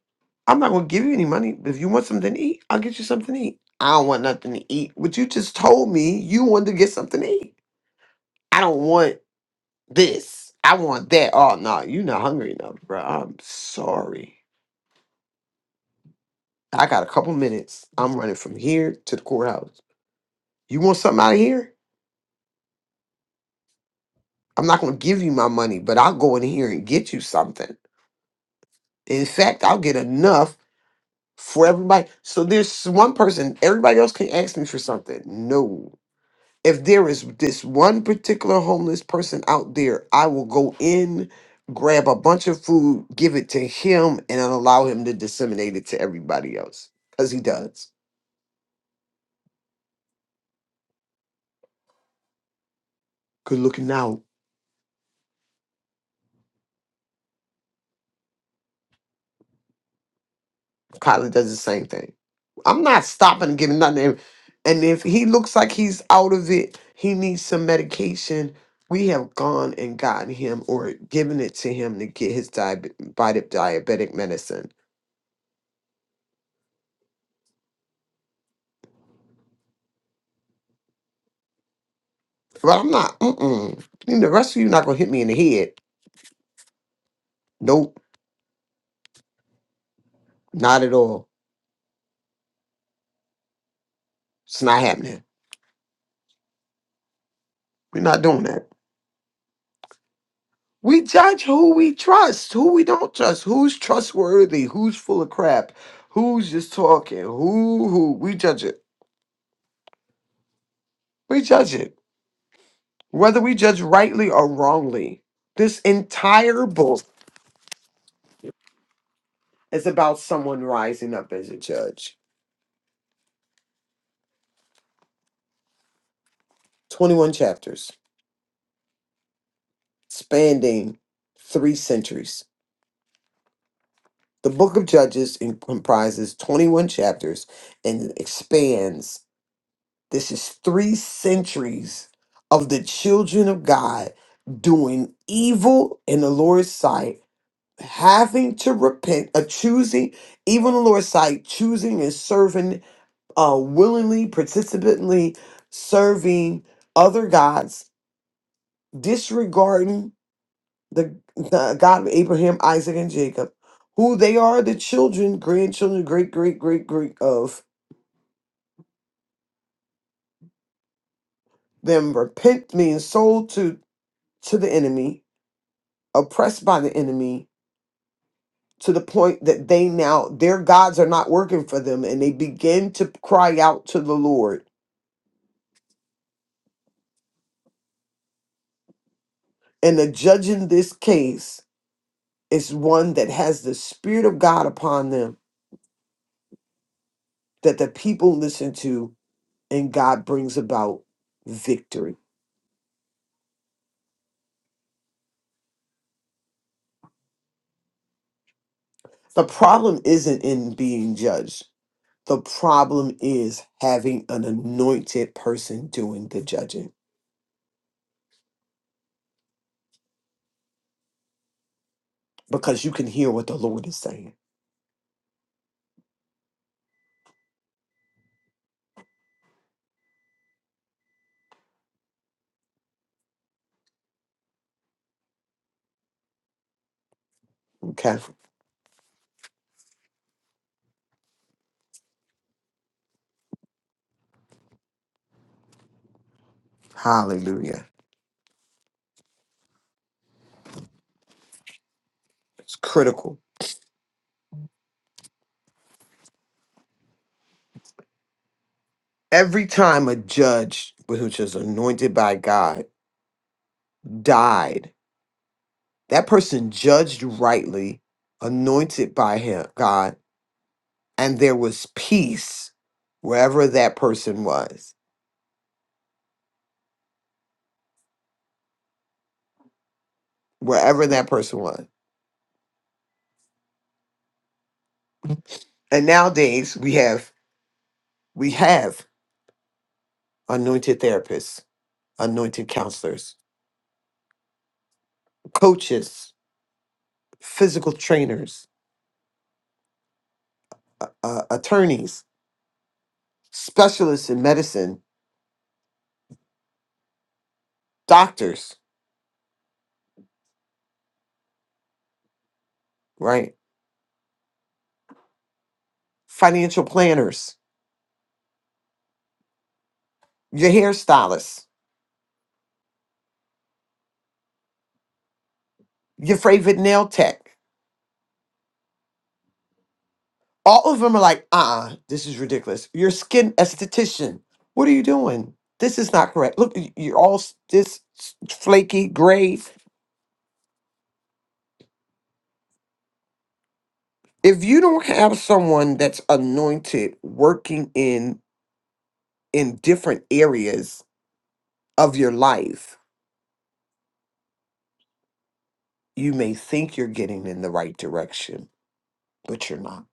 [SPEAKER 4] I'm not going to give you any money. But if you want something to eat, I'll get you something to eat. I don't want nothing to eat. But you just told me you wanted to get something to eat. I don't want this. I want that. Oh, no, you're not hungry enough, bro. I'm sorry. I got a couple minutes. I'm running from here to the courthouse. You want something out of here? I'm not going to give you my money, but I'll go in here and get you something. In fact, I'll get enough for everybody. So there's one person, everybody else can ask me for something. No. if there is this one particular homeless person out there, I will go in, grab a bunch of food, give it to him, and then allow him to disseminate it to everybody else. Because he does. Good looking now. Kyler does the same thing. I'm not stopping and giving nothing to him. And if he looks like he's out of it, he needs some medication. We have gone and gotten him or given it to him to get his diabe- diabetic medicine. But I'm not, mm-mm. You know, The rest of you not going to hit me in the head Nope, not at all. It's not happening. We're not doing that. We judge who we trust, who we don't trust, who's trustworthy, who's full of crap, who's just talking, who who we judge it. We judge it. Whether we judge rightly or wrongly. This entire book is about someone rising up as a judge. 21 chapters, spanning three centuries. The book of Judges in- comprises 21 chapters and expands This is three centuries of the children of God doing evil in the Lord's sight, having to repent, uh, choosing, even the Lord's sight, choosing and serving uh, willingly, participantly, serving other gods, disregarding the, the God of Abraham, Isaac, and Jacob, who they are the children, grandchildren, great, great, great, great of them, repent, being sold to, to the enemy oppressed by the enemy to the point that they now their gods are not working for them and they begin to cry out to the Lord. And the judge in this case is one that has the spirit of God upon them that the people listen to and God brings about victory. The problem isn't in being judged. The problem is having an anointed person doing the judging because you can hear what the Lord is saying. Okay. Hallelujah. It's critical. every time a judge which is anointed by god died that person judged rightly anointed by him god and there was peace wherever that person was wherever that person was and nowadays we have we have anointed therapists anointed counselors coaches physical trainers uh, uh, attorneys specialists in medicine doctors right financial planners your hairstylist, your favorite nail tech. All of them are like, uh uh this is ridiculous. Your skin esthetician, what are you doing? This is not correct. Look, y- you're all s- this s- flaky, gray. If you don't have someone that's anointed working in in different areas of your life, you may think you're getting in the right direction, but you're not.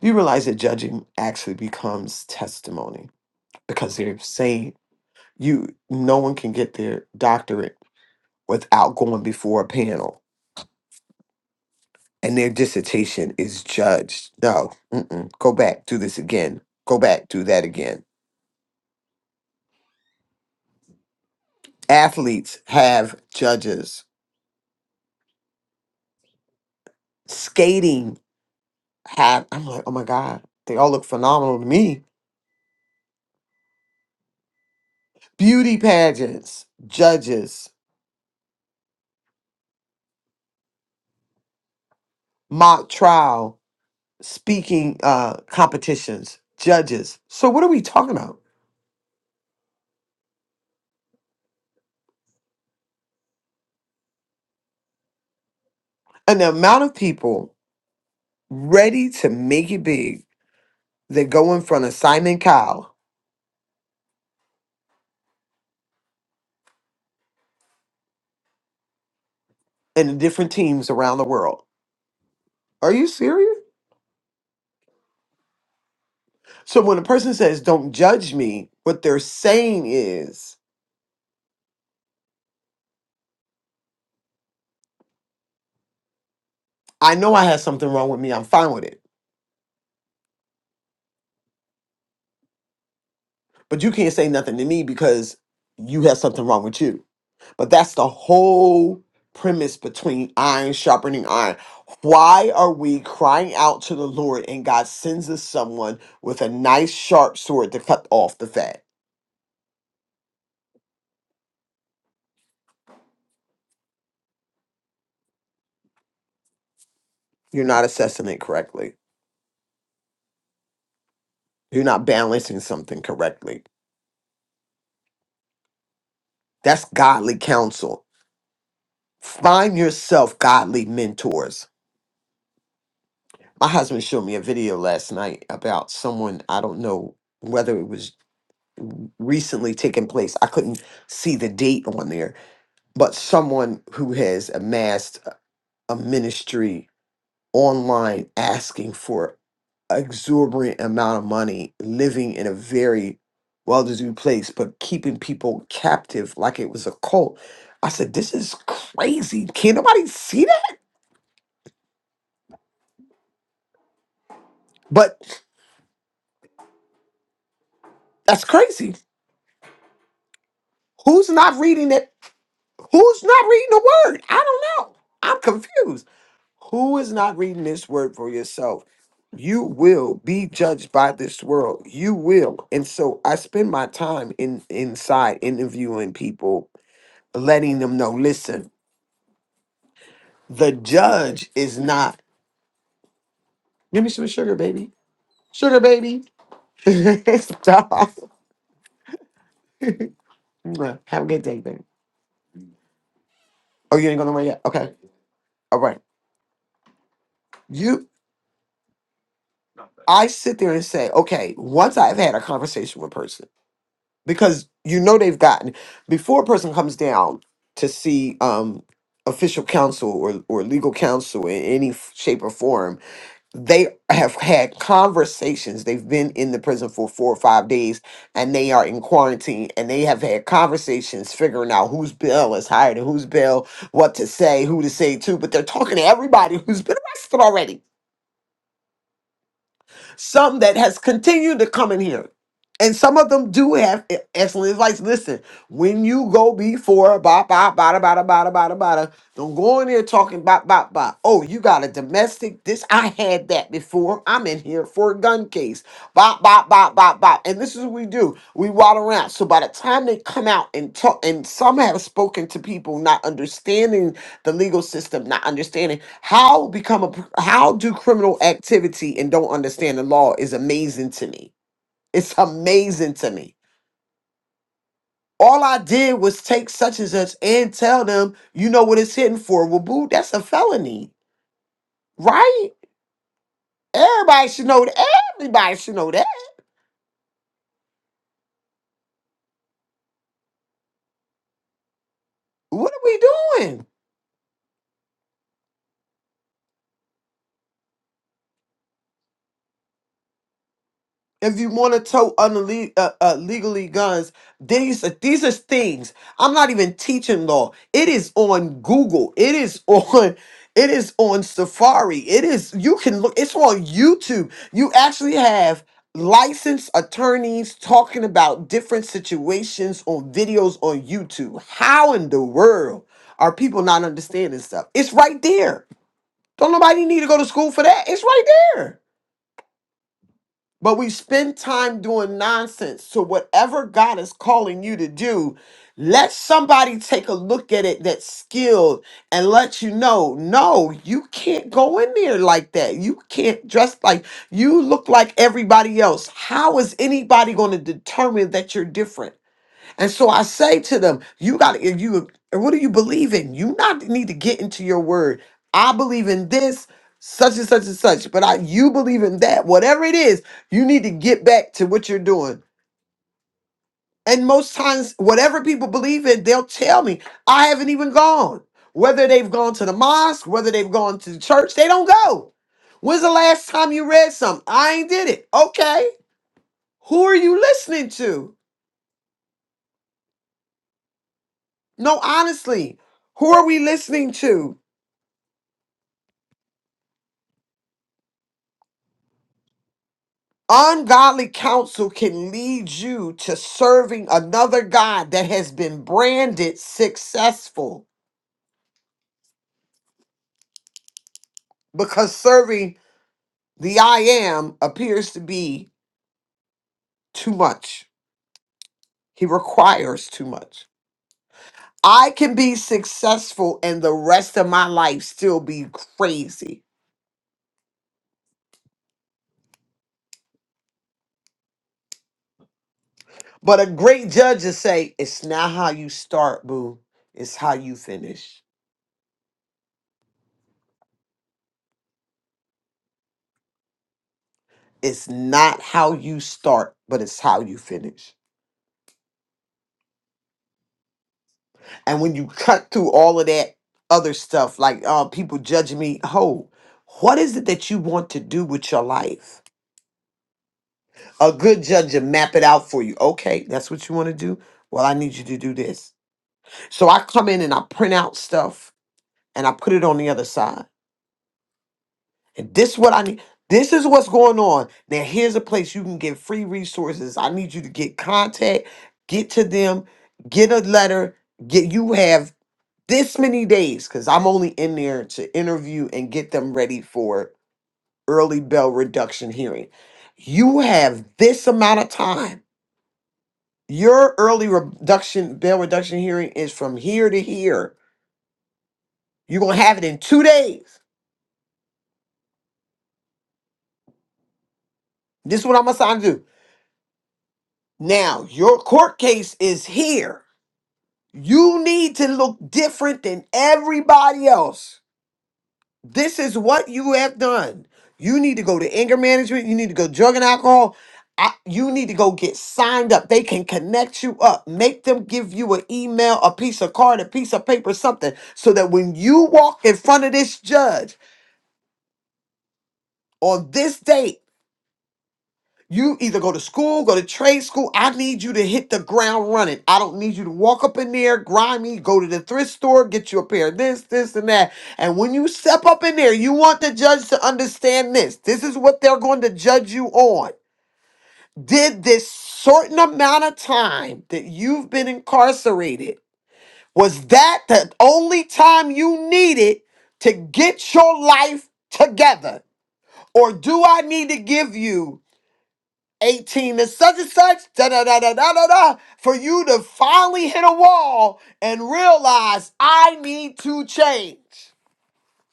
[SPEAKER 4] You realize that judging actually becomes testimony because they're saying you no one can get their doctorate without going before a panel and their dissertation is judged no mm-mm. go back do this again go back do that again athletes have judges skating have i'm like oh my god they all look phenomenal to me beauty pageants judges mock trial speaking uh competitions judges so what are we talking about and the amount of people ready to make it big They go in front of Simon Cowell and the different teams around the world. Are you serious? So when a person says, don't judge me, what they're saying is, I know I have something wrong with me. I'm fine with it. But you can't say nothing to me because you have something wrong with you. But that's the whole premise between iron sharpening iron. Why are we crying out to the Lord and God sends us someone with a nice sharp sword to cut off the fat? You're not assessing it correctly. You're not balancing something correctly. That's godly counsel. Find yourself godly mentors. My husband showed me a video last night about someone, I don't know whether it was recently taken place. I couldn't see the date on there, but someone who has amassed a ministry online asking for exorbitant amount of money living in a very well-to-do place but keeping people captive like it was a cult i said this is crazy can nobody see that but that's crazy who's not reading it who's not reading the word i don't know i'm confused who is not reading this word for yourself you will be judged by this world you will and so i spend my time in inside interviewing people letting them know listen The judge is not. Give me some sugar, baby. Sugar, baby. [laughs] Stop. [laughs] Have a good day, baby. Oh, you ain't going nowhere yet. Okay. All right. You. I sit there and say, okay. Once I've had a conversation with a person, because you know they've gotten before a person comes down to see um official counsel or or legal counsel in any f- shape or form They have had conversations. They've been in the prison for four or five days and they are in quarantine and they have had conversations figuring out whose bill is higher than whose bill, what to say, who to say to, but they're talking to everybody [laughs] who's been arrested already some that has continued to come in here. And some of them do have e- excellent advice. Listen, when you go before bop bop bada bada bada bada bada, don't go in there talking bop bop bop. Oh, you got a domestic. This I had that before. I'm in here for a gun case. Bop bop bop bop bop. And this is what we do. We waddle around. So by the time they come out and talk, and some have spoken to people not understanding the legal system, not understanding. How become a how do criminal activity and don't understand the law is amazing to me. It's amazing to me. All I did was take such and such and tell them, you know what it's hitting for. Well, boo, that's a felony, right? Everybody should know that. Everybody should know that. What are we doing? if you want to tote unle- uh, uh, legally guns, these are, these are things. I'm not even teaching law. It is on Google. It is [laughs] on. It is on Safari. It is. You can look. It's on YouTube. You actually have licensed attorneys talking about different situations on videos on YouTube. How in the world are people not understanding stuff? It's right there. Don't nobody need to go to school for that. It's right there. But we spend time doing nonsense. So, whatever God is calling you to do, let somebody take a look at it that's skilled and let you know no, you can't go in there like that. You can't dress like you look like everybody else. How is anybody going to determine that you're different? And so I say to them, you got to, if you, what do you believe in? You not need to get into your word. I believe in this, such and such and such, but I, you believe in that. Whatever it is, you need to get back to what you're doing. And most times, whatever people believe in, they'll tell me, I haven't even gone. Whether they've gone to the mosque, whether they've gone to the church, they don't go. When's the last time you read something? I ain't did it. Okay. Who are you listening to? No, honestly, who are we listening to? Ungodly counsel can lead you to serving another God that has been branded successful because serving the I am appears to be too much. He requires too much. I can be successful and the rest of my life still be crazy. But a great judge will say, It's not how you start, boo. It's how you finish. It's not how you start, but it's how you finish. And when you cut through all of that other stuff, like uh, people judging me, ho, what is it that you want to do with your life? A good judge will map it out for you. Okay, that's what you want to do. Well, I need you to do this. So I come in and I print out stuff and I put it on the other side. And this what I need. This is what's going on. Now here's a place you can get free resources. I need you to get contact, get to them, get a letter, get you have this many days because I'm only in there to interview and get them ready for early bail reduction hearing. You have this amount of time. Your early reduction bail reduction hearing is from here to here. You're gonna have it in two days. This is what I'm assigned to do. Now your court case is here. You need to look different than everybody else This is what you have done. You need to go to anger management. You need to go drug and alcohol. I, you need to go get signed up. They can connect you up. Make them give you an email, a piece of card, a piece of paper, something, so that when you walk in front of this judge on this date. You either go to school, go to trade school. I need you to hit the ground running. I don't need you to walk up in there, grimy, go to the thrift store, get you a pair of this, this, and that. And when you step up in there, you want the judge to understand this. This is what they're going to judge you on. Did this certain amount of time that you've been incarcerated, was that the only time you needed to get your life together? Or do I need to give you? 18 and such and such, da da da da da da da, for you to finally hit a wall and realize I need to change.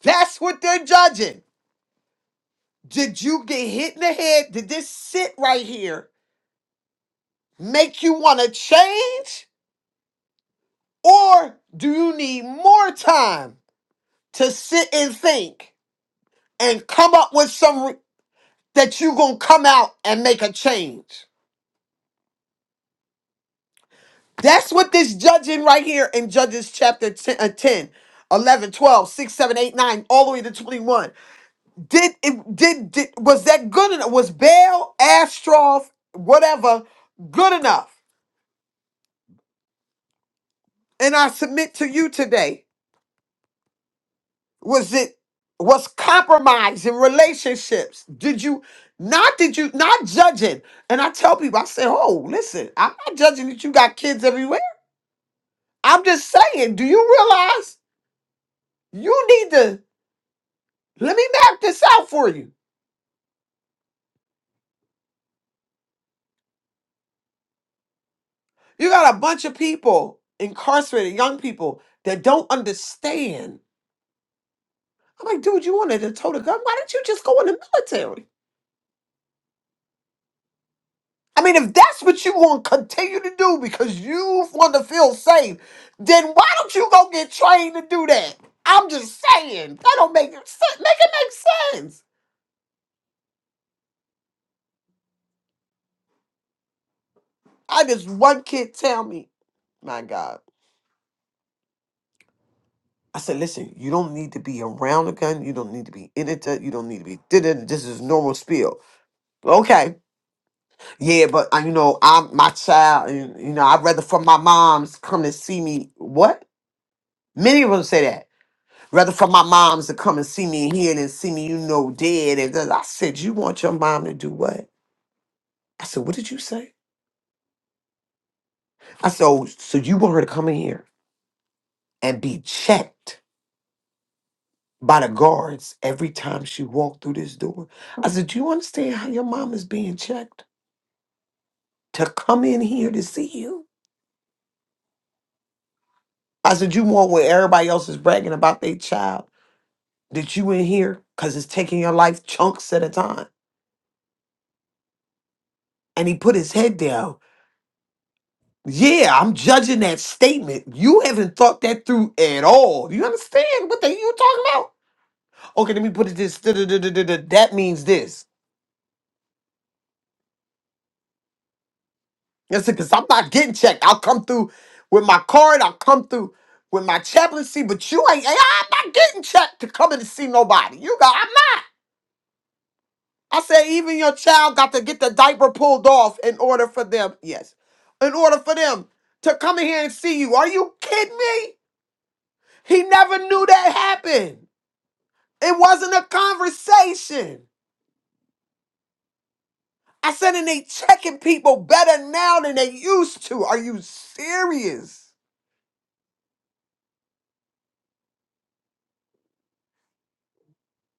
[SPEAKER 4] That's what they're judging. Did you get hit in the head? Did this sit right here make you want to change? Or do you need more time to sit and think and come up with some re- that you're going to come out and make a change? That's what this judging right here in Judges chapter 10, uh, 10 eleven, twelve, six, seven, eight, nine, all the way to 21. Did it did, did was that good enough? Was Baal, Astroth, whatever, good enough? And I submit to you today, was it was compromise in relationships? Did you not did you not judging? And I tell people, I say, oh, listen, I'm not judging that you got kids everywhere. I'm just saying, do you realize you need to? Let me map this out for you. You got a bunch of people incarcerated, young people that don't understand. I'm like, dude, you wanted to tote a gun? Why didn't you just go in the military? I mean, if that's what you want to continue to do because you want to feel safe, then why don't you go get trained to do that? I'm just saying. That don't make sense. Make it make sense. I just one kid tell me, my God. I said, listen, you don't need to be around a gun. You don't need to be in it. You don't need to be did it. This is normal spiel. Okay. Yeah, but uh, you know, I'm my child. You you know, I'd rather for my moms come and see me. What? Many of them say that. Rather for my moms to come and see me here than see me, you know, dead. And then I said, you want your mom to do what? I said, what did you say? I said, oh, so you want her to come in here and be checked by the guards every time she walked through this door? I said, do you understand how your mom is being checked to come in here to see you? I said, you want what everybody else is bragging about their child? that you in here because it's taking your life chunks at a time. And he put his head down. Yeah, I'm judging that statement. You haven't thought that through at all. You understand what the you talking about? Okay, let me put it this. da-da-da-da-da-da, That means this. Listen, because I'm not getting checked. I'll come through with my card. I'll come through with my chaplaincy, but you ain't. I'm not getting checked to come in to see nobody. You got. I'm not. I said, even your child got to get the diaper pulled off in order for them, yes, in order for them to come in here and see you. Are you kidding me? He never knew that happened. It wasn't a conversation. I said, and they checking people better now than they used to. Are you serious?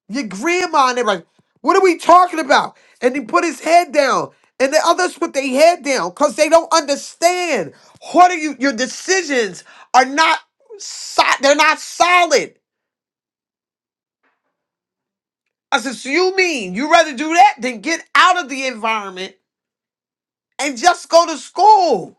[SPEAKER 4] your grandma and everybody. What are we talking about? And he put his head down. And the others put their head down because they don't understand. What are you? Your decisions are not so, they're not solid. I said, so you mean you rather do that than get out of the environment and just go to school?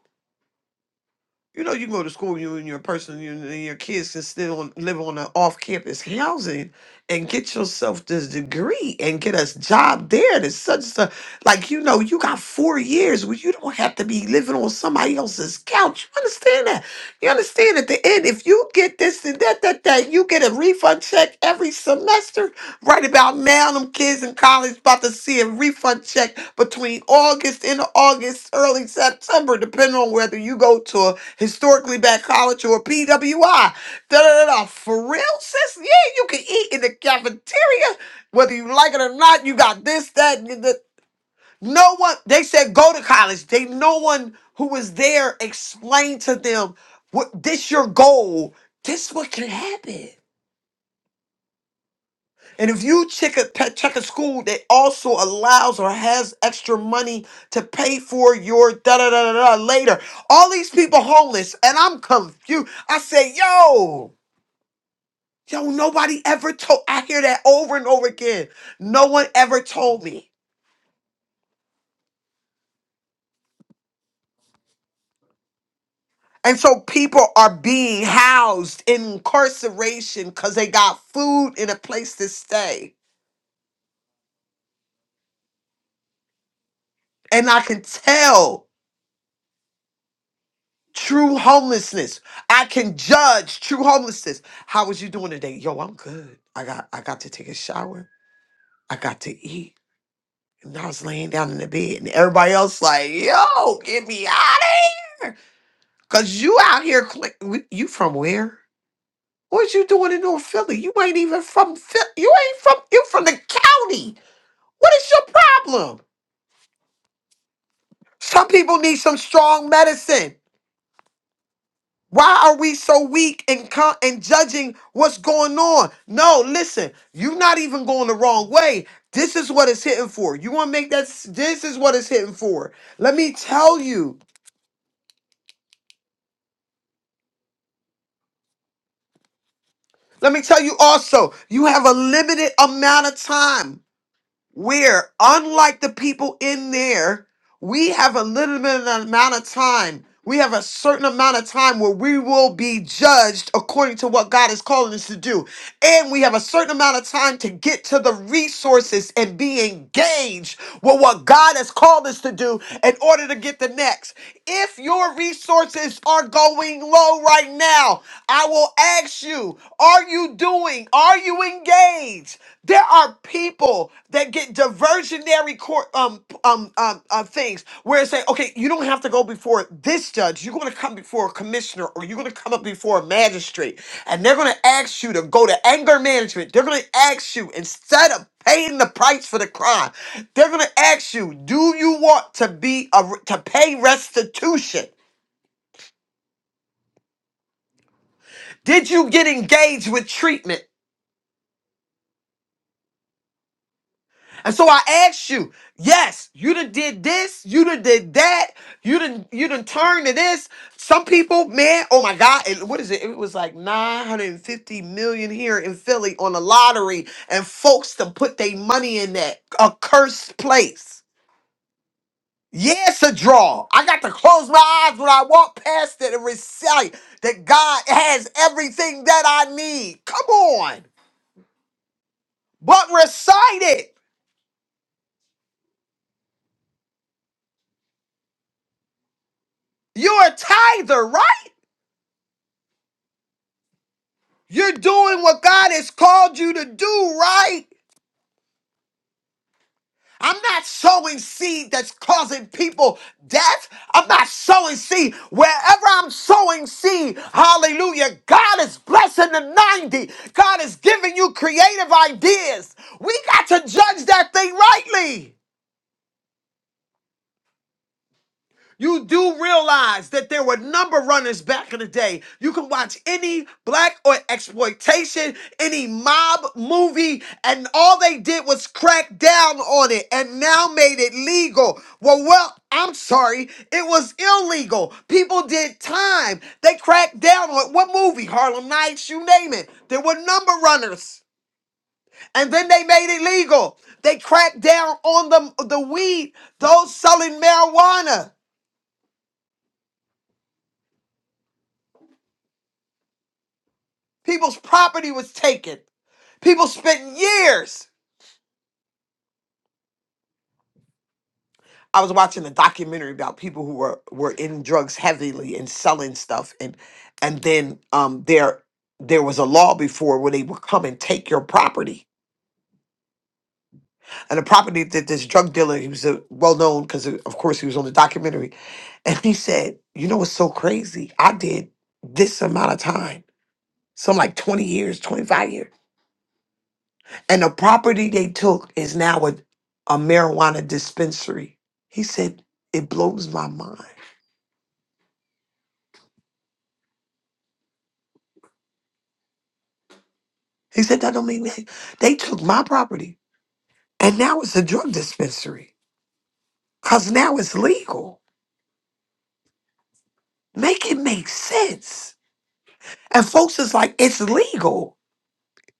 [SPEAKER 4] You know, you can go to school, you and your person, you and your kids can still live on an off-campus housing and get yourself this degree and get a job there. That's such a like, you know, you got four years where you don't have to be living on somebody else's couch. You understand that? You understand at the end, if you get this and that, that, that, you get a refund check every semester Right about now, them kids in college about to see a refund check between August, end of August, early September, depending on whether you go to a historically black college or a PWI. Da da da da. For real, sis? Yeah, you can eat in the cafeteria, whether you like it or not. You got this, that, and the. No one. They said go to college. They no one who was there explained to them what this your goal. This what can happen. And if you check a pe- check a school that also allows or has extra money to pay for your da da da da da later, all these people homeless, and I'm confused. I say, yo, yo, nobody ever told. I hear that over and over again. No one ever told me. And so people are being housed in incarceration because they got food and a place to stay. And I can tell. True homelessness. I can judge true homelessness. How was you doing today? Yo, I'm good. I got I got to take a shower. I got to eat. And I was laying down in the bed and everybody else like, yo, get me out of here. Cause you out here cl- w- you from where? What you doing in North Philly? You ain't even from Philly. You ain't from you from the county. What is your problem? Some people need some strong medicine. Why are we so weak and co- and judging what's going on? No, listen, you're not even going the wrong way. This is what it's hitting for. You want to make that? s- This is what it's hitting for. Let me tell you. Let me tell you also. You have a limited amount of time. where, unlike the people in there, we have a limited amount of time. We have a certain amount of time where we will be judged according to what God is calling us to do. And we have a certain amount of time to get to the resources and be engaged with what God has called us to do in order to get the next. If your resources are going low right now, I will ask you, are you doing? Are you engage. There are people that get diversionary court um um um uh, things where it say, okay, you don't have to go before this judge. You're going to come before a commissioner, or you're going to come up before a magistrate, and they're going to ask you to go to anger management. They're going to ask you instead of paying the price for the crime, they're going to ask you, do you want to be a, to pay restitution? Did you get engaged with treatment? And so I ask you, yes, you done did this, you done did that, you done you done turned to this. Some people, man, oh my God, it- what is it? It was like 950 million here in Philly on the lottery, and folks to put their money in that accursed place. Yeah, it's a draw. I got to close my eyes when I walk past it and recite that God has everything that I need. Come on. But recite it. You're a tither, right? You're doing what God has called you to do, right? I'm not sowing seed that's causing people death. I'm not sowing seed. Wherever I'm sowing seed, hallelujah, God is blessing the 90. God is giving you creative ideas. We got to judge that thing rightly. You do realize that there were number runners back in the day. You can watch any black or exploitation, any mob movie, and all they did was crack down on it and now made it legal. Well, well, I'm sorry, it was illegal. People did time. They cracked down on it. What movie? Harlem Nights, you name it. There were number runners and then they made it legal. They cracked down on the the weed, those selling marijuana. People's property was taken. People spent years. I was watching a documentary about people who were were in drugs heavily and selling stuff, and and then um there there was a law before where they would come and take your property and the property that this drug dealer he was a well known because of course he was on the documentary and he said you know what's so crazy i did this amount of time some like 20 years 25 years And the property they took is now a, a marijuana dispensary. He said, it blows my mind. He said, that don't mean that- they took my property and now it's a drug dispensary because now it's legal. Make it make sense. And folks is like, it's legal.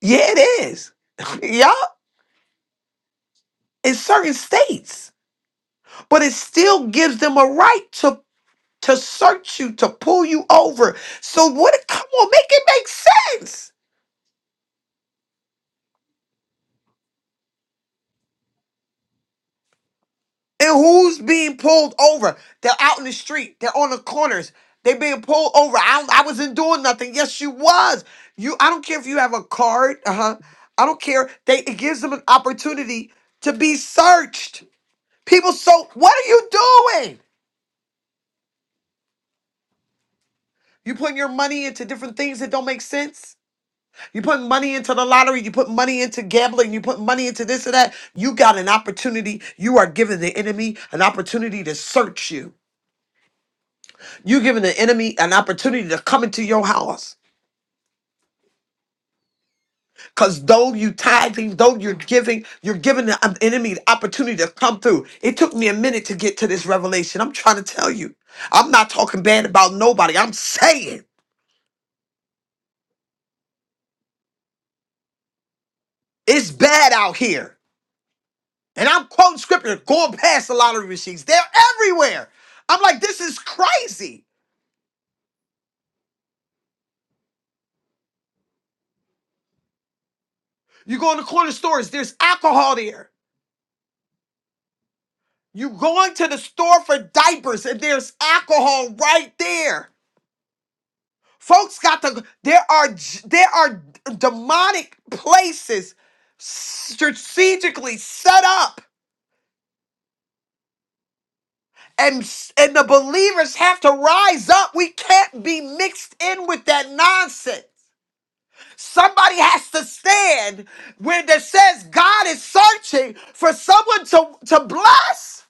[SPEAKER 4] Yeah, it is. [laughs] yeah, in certain states. But it still gives them a right to to search you, to pull you over. So what come on, make it make sense. And who's being pulled over? They're out in the street. They're on the corners. They being pulled over. I, don't- I wasn't doing nothing. Yes, you was. You. I don't care if you have a card. Uh huh. I don't care. They it gives them an opportunity to be searched. People. So what are you doing? You putting your money into different things that don't make sense. You put money into the lottery. You put money into gambling. You put money into this and that. You got an opportunity. You are giving the enemy an opportunity to search you. You're giving the enemy an opportunity to come into your house. Because though you tithing, though you're giving, you're giving the um, enemy the opportunity to come through. It took me a minute to get to this revelation. I'm trying to tell you. I'm not talking bad about nobody. I'm saying it's bad out here. And I'm quoting scripture, going past the lottery machines. They're everywhere. I'm like, this is crazy. You go in the corner stores, there's alcohol there. You going to the store for diapers, and there's alcohol right there. Folks got to. There are j- there are demonic places strategically set up, and s- and the believers have to rise up. We can't be mixed in with that nonsense. Somebody has to stand when it says God is searching for someone to to bless.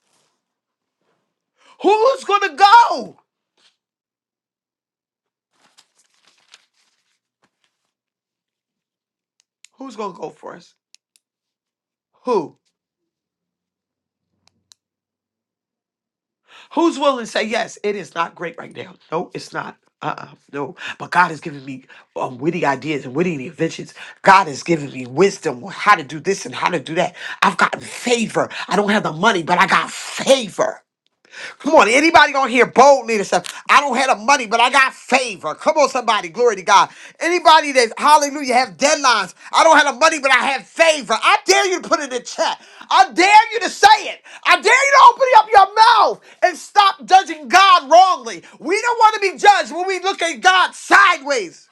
[SPEAKER 4] Who's gonna go? Who's gonna go for us? Who? Who's willing to say, yes, it is not great right now? No, it's not. Uh uh no. But God has given me um, witty ideas and witty inventions. God has given me wisdom on how to do this and how to do that. I've gotten favor. I don't have the money, but I got favor. Come on, anybody on here bold leadership. I don't have the money, but I got favor. Come on, somebody, glory to God. Anybody that hallelujah have deadlines. I don't have the money, but I have favor. I dare you to put it in the chat. I dare you to say it. I dare you to open up your mouth and stop judging God wrongly. We don't want to be judged when we look at God sideways.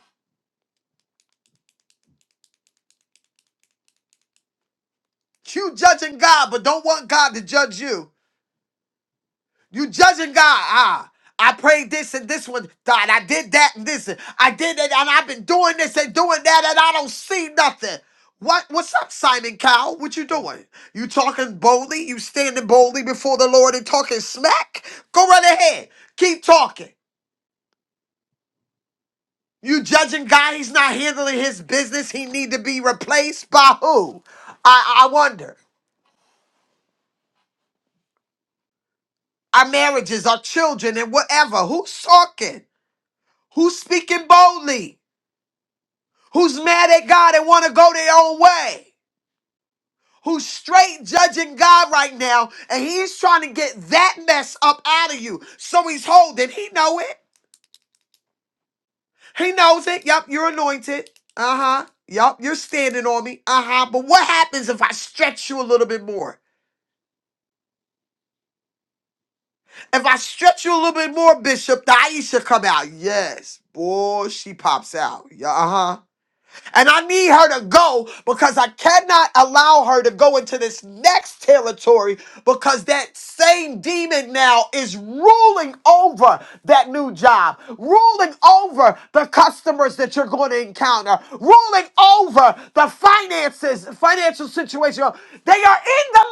[SPEAKER 4] You judging God, but don't want God to judge you. You judging God. Ah, I prayed this and this one, God. I did that and this. And I did it and I've been doing this and doing that and I don't see nothing. What what's up, Simon Cowell? What you doing? You talking boldly? You standing boldly before the Lord and talking smack? Go right ahead. Keep talking. You judging God, he's not handling his business. He need to be replaced by who? I, I wonder. Our marriages, our children, and whatever. Who's talking? Who's speaking boldly? who's mad at God and want to go their own way, who's straight judging God right now, and he's trying to get that mess up out of you. So he's holding. He know it. He knows it. Yup, you're anointed. Uh huh. Yup, you're standing on me. Uh huh. But what happens if I stretch you a little bit more? If I stretch you a little bit more, Bishop, the Aisha come out. Yes. Boy, she pops out. Yeah, uh huh. And I need her to go because I cannot allow her to go into this next territory because that same demon now is ruling over that new job, ruling over the customers that you're going to encounter, ruling over the finances, financial situation. They are in the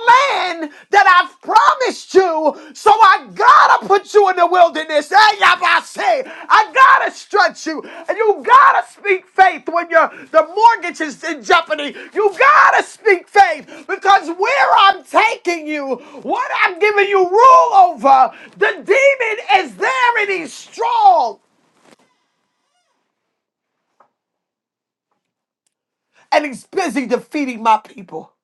[SPEAKER 4] land that I've promised you. So I gotta put you in the wilderness. Hey, I say, I gotta stretch you. And you gotta speak faith when your the mortgage is in jeopardy. You gotta speak faith because where I'm taking you, what I'm giving you rule over, the demon is there and he's strong and he's busy defeating my people.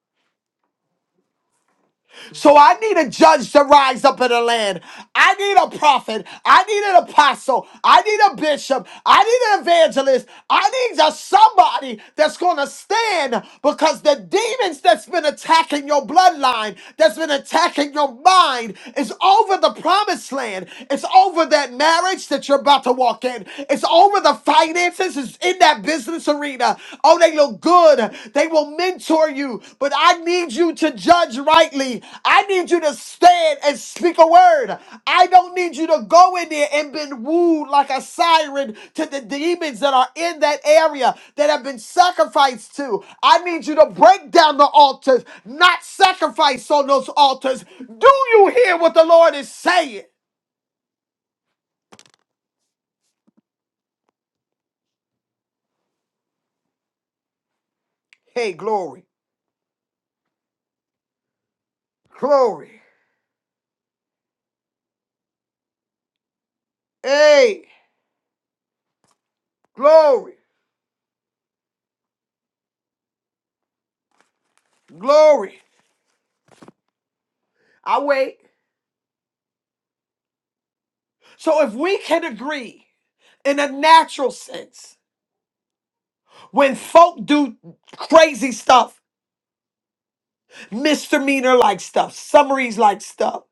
[SPEAKER 4] So I need a judge to rise up in the land. I need a prophet. I need an apostle. I need a bishop. I need an evangelist. I need just somebody that's going to stand because the demons that's been attacking your bloodline, that's been attacking your mind, is over the promised land. It's over that marriage that you're about to walk in. It's over the finances. It's in that business Serena. Oh, they look good. They will mentor you, but I need you to judge rightly. I need you to stand and speak a word. I don't need you to go in there and been wooed like a siren to the demons that are in that area that have been sacrificed to. I need you to break down the altars, not sacrifice on those altars. Do you hear what the Lord is saying? Hey, glory, glory, hey, glory, glory. I wait. So if we can agree in a natural sense, when folk do crazy stuff, misdemeanor like stuff, summaries like stuff,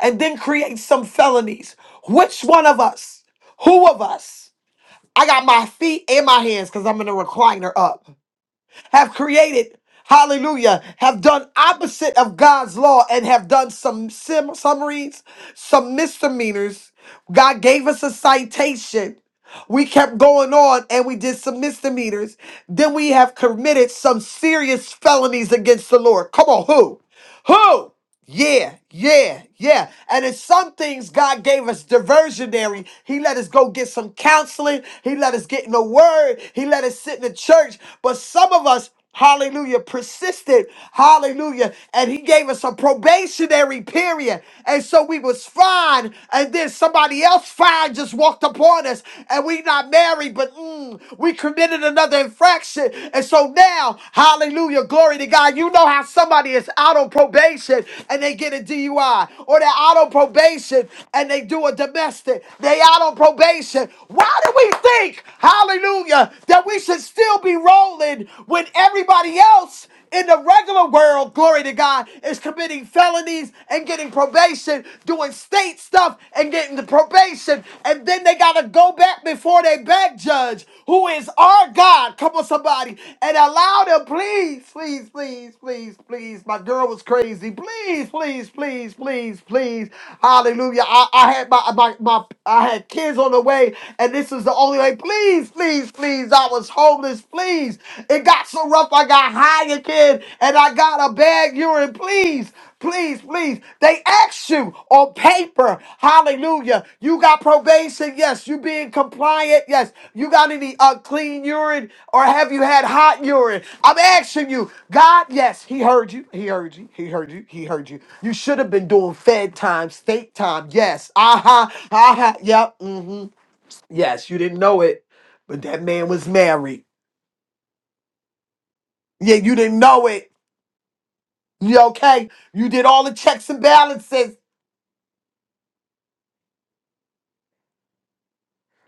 [SPEAKER 4] and then create some felonies, which one of us, who of us, I got my feet and my hands because I'm in a recliner up, have created, hallelujah, have done opposite of God's law and have done some sim- summaries, some misdemeanors. God gave us a citation We kept going on and we did some misdemeanors. Then we have committed some serious felonies against the Lord. Come on, who? Who? Yeah, yeah, yeah. And in some things, God gave us diversionary. He let us go get some counseling. He let us get in the word. He let us sit in the church. But some of us Hallelujah. Persisted. Hallelujah. And he gave us a probationary period. And so we was fine. And then somebody else fine just walked upon us. And we not married, but mm, we committed another infraction. And so now, hallelujah, glory to God. You know how somebody is out on probation and they get a DUI. Or they're out on probation and they do a domestic. They out on probation. Why do we think, hallelujah, that we should still be rolling when everybody else in the regular world, glory to God, is committing felonies and getting probation, doing state stuff and getting the probation. And then they got to go back before their back judge, who is our God. Come on, somebody, and allow them, please, please, please, please, please. My girl was crazy. Please, please, please, please, please. Hallelujah. I, I had my, my, my, I had kids on the way, and this is the only way. Please please, please, please. I was homeless, please. It got so rough, I got high again, and I got a bad urine, please. Please, please. They asked you on paper. Hallelujah. You got probation. Yes. You being compliant. Yes. You got any unclean urine or have you had hot urine? I'm asking you. God, yes. He heard you. He heard you. He heard you. He heard you. You should have been doing fed time, state time. Yes. Uh huh. Uh huh. Yep. mm-hmm. Yes, you didn't know it, but that man was married. Yeah, you didn't know it. You okay? You did all the checks and balances.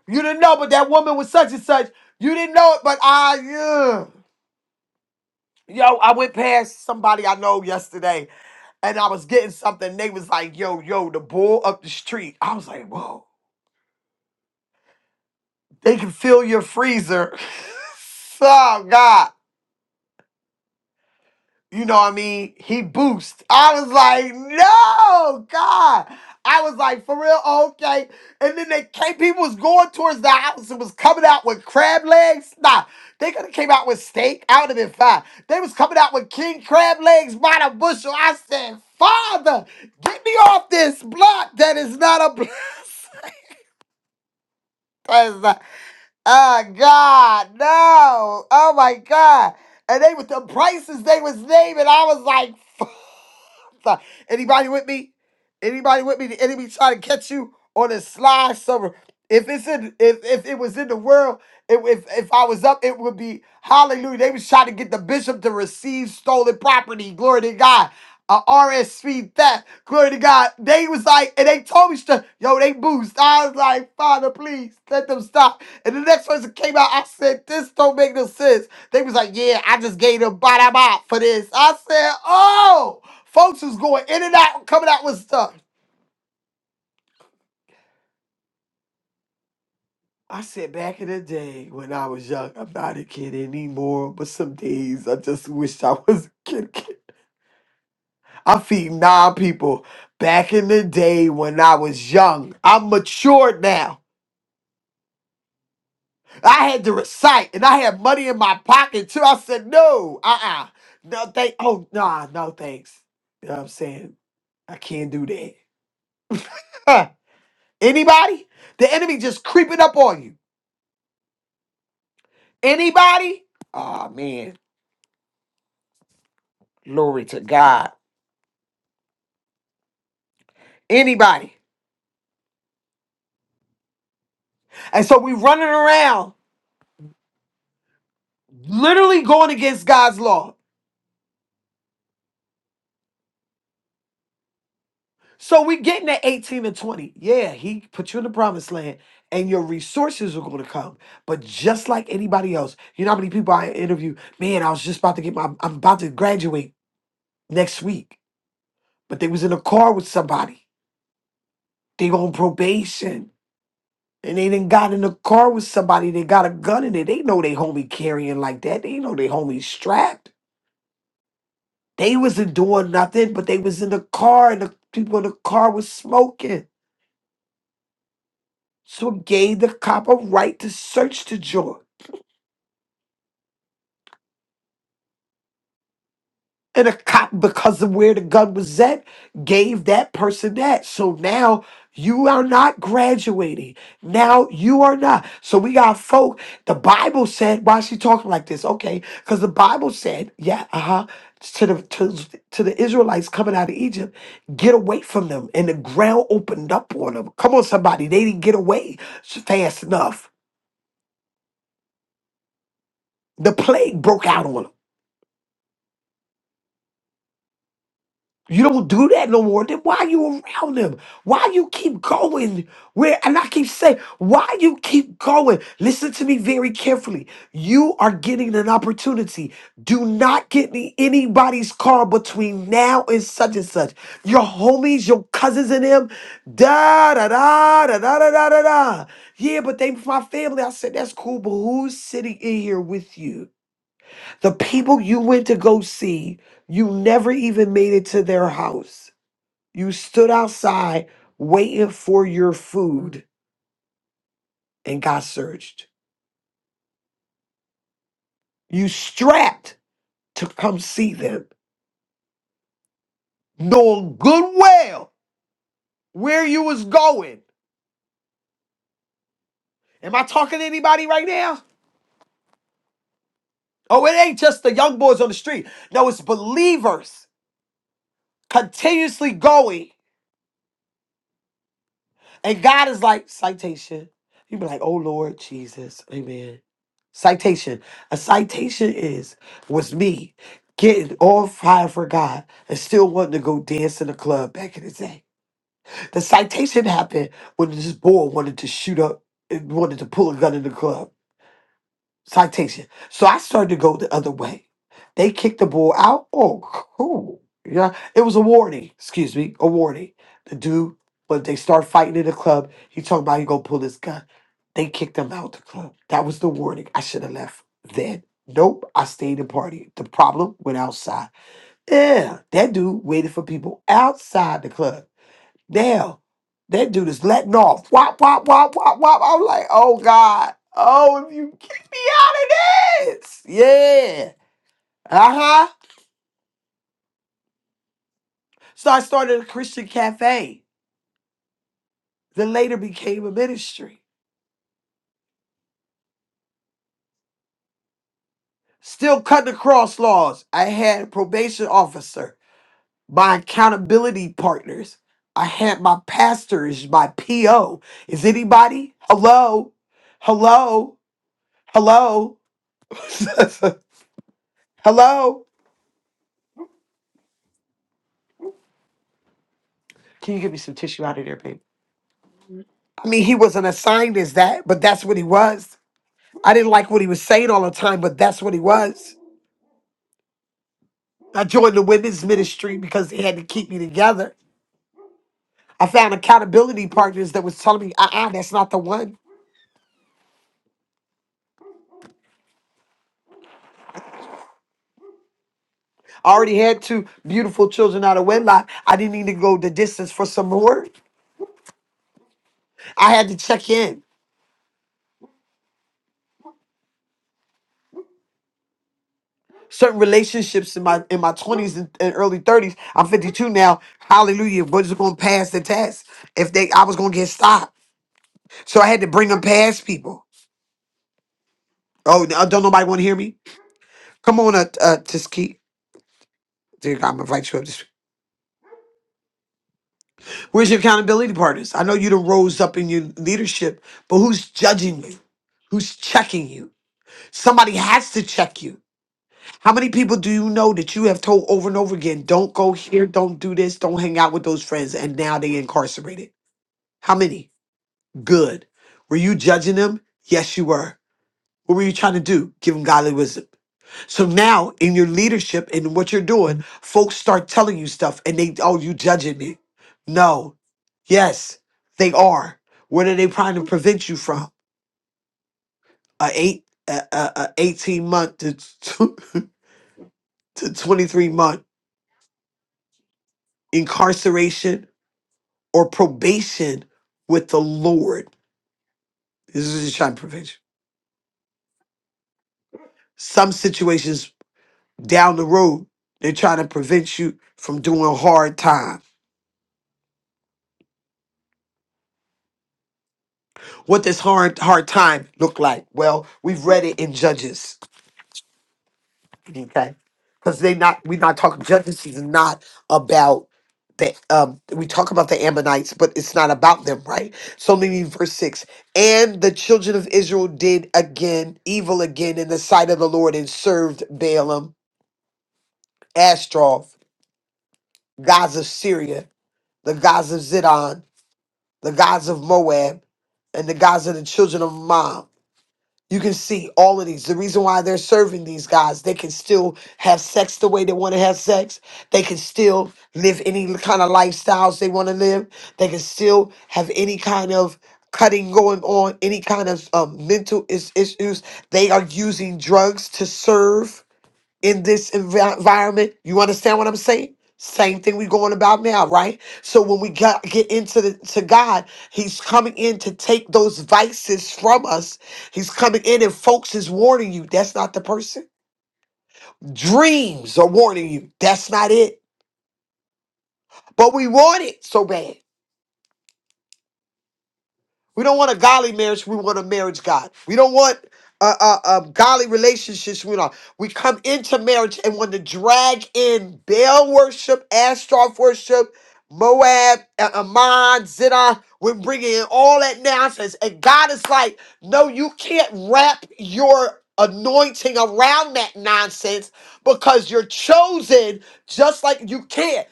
[SPEAKER 4] You didn't know, but that woman was such and such. You didn't know it, but I, yeah. Yo, I went past somebody I know yesterday and I was getting something. They was like, yo, yo, the bull up the street. I was like, whoa, they can fill your freezer. [laughs] oh, God. you know what I mean? He boost. I was like, no, God. I was like, for real, okay. And then they came, people was going towards the house and was coming out with crab legs. Nah, they could have came out with steak. I would have been fine. They was coming out with king crab legs by the bushel. I said, Father, get me off this block that is not a [laughs] blessing. Oh God, no! Oh my God! And they with the prices they was naming, I was like, [laughs] Fuck. anybody with me? Anybody with me? The enemy trying to catch you on a slide somewhere. If it's in, if if it was in the world, if if, if I was up, it would be hallelujah. They was trying to get the bishop to receive stolen property. Glory to God a RSV that. Glory to God. They was like, and they told me stuff. Yo, they boost. I was like, Father, please let them stop. And the next person came out, I said, this don't make no sense. They was like, yeah, I just gave them bada bop for this. I said, oh, folks was going in and out, coming out with stuff. I said back in the day when I was young, I'm not a kid anymore, but some days I just wish I was a kid. i feed nine people. Back in the day when I was young, I'm matured now. I had to recite and I had money in my pocket too. I said, no, uh uh No, thank, oh, nah, no thanks. You know what I'm saying? I can't do that. Huh. Anybody? The enemy just creeping up on you. Anybody? Oh, man. Glory to God. Anybody. And so we running around literally going against God's law. So we're getting at 18 and 20. Yeah, he put you in the promised land and your resources are going to come. But just like anybody else, you know how many people I interview, man, I was just about to get my, I'm about to graduate next week, but they was in a car with somebody. They on probation and they didn't got in a car with somebody. They got a gun in it. They know they homie carrying like that. They know they homie strapped. They wasn't doing nothing, but they was in the car and the people in the car was smoking. So it gave the cop a right to search the joint. And a cop, because of where the gun was at, gave that person that. So now you are not graduating. Now you are not. So we got folk. The Bible said, why is she talking like this? Okay, because the Bible said, yeah, uh-huh, to the to, to the Israelites coming out of Egypt, get away from them. And the ground opened up on them. Come on, somebody. They didn't get away fast enough. The plague broke out on them. You don't do that no more. Then why you around them? Why you keep going where? And I keep saying, why you keep going? Listen to me very carefully. You are getting an opportunity. Do not get in anybody's car between now and such and such. Your homies, your cousins, and them. Da da da da da da da da. da. Yeah, but they my family. I said that's cool. But who's sitting in here with you? The people you went to go see, you never even made it to their house. You stood outside waiting for your food and got searched. You strapped to come see them, knowing good well where you was going. Am I talking to anybody right now? Oh, it ain't just the young boys on the street. No, it's believers continuously going. And God is like, citation. You be like, oh Lord Jesus. Amen. Citation. A citation is was me getting all fire for God and still wanting to go dance in the club back in the day. The citation happened when this boy wanted to shoot up and wanted to pull a gun in the club citation. So I started to go the other way. They kicked the ball out. Oh, cool. Yeah, it was a warning. Excuse me, a warning. The dude, but they start fighting in the club. He talking about he gonna pull his gun. They kicked him out the club. That was the warning. I should have left then. Nope, I stayed and party. The problem went outside. Yeah, that dude waited for people outside the club. Now, that dude is letting off. Wop, wop, wop, wop, wop. I'm like, oh God. Oh, if you get me out of this. Yeah. Uh-huh. So I started a Christian cafe that later became a ministry. Still cutting across laws. I had a probation officer, my accountability partners. I had my pastors, my PO. Is anybody? Hello? Hello? Hello? [laughs] Hello? Can you give me some tissue out of there, babe? I mean, he wasn't assigned as that, but that's what he was. I didn't like what he was saying all the time, but that's what he was. I joined the women's ministry because they had to keep me together. I found accountability partners that was telling me, uh-uh, that's not the one. I already had two beautiful children out of wedlock. I didn't need to go the distance for some more. I had to check in. Certain relationships in my in my twenties and, and early thirties. I'm 52 now. Hallelujah! Was going to pass the test if they I was going to get stopped. So I had to bring them past people. Oh, no, don't nobody want to hear me? Come on, uh, uh Tiski. Dear God, I'm gonna invite you up this Where's your accountability partners? I know you done rose up in your leadership, but who's judging you? Who's checking you? Somebody has to check you. How many people do you know that you have told over and over again, don't go here, don't do this, don't hang out with those friends, and now they incarcerated? How many? Good. Were you judging them? Yes, you were. What were you trying to do? Give them godly wisdom. So now in your leadership and what you're doing, folks start telling you stuff and they, oh, you judging me. No. Yes, they are. What are they trying to prevent you from? A eight, a, a, a 18 month to, tw- [laughs] to 23 month incarceration or probation with the Lord. This is just trying to prevent you. Some situations down the road, they're trying to prevent you from doing hard times What does hard hard time look like? Well, we've read it in Judges. Okay. Because they not we're not talking judges is not about the um we talk about the Ammonites, but it's not about them, right? So maybe verse six. And the children of Israel did again evil again in the sight of the Lord and served Balaam, Ashtaroth, gods of Syria, the gods of Zidon, the gods of Moab, and the gods of the children of Ammon. You can see all of these. The reason why they're serving these guys, they can still have sex the way they want to have sex. They can still live any kind of lifestyles they want to live. They can still have any kind of cutting going on, any kind of um, mental is- issues. They are using drugs to serve in this envi- environment. You understand what I'm saying? Same thing we going about now, right? So when we got, get into the, to God, He's coming in to take those vices from us. He's coming in, and folks is warning you that's not the person. Dreams are warning you that's not it. But we want it so bad. We don't want a godly marriage. We want a marriage God. We don't want uh, uh, uh, godly relationships. We don't. We come into marriage and want to drag in Baal worship, Ashtaroth worship, Moab, uh, Ammon, Zidon. We're bringing in all that nonsense. And God is like, no, you can't wrap your anointing around that nonsense because you're chosen just like you can't.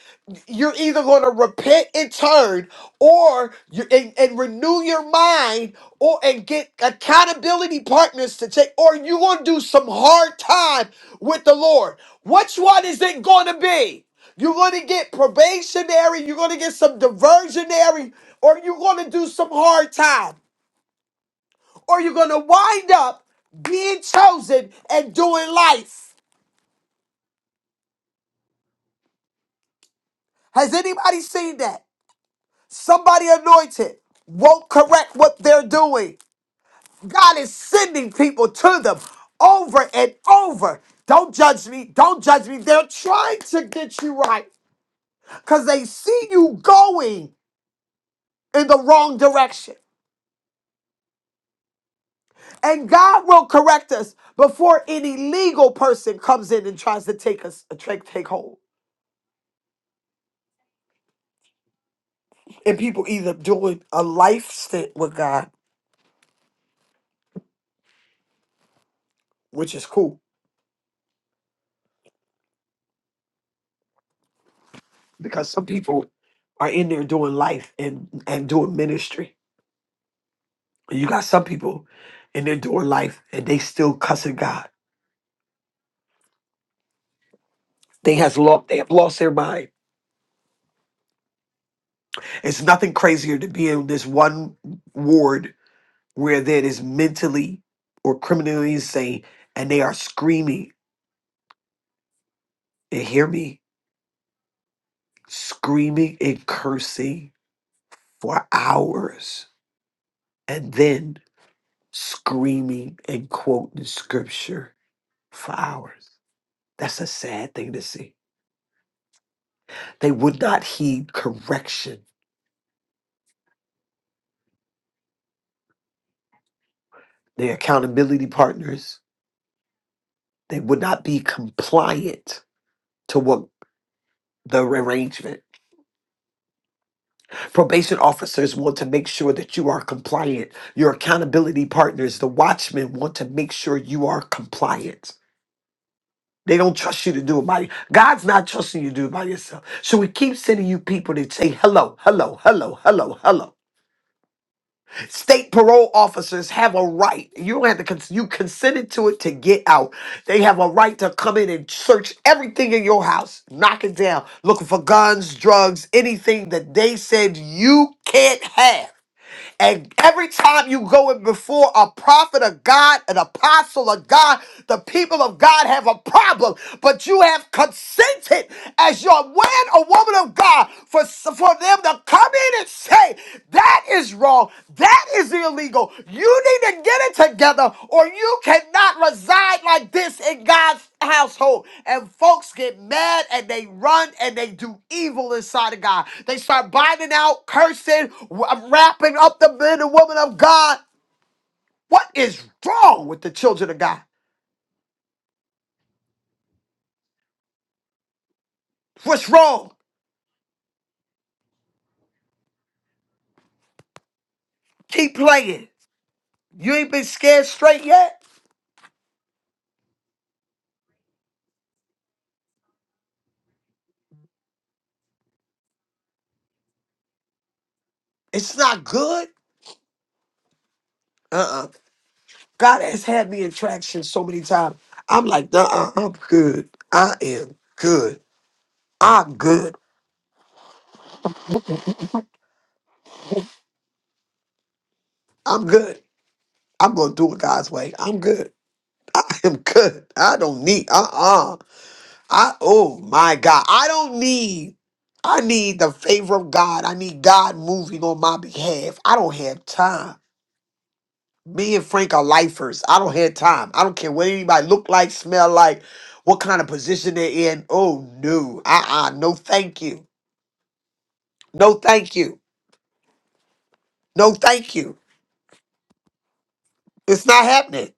[SPEAKER 4] You're either going to repent and turn or you and, and renew your mind or and get accountability partners to take or you gonna do some hard time with the lord which one is it gonna be you're gonna get probationary you're gonna get some diversionary or you're gonna do some hard time or you're gonna wind up being chosen and doing life has anybody seen that somebody anointed won't correct what they're doing God is sending people to them over and over. Don't judge me. Don't judge me. They're trying to get you right because they see you going in the wrong direction. And God will correct us before any legal person comes in and tries to take us uh, take take hold. And people either doing a life stint with God, which is cool because some people are in there doing life and and doing ministry You got some people in their door life and they still cussing God. They has lost they have lost their mind. It's nothing crazier to be in this one ward where that is mentally or criminally insane and they are screaming and hear me screaming and cursing for hours and then screaming and quoting scripture for hours. That's a sad thing to see. They would not heed correction. Their accountability partners They would not be compliant to what the arrangement. Probation officers want to make sure that you are compliant. Your accountability partners, the watchmen, want to make sure you are compliant. They don't trust you to do it by God's not trusting you to do it by yourself. So we keep sending you people that say hello, hello, hello, hello, hello. State parole officers have a right. You don't have to cons- you consented to it to get out. They have a right to come in and search everything in your house, knock it down, looking for guns, drugs, anything that they said you can't have. And every time you go in before a prophet of God, an apostle of God, the people of God have a problem. But you have consented as your man or woman of God for, for them to come in and say, that is wrong. That is illegal. You need to get it together or you cannot reside like this in God's household and folks get mad and they run and they do evil inside of God. They start binding out, cursing, w- uh, wrapping up the men and women of God. What is wrong with the children of God? What's wrong? Keep playing. You ain't been scared straight yet? It's not good? Uh-uh. God has had me in traction so many times. I'm like, uh-uh, I'm good. I am good. I'm good. I'm good. I'm gonna do it God's way. I'm good. [laughs] I am good. I don't need uh-uh. I oh my God. I don't need I need the favor of God. I need God moving on my behalf. I don't have time. Me and Frank are lifers. I don't have time. I don't care what anybody look like, smell like, what kind of position they're in. Oh no. Uh-uh. No thank you. No thank you. No thank you. It's not happening.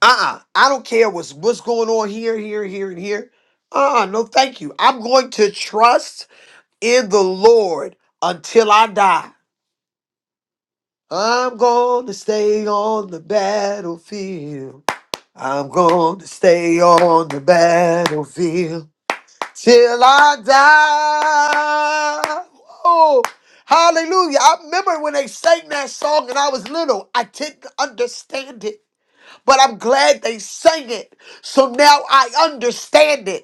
[SPEAKER 4] Uh-uh. I don't care what's what's going on here, here, here, and here. Uh-uh. No thank you. I'm going to trust in the Lord until I die. I'm going to stay on the battlefield. I'm going to stay on the battlefield till I die. Oh, hallelujah. I remember when they sang that song and I was little, I didn't understand it, but I'm glad they sang it. So now I understand it.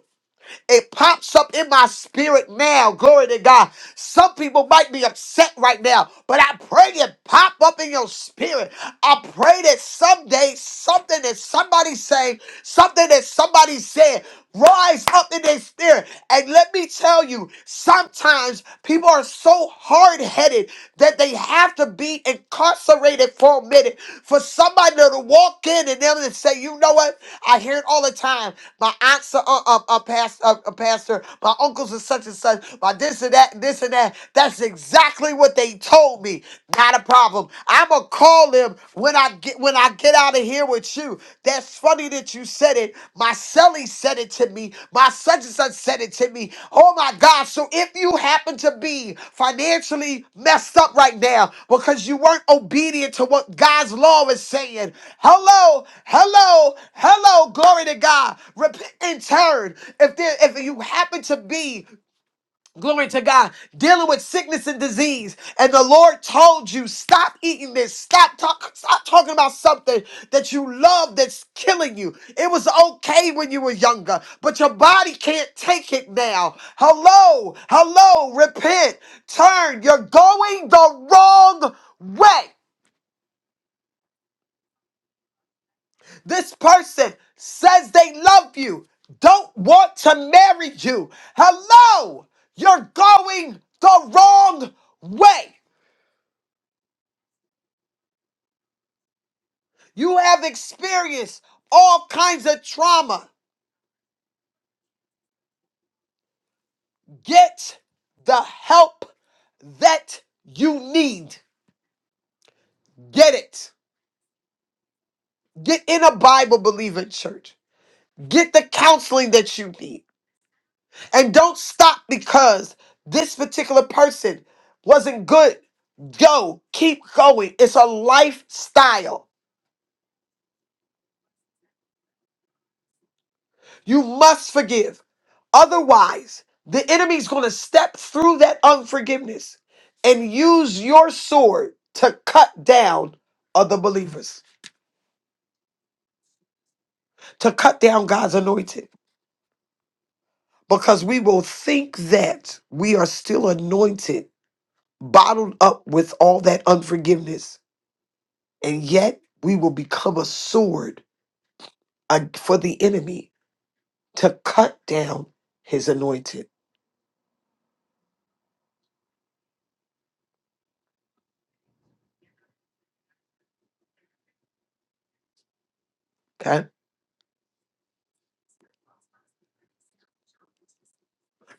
[SPEAKER 4] It pops up in my spirit now. Glory to God. Some people might be upset right now, but I pray it pop up in your spirit. I pray that someday something that somebody say, something that somebody said rise up in their spirit. And let me tell you, sometimes people are so hard headed that they have to be incarcerated for a minute for somebody to walk in and them to say, you know what? I hear it all the time. My aunts are a uh, uh, pastor, uh, uh, pastor, my uncles are such and such, my this and that, and this and that. That's exactly what they told me. Not a problem. I'm a Call him when I get when I get out of here with you. That's funny that you said it. My celly said it to me. My such and such said it to me. Oh my God. So if you happen to be financially messed up right now because you weren't obedient to what God's law is saying, hello, hello, hello, glory to God. Repent and turn. If there if you happen to be Glory to God, dealing with sickness and disease. And the Lord told you, stop eating this. Stop talk, stop talking about something that you love that's killing you. It was okay when you were younger, but your body can't take it now. Hello, hello, repent, turn. You're going the wrong way. This person says they love you, don't want to marry you. Hello, you're going the wrong way. You have experienced all kinds of trauma. Get the help that you need. Get it. Get in a Bible believing church. Get the counseling that you need. And don't stop because this particular person wasn't good. Go, keep going. It's a lifestyle. You must forgive. Otherwise, the enemy's going to step through that unforgiveness and use your sword to cut down other believers, to cut down God's anointed, because we will think that we are still anointed, bottled up with all that unforgiveness. And yet, we will become a sword uh, for the enemy to cut down his anointed. Okay?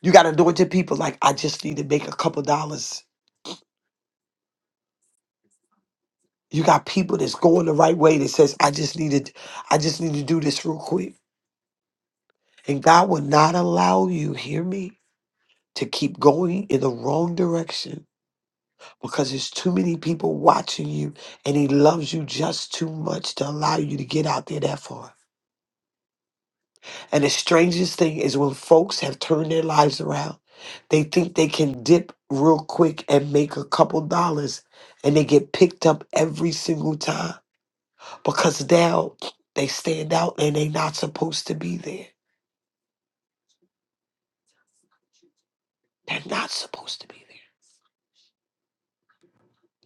[SPEAKER 4] You got anointed people like, I just need to make a couple dollars You got people that's going the right way that says, I just need to, I just need to do this real quick. And God will not allow you, hear me, to keep going in the wrong direction because there's too many people watching you and he loves you just too much to allow you to get out there that far. And the strangest thing is when folks have turned their lives around, they think they can dip real quick and make a couple dollars and they get picked up every single time because now they stand out and they not supposed to be there. They're not supposed to be there.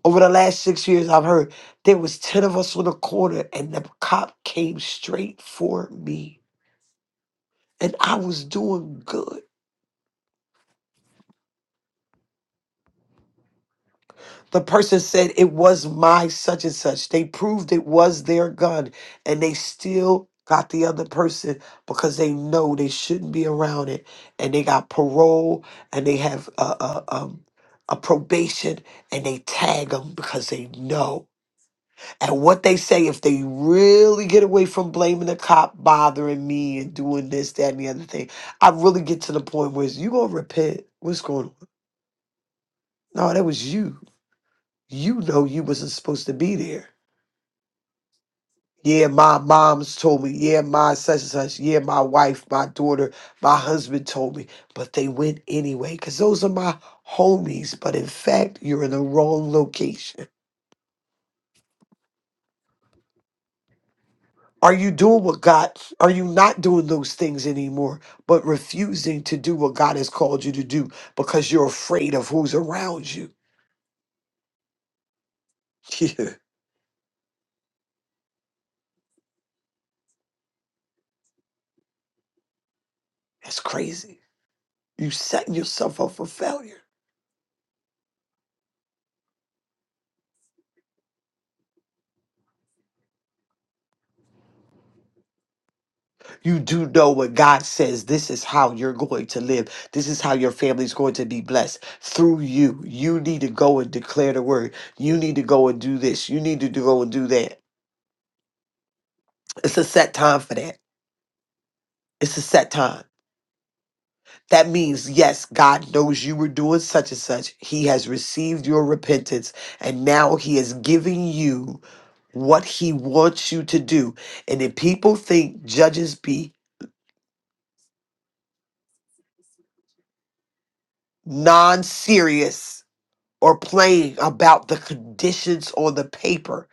[SPEAKER 4] Over the last six years, I've heard there was ten of us on the corner, and the cop came straight for me, and I was doing good. The person said it was my such and such. They proved it was their gun and they still got the other person because they know they shouldn't be around it and they got parole and they have a, a, um, a probation and they tag them because they know. And what they say, if they really get away from blaming the cop, bothering me and doing this, that, and the other thing, I really get to the point where it's, you gonna repent. What's going on? No, that was you. You know you wasn't supposed to be there Yeah, my mom's told me. Yeah, my such and such. Yeah, my wife, my daughter, my husband told me. But they went anyway because those are my homies. But in fact, you're in the wrong location. Are you doing what God, are you not doing those things anymore, but refusing to do what God has called you to do because you're afraid of who's around you? [laughs] Yeah, that's crazy. You setting yourself up for failure. You do know what God says. This is how you're going to live. This is how your family's going to be blessed through you. You need to go and declare the word. You need to go and do this. You need to do- go and do that. It's a set time for that. It's a set time. That means, yes, God knows you were doing such and such. He has received your repentance, and now He is giving you what He wants you to do. And if people think judges be non serious, or playing about the conditions on the paper.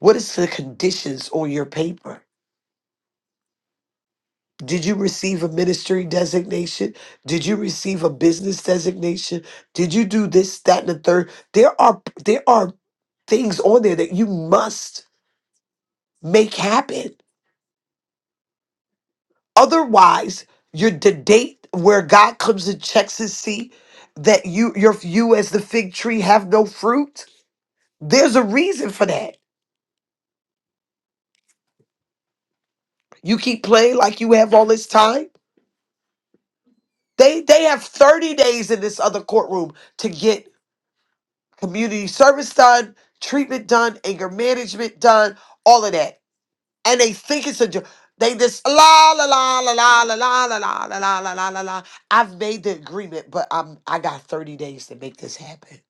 [SPEAKER 4] What is the conditions on your paper? Did you receive a ministry designation? Did you receive a business designation? Did you do this, that, and the third? There are there are things on there that you must make happen. Otherwise, you're the date where God comes and checks his see that you your you as the fig tree have no fruit. There's a reason for that. You keep playing like you have all this time They they have 30 days in this other courtroom to get community service done, treatment done, anger management done, all of that. And they think it's a joke. They just la la la la la la la la la la la la la la la. I've made the agreement, but I'm I got 30 days to make this happen.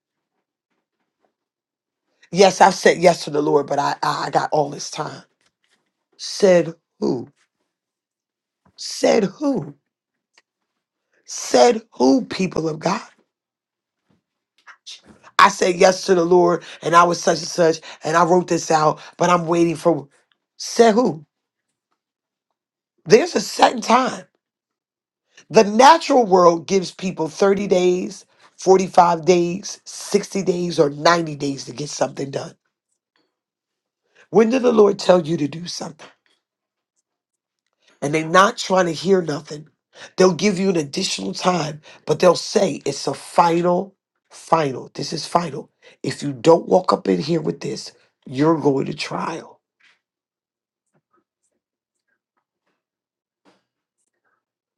[SPEAKER 4] Yes, I've said yes to the Lord, but I I I got all this time. Said who? Said who? Said who, people of God? I said yes to the Lord and I was such and such and I wrote this out, but I'm waiting for said who? There's a set time. The natural world gives people 30 days, 45 days, 60 days, or 90 days to get something done. When did the Lord tell you to do something? And they're not trying to hear nothing. They'll give you an additional time, but they'll say it's a final, final. This is final. If you don't walk up in here with this, you're going to trial.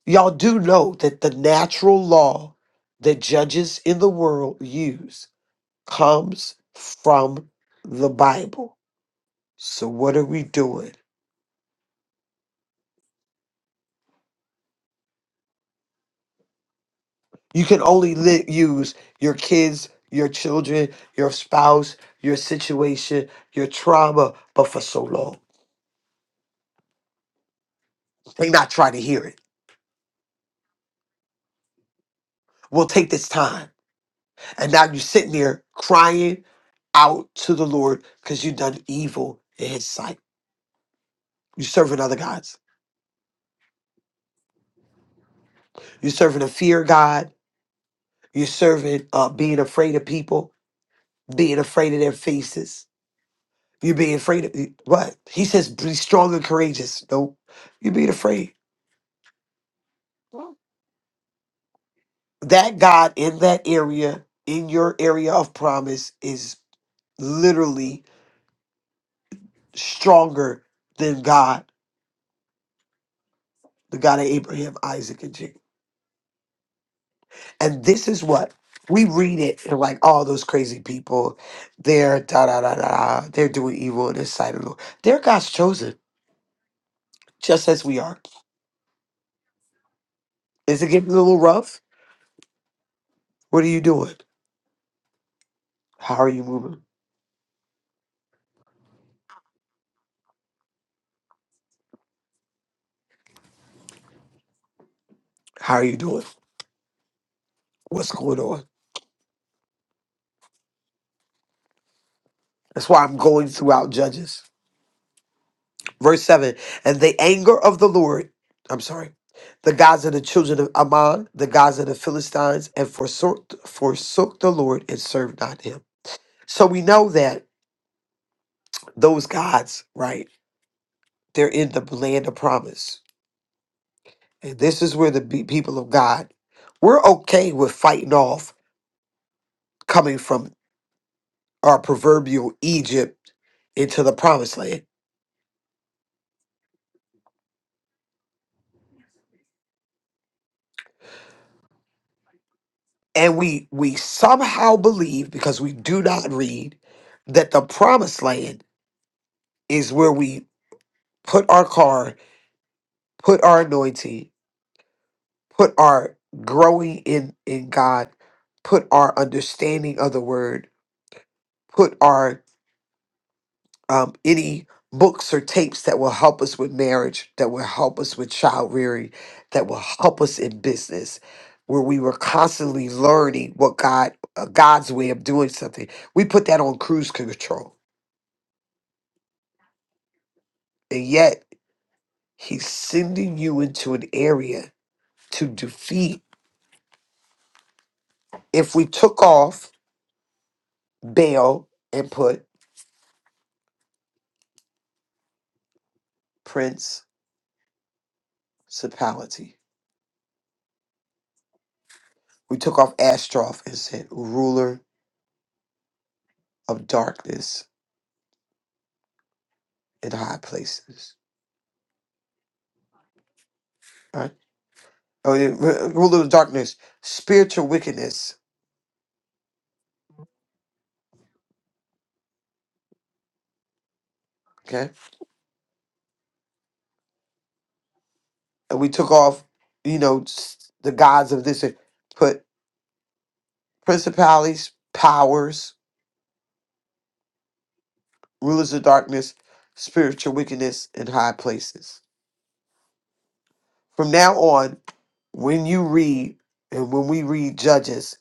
[SPEAKER 4] Y'all do know that the natural law that judges in the world use comes from the Bible. So, what are we doing? You can only li- use your kids, your children, your spouse, your situation, your trauma, but for so long. They not trying to hear it. We'll take this time. And now you are sitting there crying out to the Lord because you have done evil in his sight. you are serving other gods. you are serving a fear God. You're serving uh, being afraid of people, being afraid of their faces. You're being afraid of what? He says, be strong and courageous. No, you're being afraid. That God in that area, in your area of promise, is literally stronger than God, the God of Abraham, Isaac, and Jacob. And this is what we read it and like all those crazy people, they're da da da da, da, they're doing evil in the sight of the Lord. They're God's chosen, just as we are. Is it getting a little rough? What are you doing? How are you moving? How are you doing? What's going on? That's why I'm going throughout Judges. Verse 7 And the anger of the Lord, I'm sorry, the gods of the children of Ammon, the gods of the Philistines, and forsook, forsook the Lord and served not him. So we know that those gods, right, they're in the land of promise. And this is where the be- people of God, we're okay with fighting off coming from our proverbial Egypt into the promised land. And we we somehow believe because we do not read that the promised land is where we put our car, put our anointing, put our growing in in God, put our understanding of the word, put our um, any books or tapes that will help us with marriage, that will help us with child rearing, that will help us in business, where we were constantly learning what God, uh, God's way of doing something. We put that on cruise control, and yet He's sending you into an area to defeat. If we took off Baal and put principality, we took off Ashtaroth and said ruler of darkness in high places. right? Oh, yeah, r- ruler of darkness, spiritual wickedness. Okay, and we took off, you know, s- the gods of this, and put principalities, powers, rulers of darkness, spiritual wickedness in high places. From now on, when you read and when we read Judges,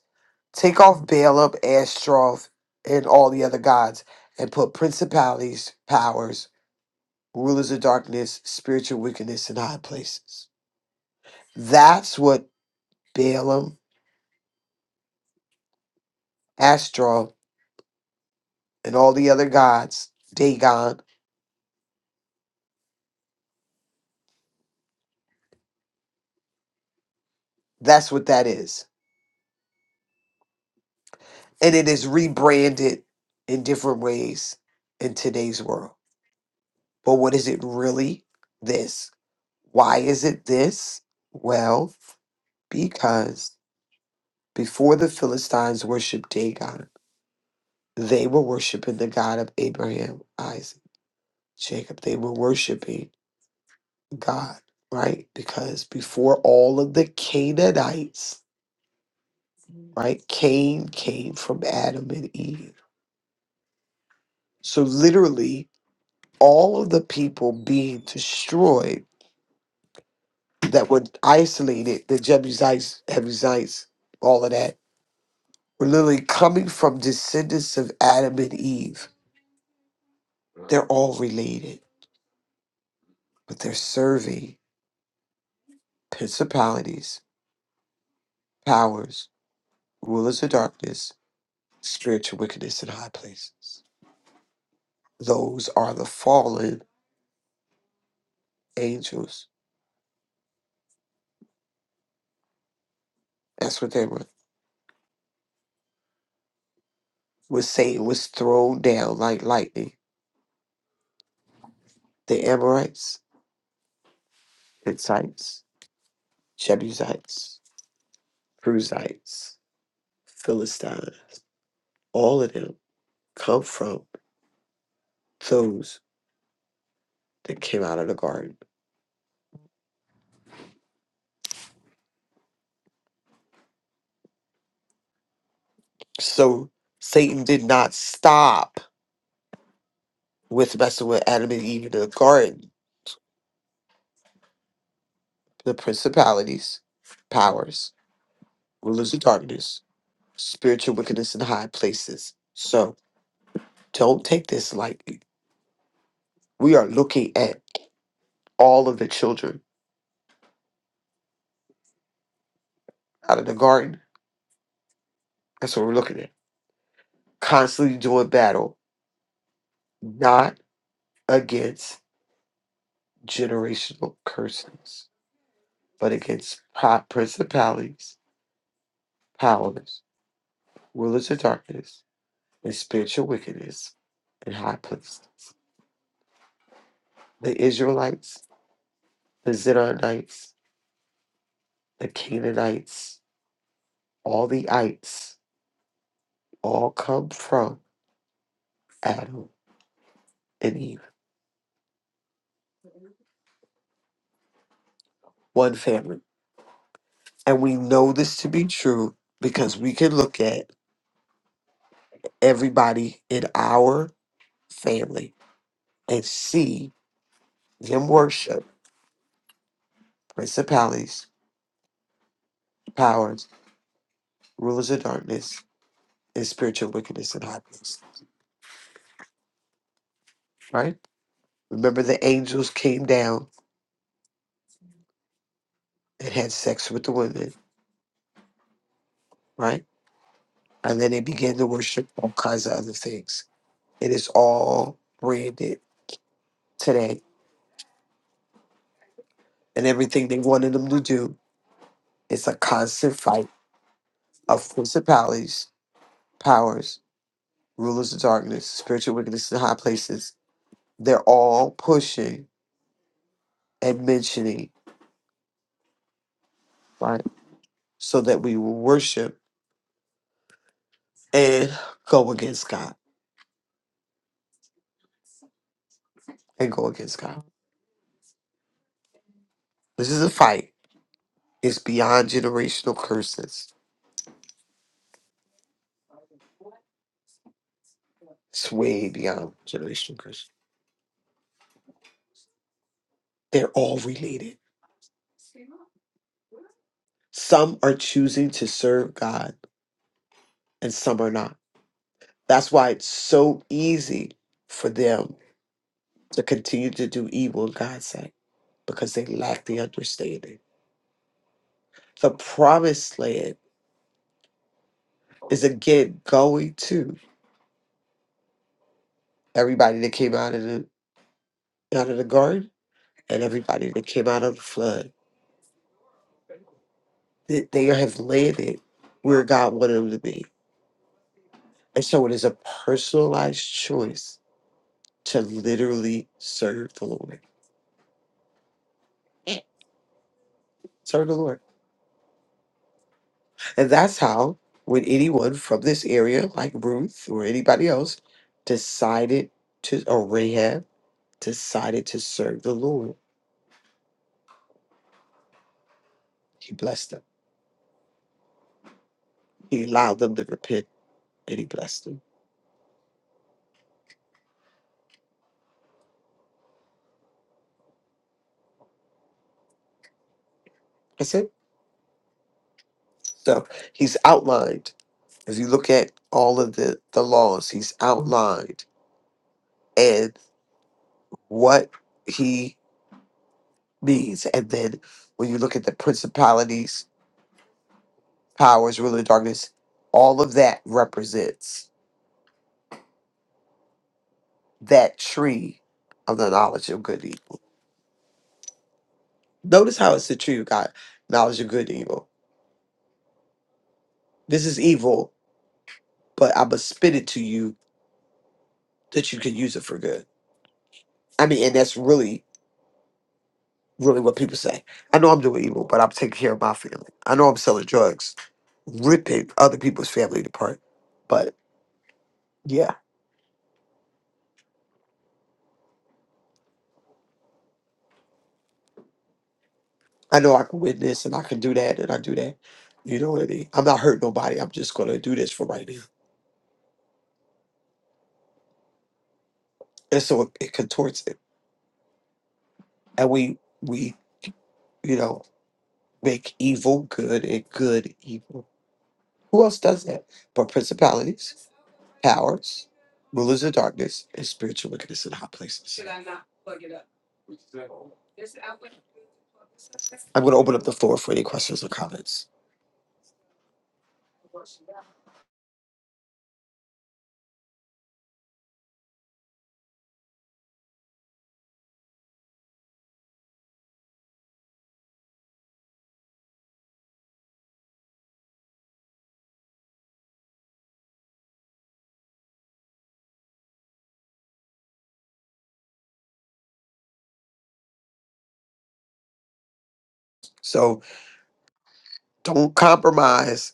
[SPEAKER 4] take off Baalab, Ashtaroth, and all the other gods, and put principalities, powers, rulers of darkness, spiritual wickedness in high places. That's what Balaam Astro, and all the other gods, Dagon. That's what that is. And it is rebranded in different ways in today's world. But what is it really? This. Why is it this? Well, because before the Philistines worshiped Dagon, they were worshiping the God of Abraham, Isaac, Jacob. They were worshiping God, right? Because before all of the Canaanites right? Cain came from Adam and Eve. So literally, all of the people being destroyed that were isolated, the Jebusites, Hebusites, all of that, were literally coming from descendants of Adam and Eve. They're all related, but they're serving principalities, powers, rulers of darkness, spiritual wickedness in high places. Those are the fallen angels. That's what they were. was Satan was thrown down like lightning. The Amorites, Hittites, Jebusites, Cruzites, Philistines, all of them come from those that came out of the garden. So Satan did not stop with messing with Adam and Eve in the garden. The principalities, powers, rulers of darkness, spiritual wickedness in high places. So don't take this lightly. We are looking at all of the children out of the garden. That's what we're looking at. Constantly doing battle, not against generational curses, but against pri- principalities, powers, rulers of darkness, and spiritual wickedness in high places. The Israelites, the Zidonites, the Canaanites, all the ites, all come from Adam and Eve, one family. And we know this to be true because we can look at everybody in our family and see them worship principalities, powers, rulers of darkness, and spiritual wickedness in high places. Right? Remember, the angels came down and had sex with the women, right? And then they began to worship all kinds of other things. It is all branded today. And everything they wanted them to do is a constant fight of principalities, powers, rulers of darkness, spiritual wickedness in high places, they're all pushing and mentioning, right? So that we will worship and go against God and go against God. This is a fight. It's beyond generational curses. It's way beyond generational curses. They're all related. Some are choosing to serve God and some are not. That's why it's so easy for them to continue to do evil in God's sight because they lack the understanding. The promised land is again going to everybody that came out of the out of the garden and everybody that came out of the flood. They, they have landed where God wanted them to be. And so it is a personalized choice to literally serve the Lord. Serve the Lord. And that's how when anyone from this area, like Ruth or anybody else, decided to or Rahab decided to serve the Lord, he blessed them. He allowed them to repent and he blessed them. That's it. So he's outlined. If you look at all of the, the laws, he's outlined and what he means. And then when you look at the principalities, powers, ruler of darkness, all of that represents that tree of the knowledge of good and evil. Notice how it's the tree of God, knowledge of good and evil. This is evil, but I'm going to spit it to you that you can use it for good. I mean, and that's really really what people say. I know I'm doing evil, but I'm taking care of my family. I know I'm selling drugs, ripping other people's family apart. But yeah, I know I can win this and I can do that and I do that. You know what I mean? I'm not hurting nobody. I'm just going to do this for right now. And so it, it contorts it. And we, we, you know, make evil good and good evil. Who else does that? But principalities, powers, rulers of darkness, and spiritual wickedness in high places. I'm going to open up the floor for any questions or comments. So don't compromise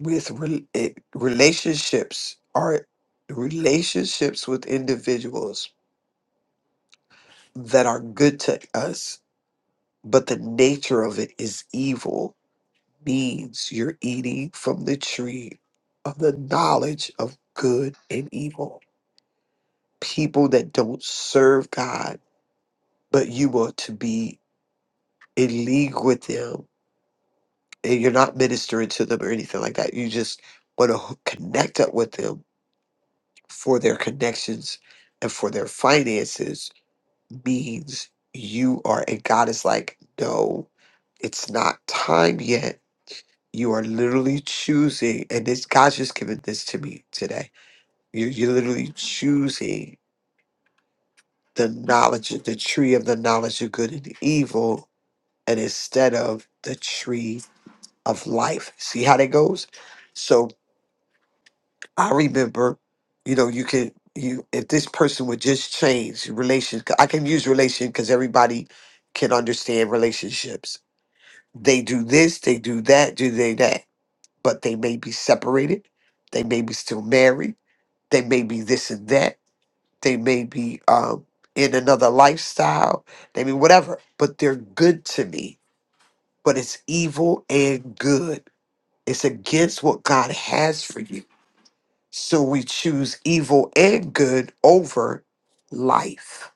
[SPEAKER 4] with re- it, relationships are relationships with individuals that are good to us, but the nature of it is evil. Means you're eating from the tree of the knowledge of good and evil. People that don't serve God, but you want to be in league with them and you're not ministering to them or anything like that. You just want to connect up with them for their connections and for their finances means you are, and God is like, no, it's not time yet. You are literally choosing, and this God's just given this to me today. You're, you're literally choosing the knowledge, of the tree of the knowledge of good and evil, and instead of the tree of life. See how that goes? So I remember, you know, you could you if this person would just change relations. I can use relation because everybody can understand relationships. They do this, they do that, do they that, but they may be separated. They may be still married. They may be this and that. They may be um, in another lifestyle. They mean whatever, but they're good to me. But it's evil and good. It's against what God has for you So we choose evil and good over life.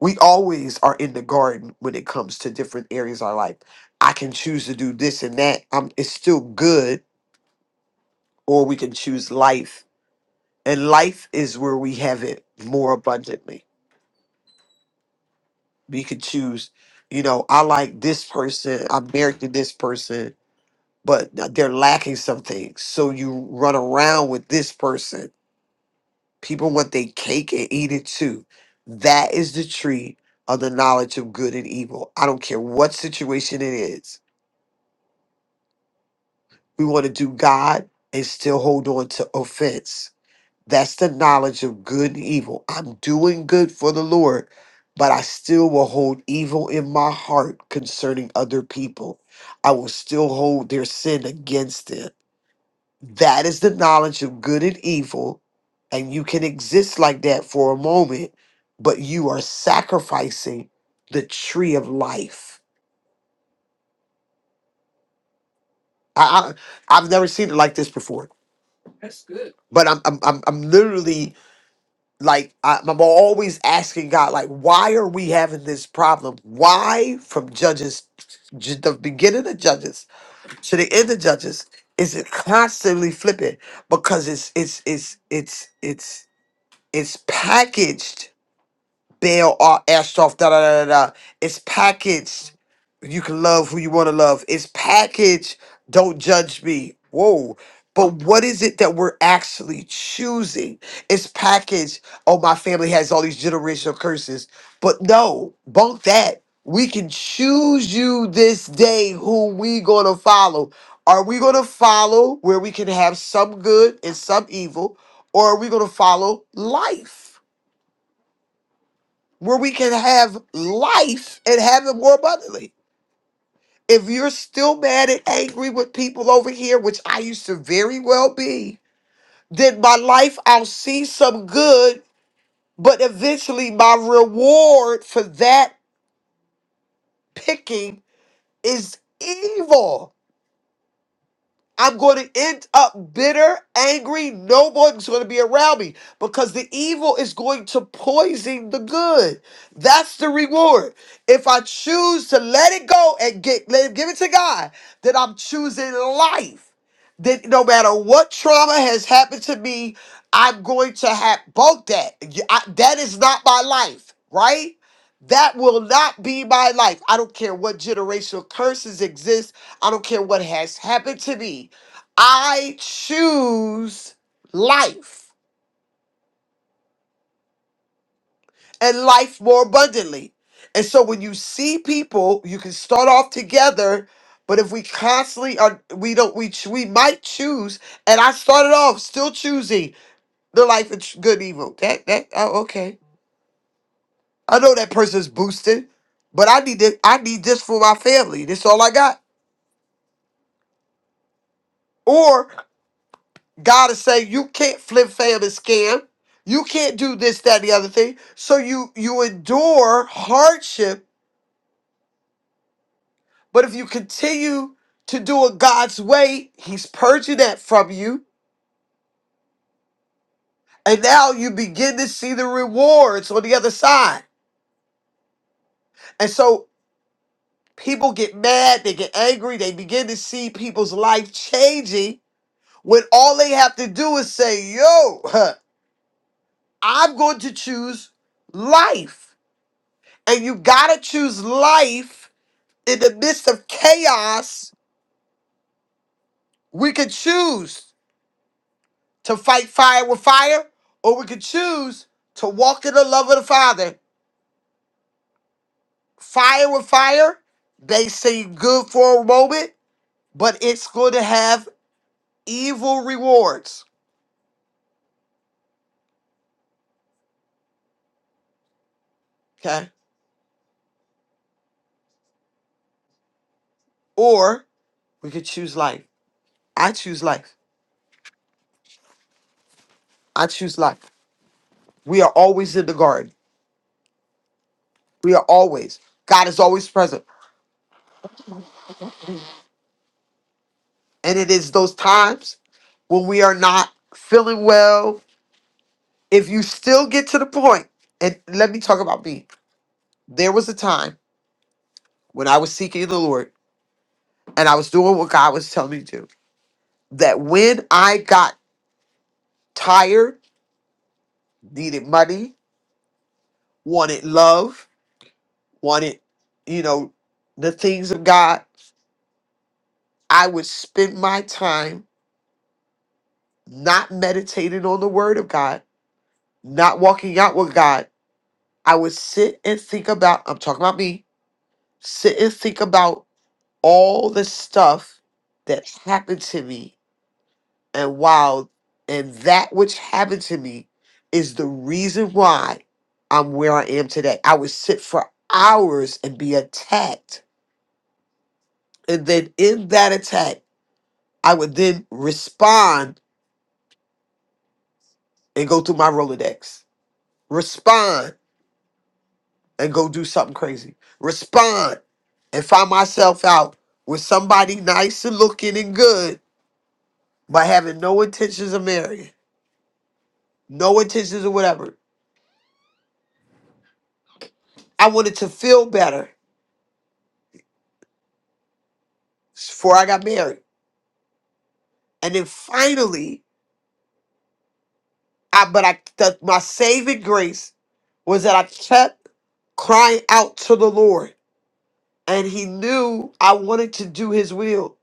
[SPEAKER 4] We always are in the garden when it comes to different areas of our life. I can choose to do this and that. Um, it's still good, or we can choose life. And life is where we have it more abundantly. We can choose, you know, I like this person, I'm married to this person, but they're lacking some things. So you run around with this person People want their cake and eat it too. That is the tree of the knowledge of good and evil. I don't care what situation it is. We want to do God and still hold on to offense. That's the knowledge of good and evil. I'm doing good for the Lord, but I still will hold evil in my heart concerning other people. I will still hold their sin against them. That is the knowledge of good and evil. And you can exist like that for a moment, but you are sacrificing the tree of life. I, I I've never seen it like this before. But I'm I'm I'm, I'm literally like I, I'm always asking God, like, why are we having this problem? Why from Judges, ju- the beginning of Judges to the end of Judges, is it constantly flipping? Because it's it's it's it's it's it's packaged bail our ass off, da da da da da. It's packaged. You can love who you want to love. It's packaged. Don't judge me. Whoa. But what is it that we're actually choosing? It's packaged. Oh, my family has all these generational curses. But no, bunk that. We can choose you this day who we gonna follow. Are we gonna follow where we can have some good and some evil? Or are we gonna follow life? where we can have life and have it more abundantly. If you're still mad and angry with people over here, which I used to very well be, then my life, I'll see some good, but eventually my reward for that picking is evil. I'm going to end up bitter, angry. No one's going to be around me because the evil is going to poison the good. That's the reward. If I choose to let it go and get let it, give it to God, then I'm choosing life. Then no matter what trauma has happened to me, I'm going to have both that. You- I- that is not my life, right? That will not be my life. I don't care what generational curses exist. I don't care what has happened to me. I choose life and life more abundantly. And so when you see people, you can start off together, but if we constantly are, we don't, we ch- we might choose. And I started off still choosing the life of ch- good evil. That that oh, okay. I know that person's boosted, but I need to, I need this for my family. This all I got. God is saying you can't flip, fail, and scam. You can't do this, that, and the other thing. So you you endure hardship, but if you continue to do it God's way, He's purging that from you, and now you begin to see the rewards on the other side. And so people get mad, they get angry, they begin to see people's life changing when all they have to do is say, "Yo, [laughs] huh, I'm going to choose life," and you gotta choose life in the midst of chaos, we could choose to fight fire with fire, or we could choose to walk in the love of the Father. Fire with fire, they seem good for a moment, but it's going to have evil rewards. Okay. Or we could choose life. I choose life. I choose life. We are always in the garden. We are always. God is always present. And it is those times when we are not feeling well, if you still get to the point, and let me talk about me. There was a time when I was seeking the Lord and I was doing what God was telling me to. do, That when I got tired, needed money, wanted love, wanted, you know, the things of God, I would spend my time not meditating on the word of God, not walking out with God. I would sit and think about, I'm talking about me, sit and think about all the stuff that happened to me and wow and that which happened to me is the reason why I'm where I am today. I would sit for hours and be attacked. And then in that attack, I would then respond and go through my Rolodex. Respond and go do something crazy. Respond and find myself out with somebody nice and looking and good, but having no intentions of marrying no intentions or whatever. I wanted to feel better before I got married, and then finally, I but I the, my saving grace was that I kept crying out to the Lord, and He knew I wanted to do His will,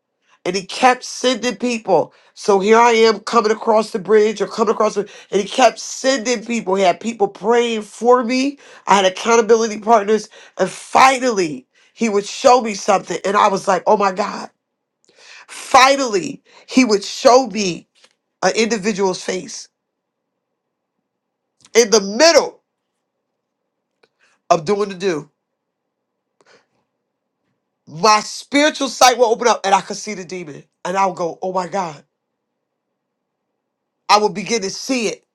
[SPEAKER 4] and He kept sending people. So here I am coming across the bridge or coming across, the, and He kept sending people. He had people praying for me. I had accountability partners, and finally, He would show me something, and I was like, "Oh my God." Finally, he would show me an individual's face in the middle of doing the do. My spiritual sight will open up and I could see the demon. And I will go, oh my God. I will begin to see it.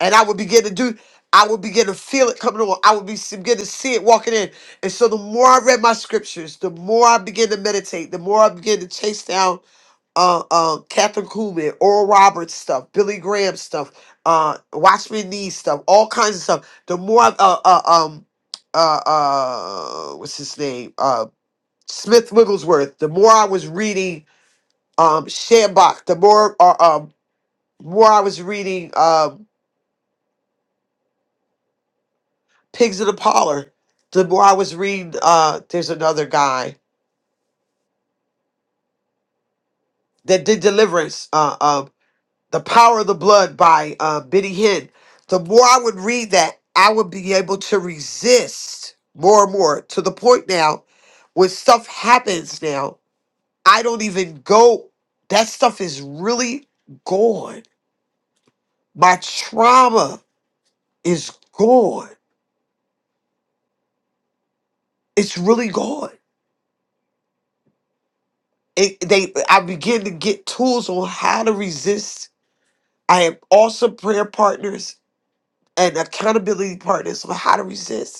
[SPEAKER 4] And I would begin to do, I would begin to feel it coming on. I would be begin to see it walking in. And so the more I read my scriptures, the more I began to meditate, the more I began to chase down uh, uh, Catherine Kuhlman, Oral Roberts stuff, Billy Graham stuff, uh, Watchmen Knees stuff, all kinds of stuff. The more, I- uh, uh, um, uh, uh, what's his name? Uh, Smith Wigglesworth. The more I was reading, um, Shambach. The more, uh, um, more I was reading, um, Pigs in the Parlor. The more I was reading, uh, there's another guy that did Deliverance. uh, um, The Power of the Blood by uh, Biddy Hinn. The more I would read that, I would be able to resist more and more to the point now when stuff happens now, I don't even go. That stuff is really gone. My trauma is gone. It's really gone. It, they, I begin to get tools on how to resist. I have awesome prayer partners and accountability partners on how to resist.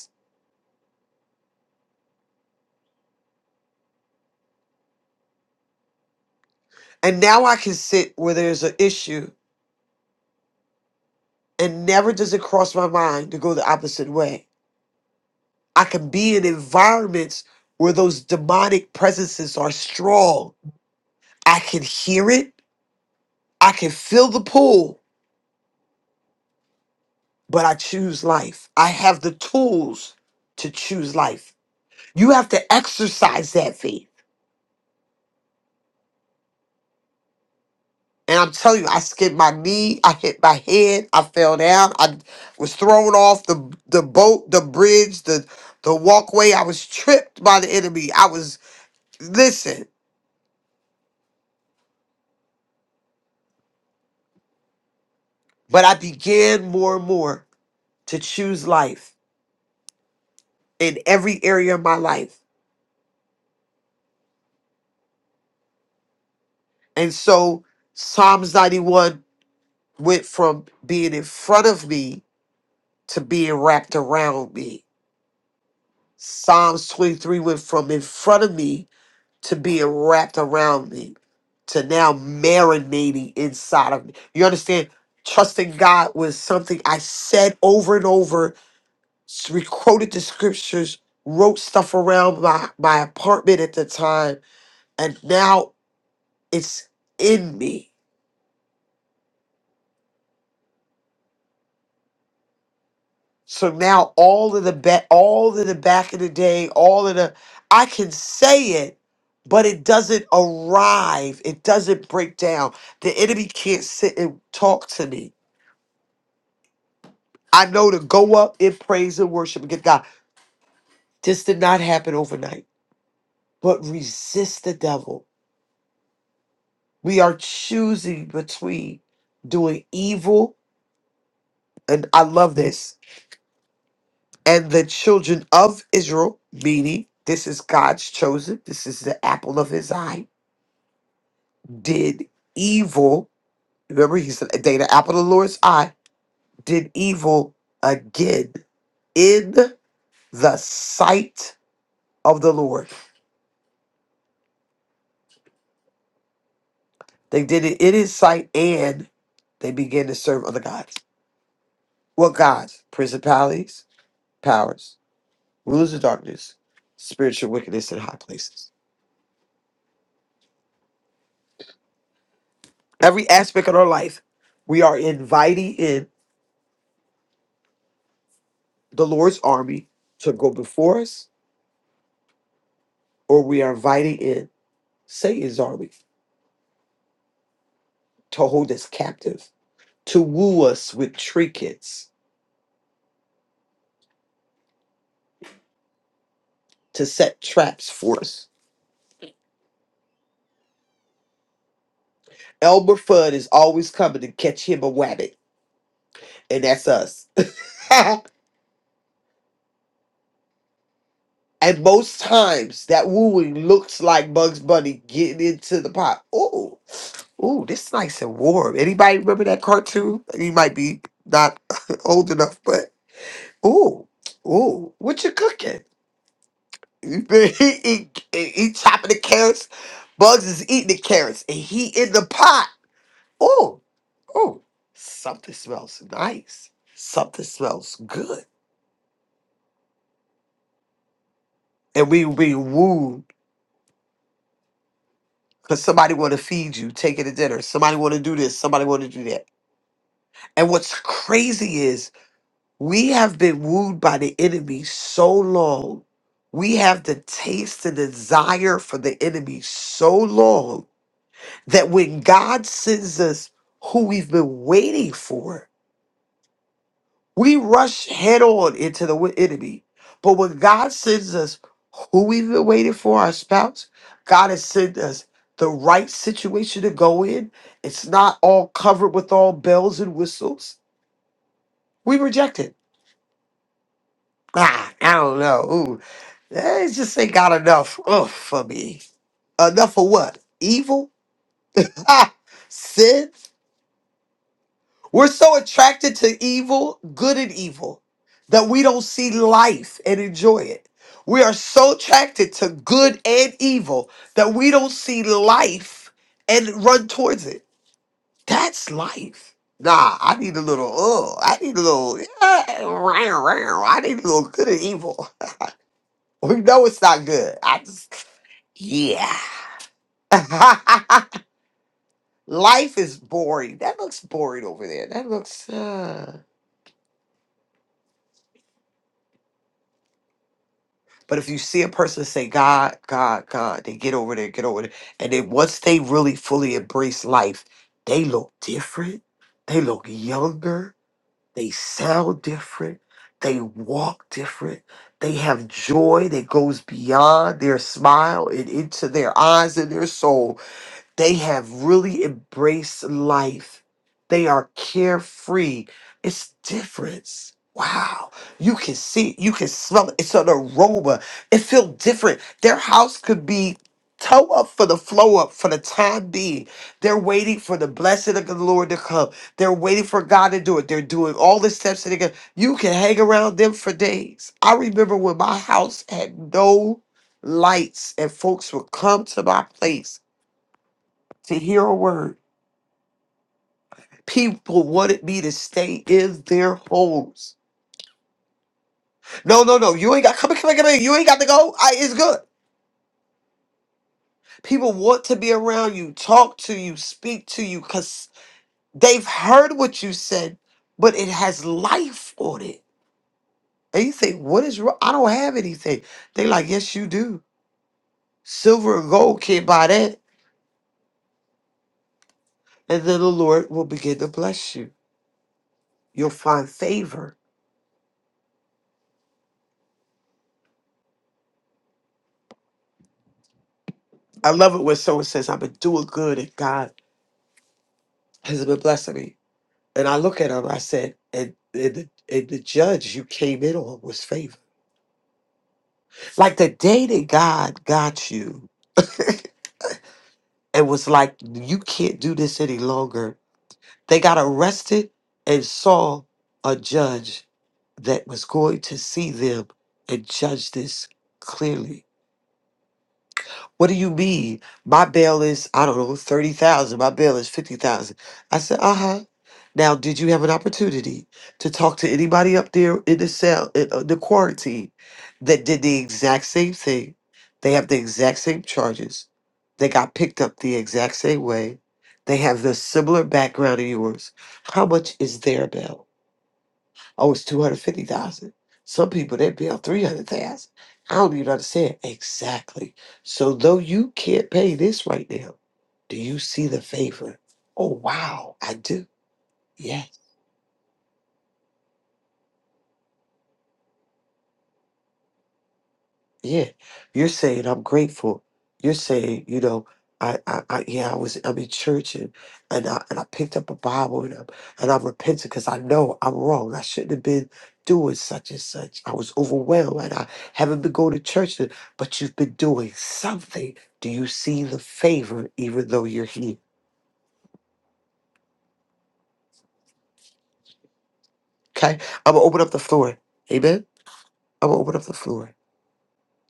[SPEAKER 4] And now I can sit where there's an issue and never does it cross my mind to go the opposite way. I can be in environments where those demonic presences are strong. I can hear it, I can feel the pull, but I choose life. I have the tools to choose life. You have to exercise that faith. And I'm telling you, I skipped my knee, I hit my head, I fell down, I was thrown off the the boat, the bridge, the the walkway. I was tripped by the enemy. I was listen, but I began more and more to choose life in every area of my life. And so Psalms 91 went from being in front of me to being wrapped around me. Psalms 23 went from in front of me to being wrapped around me to now marinating inside of me. You understand? Trusting God was something I said over and over, s- quoted the scriptures, wrote stuff around my, my apartment at the time, and now it's in me. So now all of the back, all of the back of the day, all of the, I can say it, but it doesn't arrive. It doesn't break down. The enemy can't sit and talk to me I know to go up in praise and worship and get God. This did not happen overnight, but resist the devil. We are choosing between doing evil, and I love this, and the children of Israel, meaning this is God's chosen, this is the apple of his eye, did evil. Remember, he said, They, the apple of the Lord's eye, did evil again in the sight of the Lord. They did it in his sight and they began to serve other gods. What gods? Principalities, powers, rulers of darkness, spiritual wickedness in high places. Every aspect of our life, we are inviting in the Lord's army to go before us, or we are inviting in Satan's army to hold us captive, to woo us with trinkets, to set traps for us. Elmer Fudd is always coming to catch him a wabbit, and that's us. [laughs] And most times that wooing looks like Bugs Bunny getting into the pot. Ooh, ooh, this is nice and warm. Anybody remember that cartoon? You might be not [laughs] old enough, but ooh, ooh, what you cooking? [laughs] he, he, he he chopping the carrots. Bugs is eating the carrots, and he in the pot. Ooh, ooh, something smells nice. Something smells good. And we we woo. because somebody want to feed you, take you to dinner. Somebody want to do this. Somebody want to do that. And what's crazy is we have been wooed by the enemy so long. We have the taste and desire for the enemy so long that when God sends us who we've been waiting for, We rush head on into the wi- enemy. But when God sends us who we've been waiting for, our spouse, God has sent us the right situation to go in. It's not all covered with all bells and whistles. We reject it. Ah, I don't know. Ooh, eh, it just ain't got enough ugh, for me. Enough for what? Evil? Ah, sin? We're so attracted to evil, good and evil, that we don't see life and enjoy it. We are so attracted to good and evil that we don't see life and run towards it. That's life. Nah, I need a little, oh, I need a little, [laughs] I need a little good and evil. [laughs] We know it's not good. I just, yeah. [laughs] life is boring. That looks boring over there. That looks, uh, But if you see a person say, God, God, God, they get over there, get over there. And then once they really fully embrace life, they look different. They look younger. They sound different. They walk different. They have joy that goes beyond their smile and into their eyes and their soul they have really embraced life. They are carefree. It's difference. Wow. You can see, it, you can smell it. It's an aroma. It feels different. Their house could be toe up for the flow up for the time being. They're waiting for the blessing of the Lord to come. They're waiting for God to do it. They're doing all the steps that they can. You can hang around them for days. I remember when my house had no lights and folks would come to my place to hear a word. People, what it be to stay in their homes. No, no, no. You ain't got come here, come here, come here. You ain't got to go. I, it's good. People want to be around you, talk to you, speak to you, cause they've heard what you said, but it has life on it. And you think, what is wrong? I don't have anything. They like, yes, you do. Silver and gold can't buy that. And then the Lord will begin to bless you. You'll find favor. I love it when someone says, I've been doing good and God has been blessing me And I look at him, I said, and, and, the, and the judge you came in on was favor. Like the day that God got you [laughs] and was like, you can't do this any longer, they got arrested and saw a judge that was going to see them and judge this clearly. What do you mean? My bail is, I don't know, 30,000. My bail is 50,000. I said, uh huh. Now, did you have an opportunity to talk to anybody up there in the cell, in uh, the quarantine, that did the exact same thing? They have the exact same charges. They got picked up the exact same way. They have the similar background of yours. How much is their bail? Oh, it's two hundred fifty thousand. Some people they bill three hundred thousand. I don't even understand exactly. So though you can't pay this right now, do you see the favor? Oh wow, I do. Yes. Yeah, you're saying I'm grateful. You're saying, you know, I, I, I yeah, I was, I'm in church and, and I, and I picked up a Bible and I'm, and I'm repenting because I know I'm wrong. I shouldn't have been doing such and such. I was overwhelmed and I haven't been going to church, and- but you've been doing something. Do you see the favor even though you're here? Okay, I'm gonna open up the floor. Amen. I'm gonna open up the floor.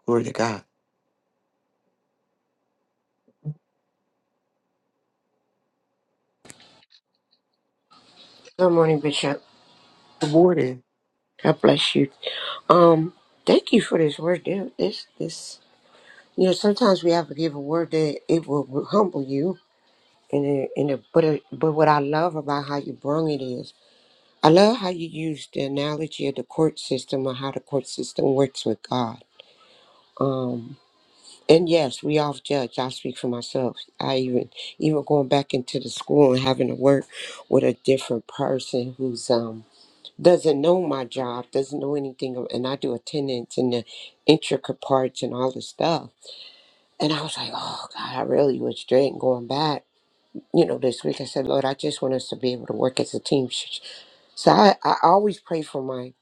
[SPEAKER 4] Glory to God.
[SPEAKER 6] Good morning, Bishop.
[SPEAKER 4] Good morning.
[SPEAKER 6] God bless you. Um, thank you for this word. There- This, this, you know, sometimes we have to give a word that it will humble you. And it, and it, but it, but what I love about how you brung it is, I love how you use the analogy of the court system or how the court system works with God. Um, and yes, we all judge. I speak for myself. I even even going back into the school and having to work with a different person who's um doesn't know my job, doesn't know anything, of- and I do attendance and the intricate parts and all this stuff. And I was like, oh God, I really was dreading going back. You know, this week I said, Lord, I just want us to be able to work as a team. Sh- sh- So I, I always pray for my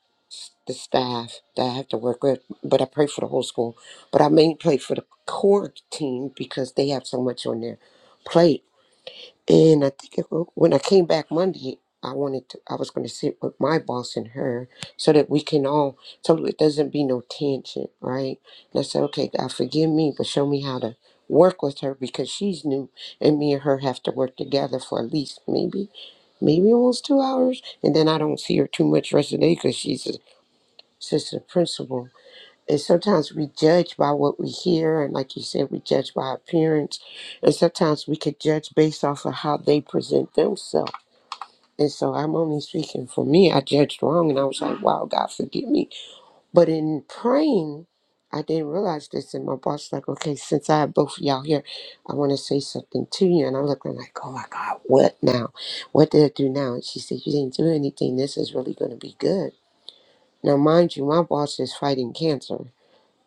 [SPEAKER 6] the staff that I have to work with, but I pray for the whole school. But I mainly pray for the core team because they have so much on their plate and I think it, when I came back Monday, I wanted to, I was going to sit with my boss and her so that we can all, so it doesn't be no tension, right? And I said, okay, God, forgive me, but show me how to work with her because she's new and me and her have to work together for at least maybe, maybe almost two hours. And then I don't see her too much rest of the day because she's a assistant principal and sometimes we judge by what we hear, and like you said, we judge by appearance. And sometimes we could judge based off of how they present themselves. And so I'm only speaking for me. I judged wrong, and I was like, "Wow, God forgive me." But in praying, I didn't realize this, and my boss like, "Okay, since I have both of y'all here, I want to say something to you." And I'm looking like, "Oh my God, what now? What did I do now?" And she said, "You didn't do anything. This is really going to be good." Now, mind you, my boss is fighting cancer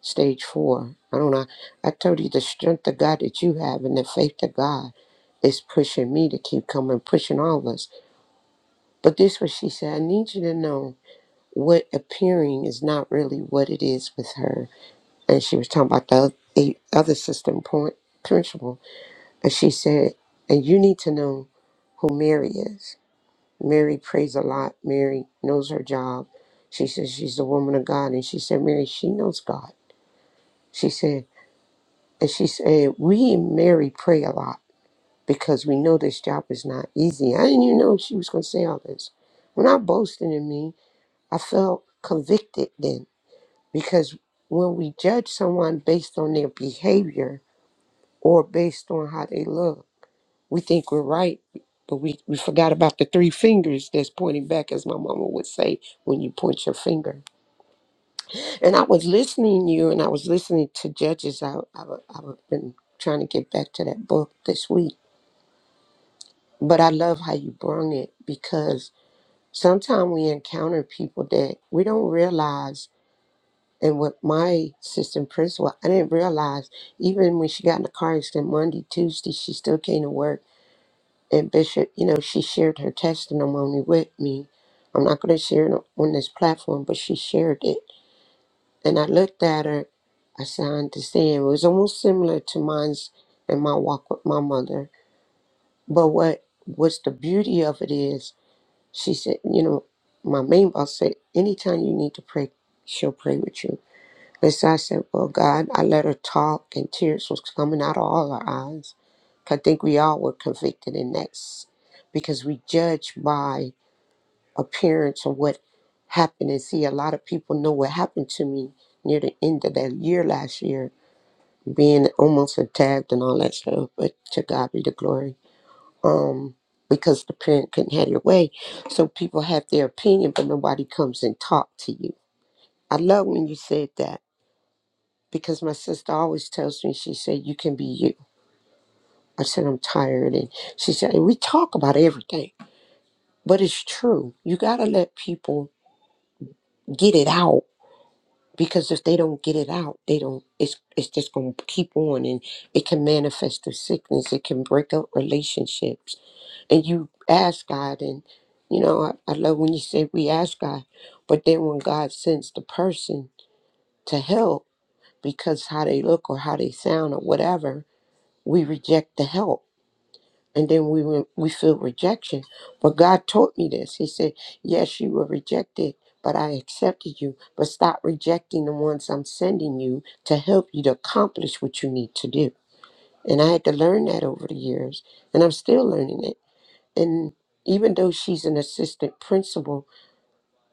[SPEAKER 6] stage four. I don't know. I told you the strength of God that you have and the faith of God is pushing me to keep coming, pushing all of us. But this was she said, I need you to know what appearing is not really what it is with her. And she was talking about the oth- eight other system point principle. And she said, and you need to know who Mary is. Mary prays a lot. Mary knows her job. She says she's a woman of God. And she said, Mary, she knows God. She said. And she said, We and Mary pray a lot because we know this job is not easy. I didn't even know she was going to say all this. When I boasted in me, I felt convicted then because when we judge someone based on their behavior or based on how they look, we think we're right, but we, we forgot about the three fingers that's pointing back, as my mama would say, when you point your finger. And I was listening to you and I was listening to judges. I, I, I've been trying to get back to that book this week But I love how you brung it because sometimes we encounter people that we don't realize. And what my sister in principal, I didn't realize, even when she got in a car accident Monday, Tuesday, she still came to work. And Bishop, you know, she shared her testimony with me. I'm not going to share it on this platform, but she shared it. And I looked at her. I said, I understand. It was almost similar to mine's and my walk with my mother. But what was the beauty of it is, She said, you know, my main boss said, anytime you need to pray, she'll pray with you. And so I said, well, God, I let her talk and tears was coming out of all her eyes. I think we all were convicted in that s- because we judge by appearance of what happened. And see, a lot of people know what happened to me near the end of that year last year, being almost attacked and all that stuff. But to God be the glory um, because the parent couldn't have their way. So people have their opinion, but nobody comes and talk to you. I love when you said that because my sister always tells me, she said, you can be you. I said, I'm tired. And she said, "And we talk about everything, but it's true. You got to let people get it out because if they don't get it out, they don't, it's, it's just going to keep on and it can manifest through sickness. It can break up relationships and you ask God, and you know, I, I love when you say we ask God, but then when God sends the person to help because how they look or how they sound or whatever, we reject the help, and then we re- we feel rejection. But God taught me this. He said, "Yes, you were rejected." But I accepted you, but stop rejecting the ones I'm sending you to help you to accomplish what you need to do. And I had to learn that over the years, and I'm still learning it and even though she's an assistant principal,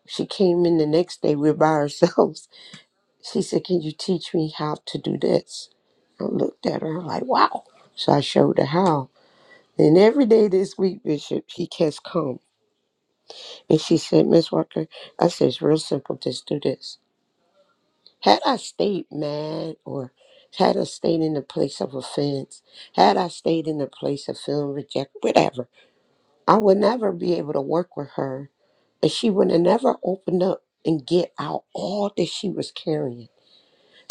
[SPEAKER 6] she came in the next day, we are by ourselves. [laughs] She said, Can you teach me how to do this? I looked at her like, Wow. So I showed her how. And every day this week, Bishop, she has come. And she said, Miss Walker, I said, It's real simple, just do this. Had I stayed mad or had I stayed in the place of offense, had I stayed in the place of feeling rejected, whatever, I would never be able to work with her, and she would have never opened up and get out all that she was carrying.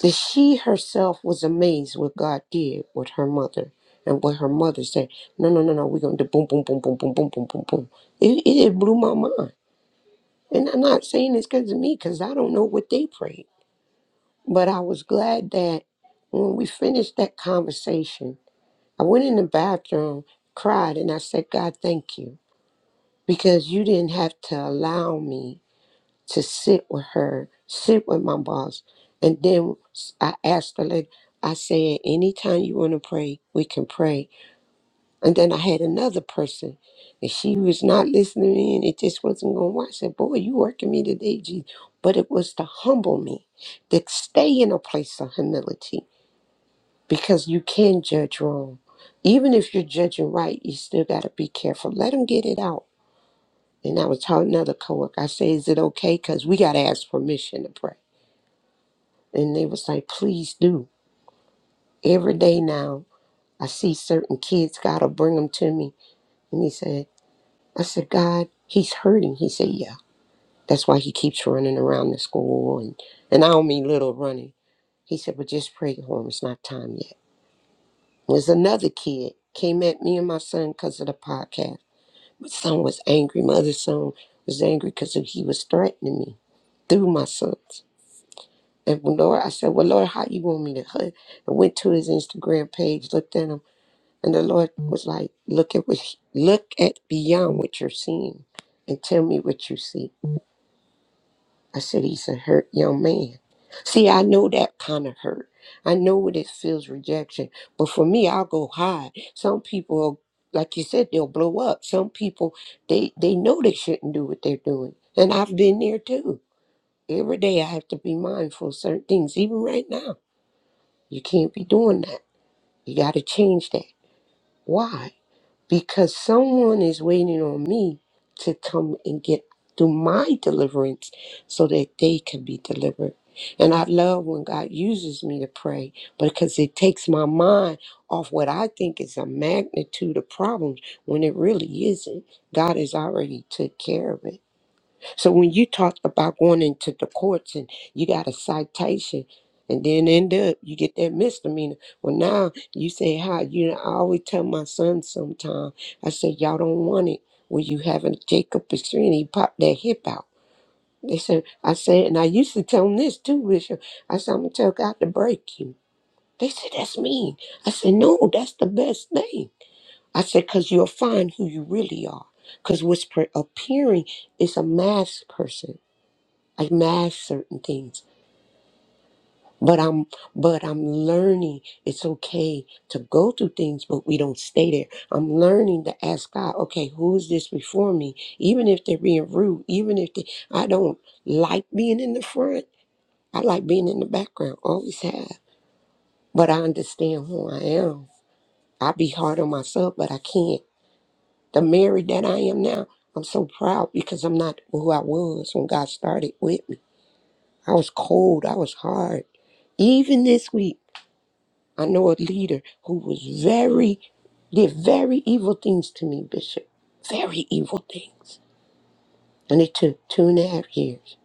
[SPEAKER 6] That she herself was amazed what God did with her mother and what her mother said. No, no, no, no, we're going to do boom, boom, boom, boom, boom, boom, boom, boom, boom. It, it blew my mind. And I'm not saying this because of me, because I don't know what they prayed. But I was glad that when we finished that conversation, I went in the bathroom, cried, and I said, God, thank you because you didn't have to allow me to sit with her, sit with my boss. And then I asked the lady, I said, anytime you want to pray, we can pray. And then I had another person, and she was not listening to me, and it just wasn't going to work. I said, boy, you working me today, Jesus. But it was to humble me, to stay in a place of humility, because you can judge wrong. Even if you're judging right, you still got to be careful. Let them get it out and I was telling another coworker, I said, Is it okay? Because we got to ask permission to pray. And they was like, Please do. Every day now, I see certain kids, God will bring them to me. And he said, I said, God, he's hurting. He said, Yeah. That's why he keeps running around the school. And, and I don't mean little running. He said, But just pray for him. It's not time yet. There's another kid came at me and my son because of the podcast. My son was angry. My other son was angry because he was threatening me through my son. And well, Lord, I said, Well, Lord, how you want me to hug? I went to his Instagram page, looked at him, and the Lord was like, Look at what look at beyond what you're seeing and tell me what you see. I said, He's a hurt young man. See, I know that kind of hurt. I know what it feels rejection. But for me, I'll go hide. Some people like you said, they'll blow up. Some people they they know they shouldn't do what they're doing. And I've been there too. Every day I have to be mindful of certain things, even right now. You can't be doing that. You got to change that. Why? Because someone is waiting on me to come and get through my deliverance so that they can be delivered. And I love when God uses me to pray because it takes my mind off what I think is a magnitude of problems when it really isn't. God has already took care of it. So when you talk about going into the courts and you got a citation and then end up you get that misdemeanor. Well now you say how you know, I always tell my son sometime, I say, Y'all don't want it when you having Jacob Pastrini he popped that hip out. They said I said and I used to tell him this too, Bishop. I said, I'm gonna tell God to break you. They said, That's mean. I said, No, that's the best thing. I said, because you'll find who you really are. Because what's pre- appearing is a masked person I mash certain things. But I'm but I'm learning it's okay to go through things, but we don't stay there. I'm learning to ask God, okay, who's this before me? Even if they're being rude, even if they I don't like being in the front. I like being in the background. Always have. But I understand who I am. I be hard on myself, but I can't. The Mary that I am now, I'm so proud because I'm not who I was when God started with me. I was cold. I was hard. Even this week, I know a leader who was very, did very evil things to me, Bishop. Very evil things. And it took two and a half years,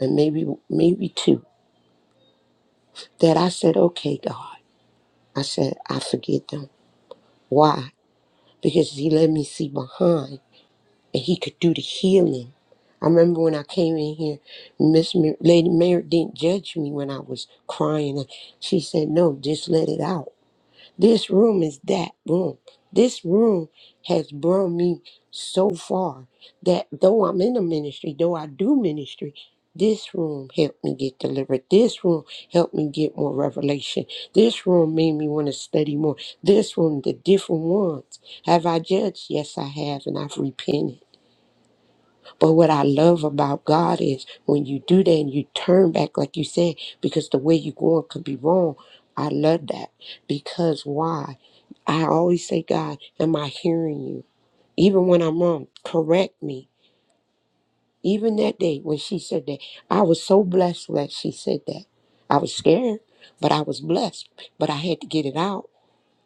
[SPEAKER 6] and maybe maybe two, that I said, okay, God. I said, I forgive them. Why? Because he let me see behind and he could do the healing. I remember when I came in here, Miss Mar- Lady Mary didn't judge me when I was crying. She said, no, just let it out. This room is that room. This room has brought me so far that though I'm in the ministry, though I do ministry, this room helped me get delivered. This room helped me get more revelation. This room made me want to study more. This room, the different ones. Have I judged? Yes, I have, and I've repented. But what I love about God is when you do that and you turn back, like you said, because the way you're going could be wrong. I love that because why? I always say, God, am I hearing you? Even when I'm wrong, correct me. Even that day when she said that, I was so blessed that she said that. I was scared, but I was blessed, but I had to get it out.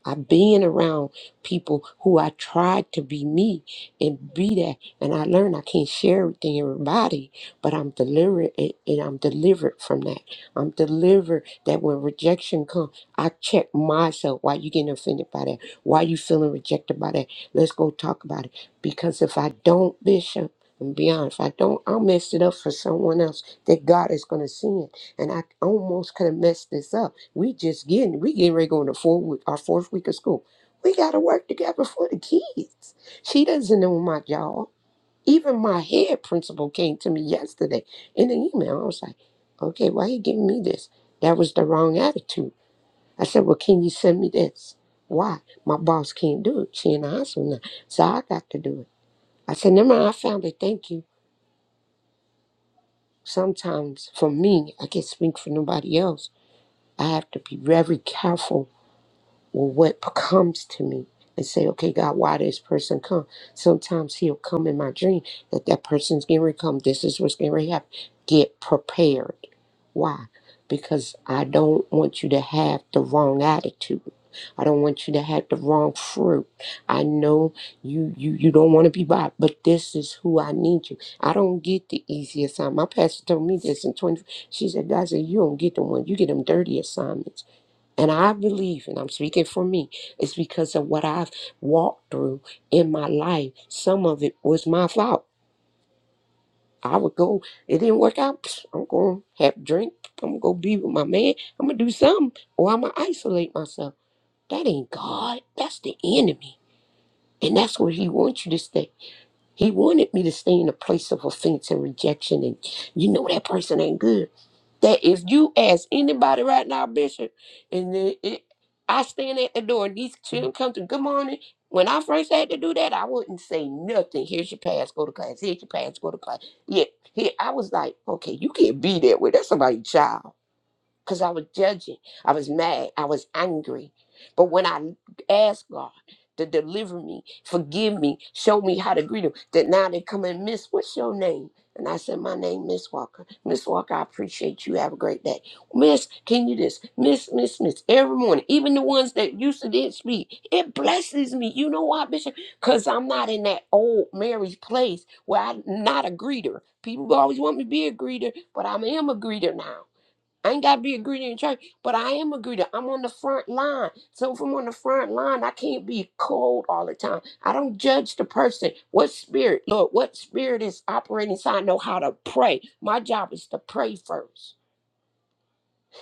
[SPEAKER 6] I've been around people who I tried to be me and be that, and I learned I can't share everything with everybody, but I'm delivered and and I'm delivered from that. I'm delivered that when rejection comes, I check myself. Why you getting offended by that? Why you feeling rejected by that? Let's go talk about it. Because if I don't, Bishop, and be honest, if I don't, I'll mess it up for someone else that God is going to see it. And I almost could have messed this up we just getting we getting ready to go into four week our fourth week of school. We gotta work together for the kids. She doesn't know my job. Even my head principal came to me yesterday in an email. I was like, okay, why you giving me this? That was the wrong attitude. I said, well, can you send me this? Why? My boss can't do it. She in the hospital now. So I got to do it. I said, never mind, I found it. Thank you. Sometimes for me, I can't speak for nobody else. I have to be very careful well, what comes to me and say, okay, God, why this person come? Sometimes he'll come in my dream that that person's getting ready to come. This is what's getting ready to happen. Get prepared. Why? Because I don't want you to have the wrong attitude. I don't want you to have the wrong fruit. I know you you you don't want to be bought, but this is who I need you. I don't get the easy assignment. My pastor told me this in 20. She said, God said, you don't get the one. You get them dirty assignments. And I believe, and I'm speaking for me, it's because of what I've walked through in my life. Some of it was my fault. I would go, it didn't work out. [sniffs] psh, I'm going to have a drink. I'm going to go be with my man. I'm going to do something, or I'm going to isolate myself. That ain't God. That's the enemy. And that's where he wants you to stay. He wanted me to stay in a place of offense and rejection. And you know that person ain't good. That if you ask anybody right now, Bishop, and then it, I stand at the door and these children come to good morning. When I first had to do that, I wouldn't say nothing. Here's your pass, go to class. Here's your pass, go to class. Yeah, here I was like, okay, you can't be that way. That's somebody's child because I was judging. I was mad. I was angry. But when I asked God to deliver me, forgive me, show me how to greet him, that now they come and miss, what's your name? And I said, My name, Miss Walker. Miss Walker, I appreciate you. Have a great day. Miss, can you this? Miss, Miss, Miss. Every morning, even the ones that used to did speak, it blesses me. You know why, Bishop? Because I'm not in that old Mary's place where I'm not a greeter. People always want me to be a greeter, but I am a greeter now. I ain't gotta be a greeter in church, but I am a greeter. I'm on the front line. So if I'm on the front line, I can't be cold all the time. I don't judge the person. What spirit, Lord, what spirit is operating so I know how to pray. My job is to pray first.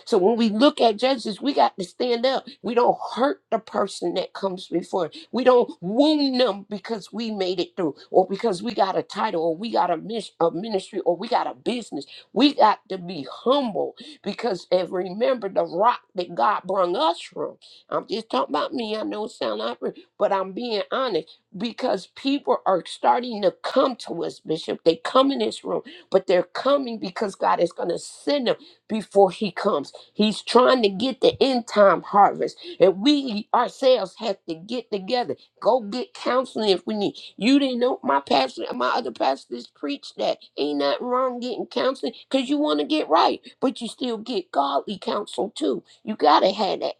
[SPEAKER 6] So when we look at judges, we got to stand up. We don't hurt the person that comes before. We don't wound them because we made it through, or because we got a title, or we got a, mis- a ministry, or we got a business. We got to be humble because and remember the rock that God brung us from. I'm just talking about me. I know it sounds awkward, but I'm being honest because people are starting to come to us, Bishop. They come in this room, but they're coming because God is going to send them before He comes. He's trying to get the end time harvest. And we ourselves have to get together. Go get counseling if we need. You didn't know my pastor, my other pastors preached that. Ain't nothing wrong getting counseling because you want to get right, but you still get godly counsel too. You got to have that.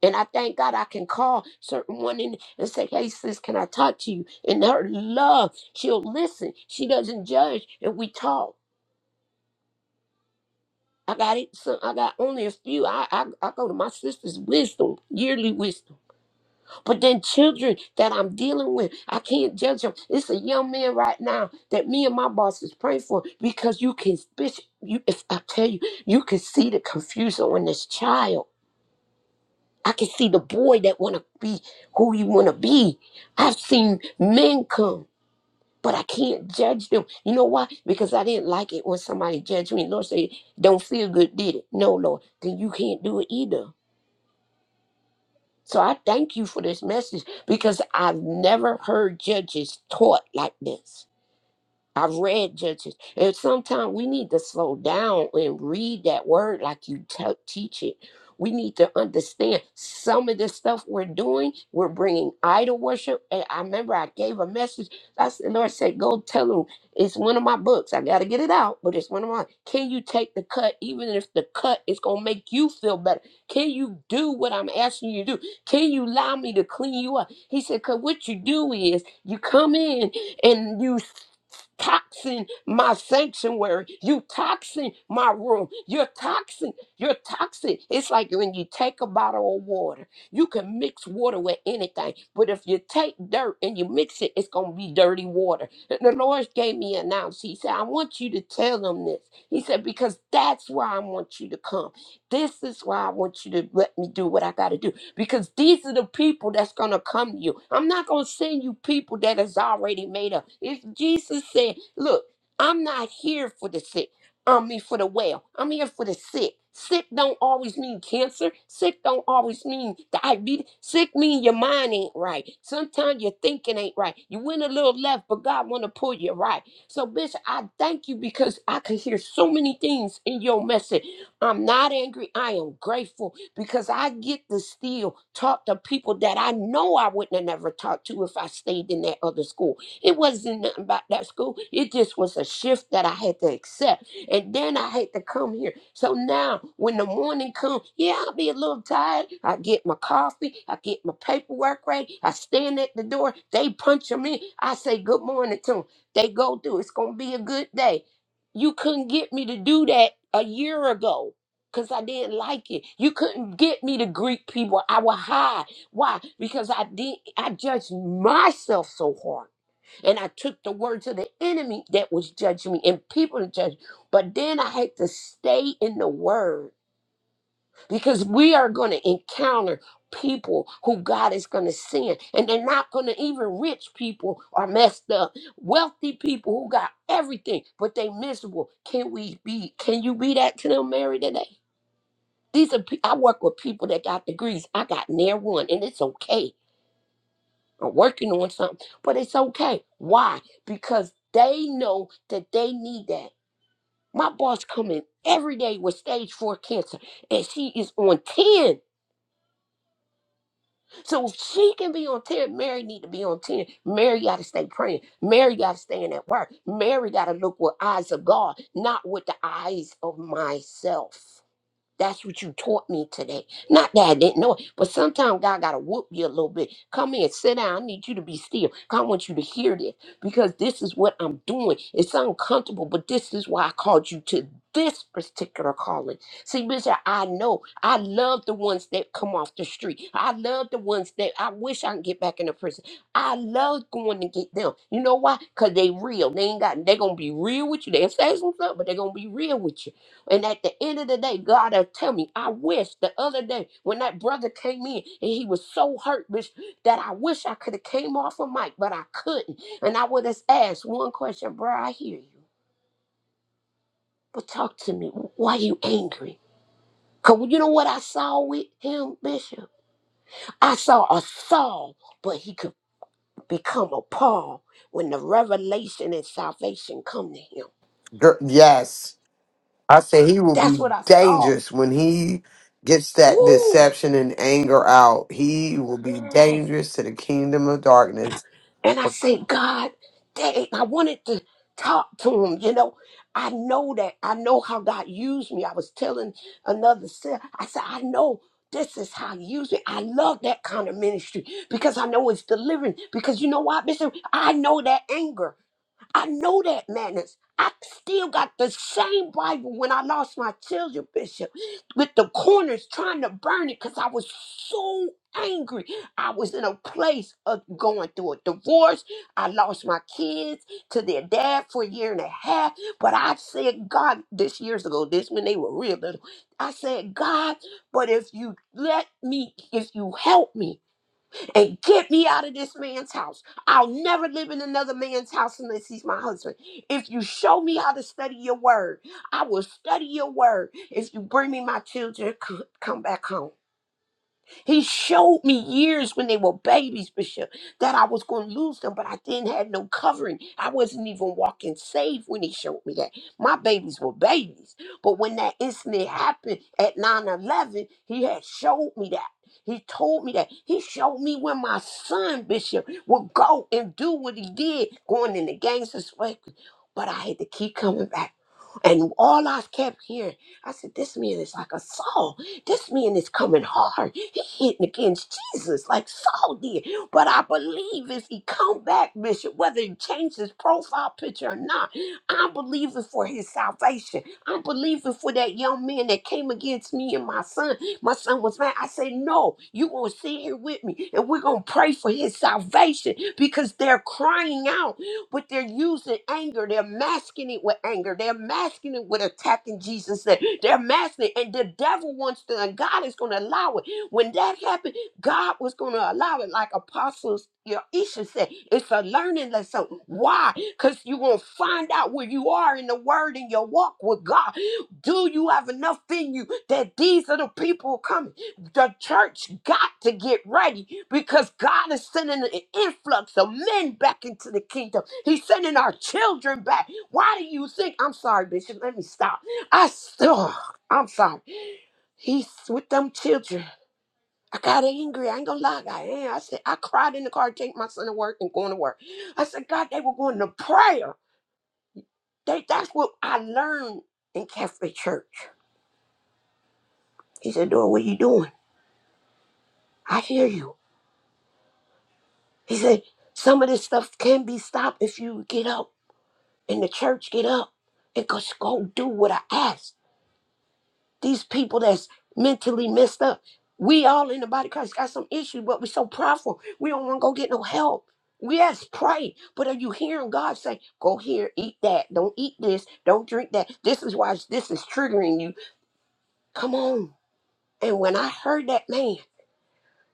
[SPEAKER 6] And I thank God I can call certain one in and say, hey, sis, can I talk to you? And her love, she'll listen. She doesn't judge. And we talk. I got it. So I got only a few. I, I I go to my sister's wisdom, yearly wisdom. But then children that I'm dealing with, I can't judge them. It's a young man right now that me and my boss is praying for because you can, bitch. You, if I tell you, you can see the confusion on this child. I can see the boy that want to be who you want to be. I've seen men come but I can't judge them. You know why? Because I didn't like it when somebody judged me. Lord said, don't feel good, did it? No, Lord, then you can't do it either. So I thank you for this message because I've never heard judges taught like this. I've read Judges, and sometimes we need to slow down and read that word like you te- teach it. We need to understand some of the stuff we're doing. We're bringing idol worship. And I remember I gave a message. I said, Lord said, go tell them it's one of my books. I got to get it out, but it's one of my. Can you take the cut, even if the cut is going to make you feel better? Can you do what I'm asking you to do? Can you allow me to clean you up? He said, because what you do is you come in and you toxin my sanctuary. You toxin my room. You're toxin. You're toxic. It's like when you take a bottle of water. You can mix water with anything, but if you take dirt and you mix it, it's gonna be dirty water. And the Lord gave me an ounce. He said, I want you to tell them this. He said, because that's why I want you to come. This is why I want you to let me do what I gotta do because these are the people that's going to come to you. I'm not going to send you people that is already made up. If Jesus said, look, I'm not here for the sick. I mean, for the well. I'm here for the sick. Sick don't always mean cancer. Sick don't always mean diabetes. Sick mean your mind ain't right. Sometimes your thinking ain't right. You went a little left, but God want to pull you right. So, Bishop, I thank you because I could hear so many things in your message. I'm not angry. I am grateful because I get to still talk to people that I know I wouldn't have never talked to if I stayed in that other school. It wasn't nothing about that school. It just was a shift that I had to accept. And then I had to come here. So now when the morning comes, yeah, I'll be a little tired. I get my coffee. I get my paperwork ready. I stand at the door. They punch them in. I say good morning to them. They go through. It's going to be a good day. You couldn't get me to do that a year ago because I didn't like it. You couldn't get me to greet people. I would hide. Why? Because I did I judged myself so hard. And I took the words of the enemy that was judging me and people to judge. But then I had to stay in the word because we are going to encounter people who God is going to send. And they're not going to even rich people are messed up. Wealthy people who got everything, but they miserable. Can we be, can you be that to them, Mary, today? These are pe- I work with people that got degrees. I got near one, and it's okay. I'm working on something, but it's okay. Why? Because they know that they need that. My boss come in every day with stage four cancer, and she is on ten. So if she can be on ten, Mary need to be on ten. Mary got to stay praying. Mary got to stay in at work. Mary got to look with eyes of God, not with the eyes of myself. That's what you taught me today. Not that I didn't know it, but sometimes God got to whoop you a little bit. Come in, sit down. I need you to be still. I want you to hear this because this is what I'm doing. It's uncomfortable, but this is why I called you to this particular calling. See, Bishop, I know I love the ones that come off the street. I love the ones that I wish I could get back in the prison. I love going to get them. You know why? Because they real. They ain't got, they going to be real with you. They'll say some stuff, but they're going to be real with you. And at the end of the day, God will tell me, I wish the other day when that brother came in and he was so hurt, bitch, that I wish I could have came off a mic, but I couldn't. And I would have asked one question, bro, I hear you. But talk to me. Why you angry? Cause you know what I saw with him, Bishop? I saw a Saul, but he could become a Paul when the revelation and salvation come to him.
[SPEAKER 4] Girl, yes. I said he will
[SPEAKER 6] That's
[SPEAKER 4] be
[SPEAKER 6] what I saw.
[SPEAKER 4] dangerous when he gets that
[SPEAKER 6] Woo!
[SPEAKER 4] deception and anger out. He will be
[SPEAKER 6] Yes.
[SPEAKER 4] dangerous to the kingdom of darkness.
[SPEAKER 6] And I say, God, dang, I wanted to talk to him. You know, I know that. I know how God used me. I was telling another sister, I said, I know this is how He used me. I love that kind of ministry because I know it's delivering. Because you know what, Bishop? I know that anger. I know that madness. I still got the same Bible when I lost my children, Bishop, with the corners trying to burn it because I was so angry. I was in a place of going through a divorce. I lost my kids to their dad for a year and a half. But I said, God, this years ago, this when they were real little, I said, God, but if you let me, if you help me, and get me out of this man's house. I'll never live in another man's house unless he's my husband. If you show me how to study your word, I will study your word. If you bring me my children, c- come back home. He showed me years when they were babies, Bishop, that I was going to lose them, but I didn't have no covering. I wasn't even walking safe when he showed me that. My babies were babies. But when that incident happened at 9 11, he had showed me that. He told me that. He showed me when my son, Bishop, would go and do what he did, going in the gangster way. But I had to keep coming back. And all I kept hearing, I said, this man is like a Saul. This man is coming hard. He hitting against Jesus like Saul did. But I believe if he come back, Bishop, whether he changed his profile picture or not, I'm believing for his salvation. I'm believing for that young man that came against me and my son. My son was mad. I said, no, you going to sit here with me and we're going to pray for his salvation because they're crying out but they're using anger. They're masking it with anger. They're masking it with attacking Jesus. They're they're masking it, and the devil wants to, and God is going to allow it. When that happened, God was going to allow it, like apostles. Your Isha said, it's a learning lesson. Why? Because you're going to find out where you are in the word and your walk with God. Do you have enough in you that these are the people coming? the church got to get ready because God is sending an influx of men back into the kingdom. He's sending our children back. Why do you think? I'm sorry, Bishop. Let me stop. I still, I'm sorry. He's with them children. I got angry. I ain't gonna lie. I am. I said I cried in the car, taking my son to work and going to work. I said, God, they were going to prayer. They, that's what I learned in Catholic Church. He said, Dora, what are you doing? I hear you. He said, some of this stuff can be stopped if you get up in the church, get up and just go do what I asked. These people that's mentally messed up. We all in the body of Christ got some issues, but we're so proudful. We don't want to go get no help. We Yes, pray. But are you hearing God say, go here, eat that. Don't eat this. Don't drink that. This is why this is triggering you. Come on. And when I heard that man,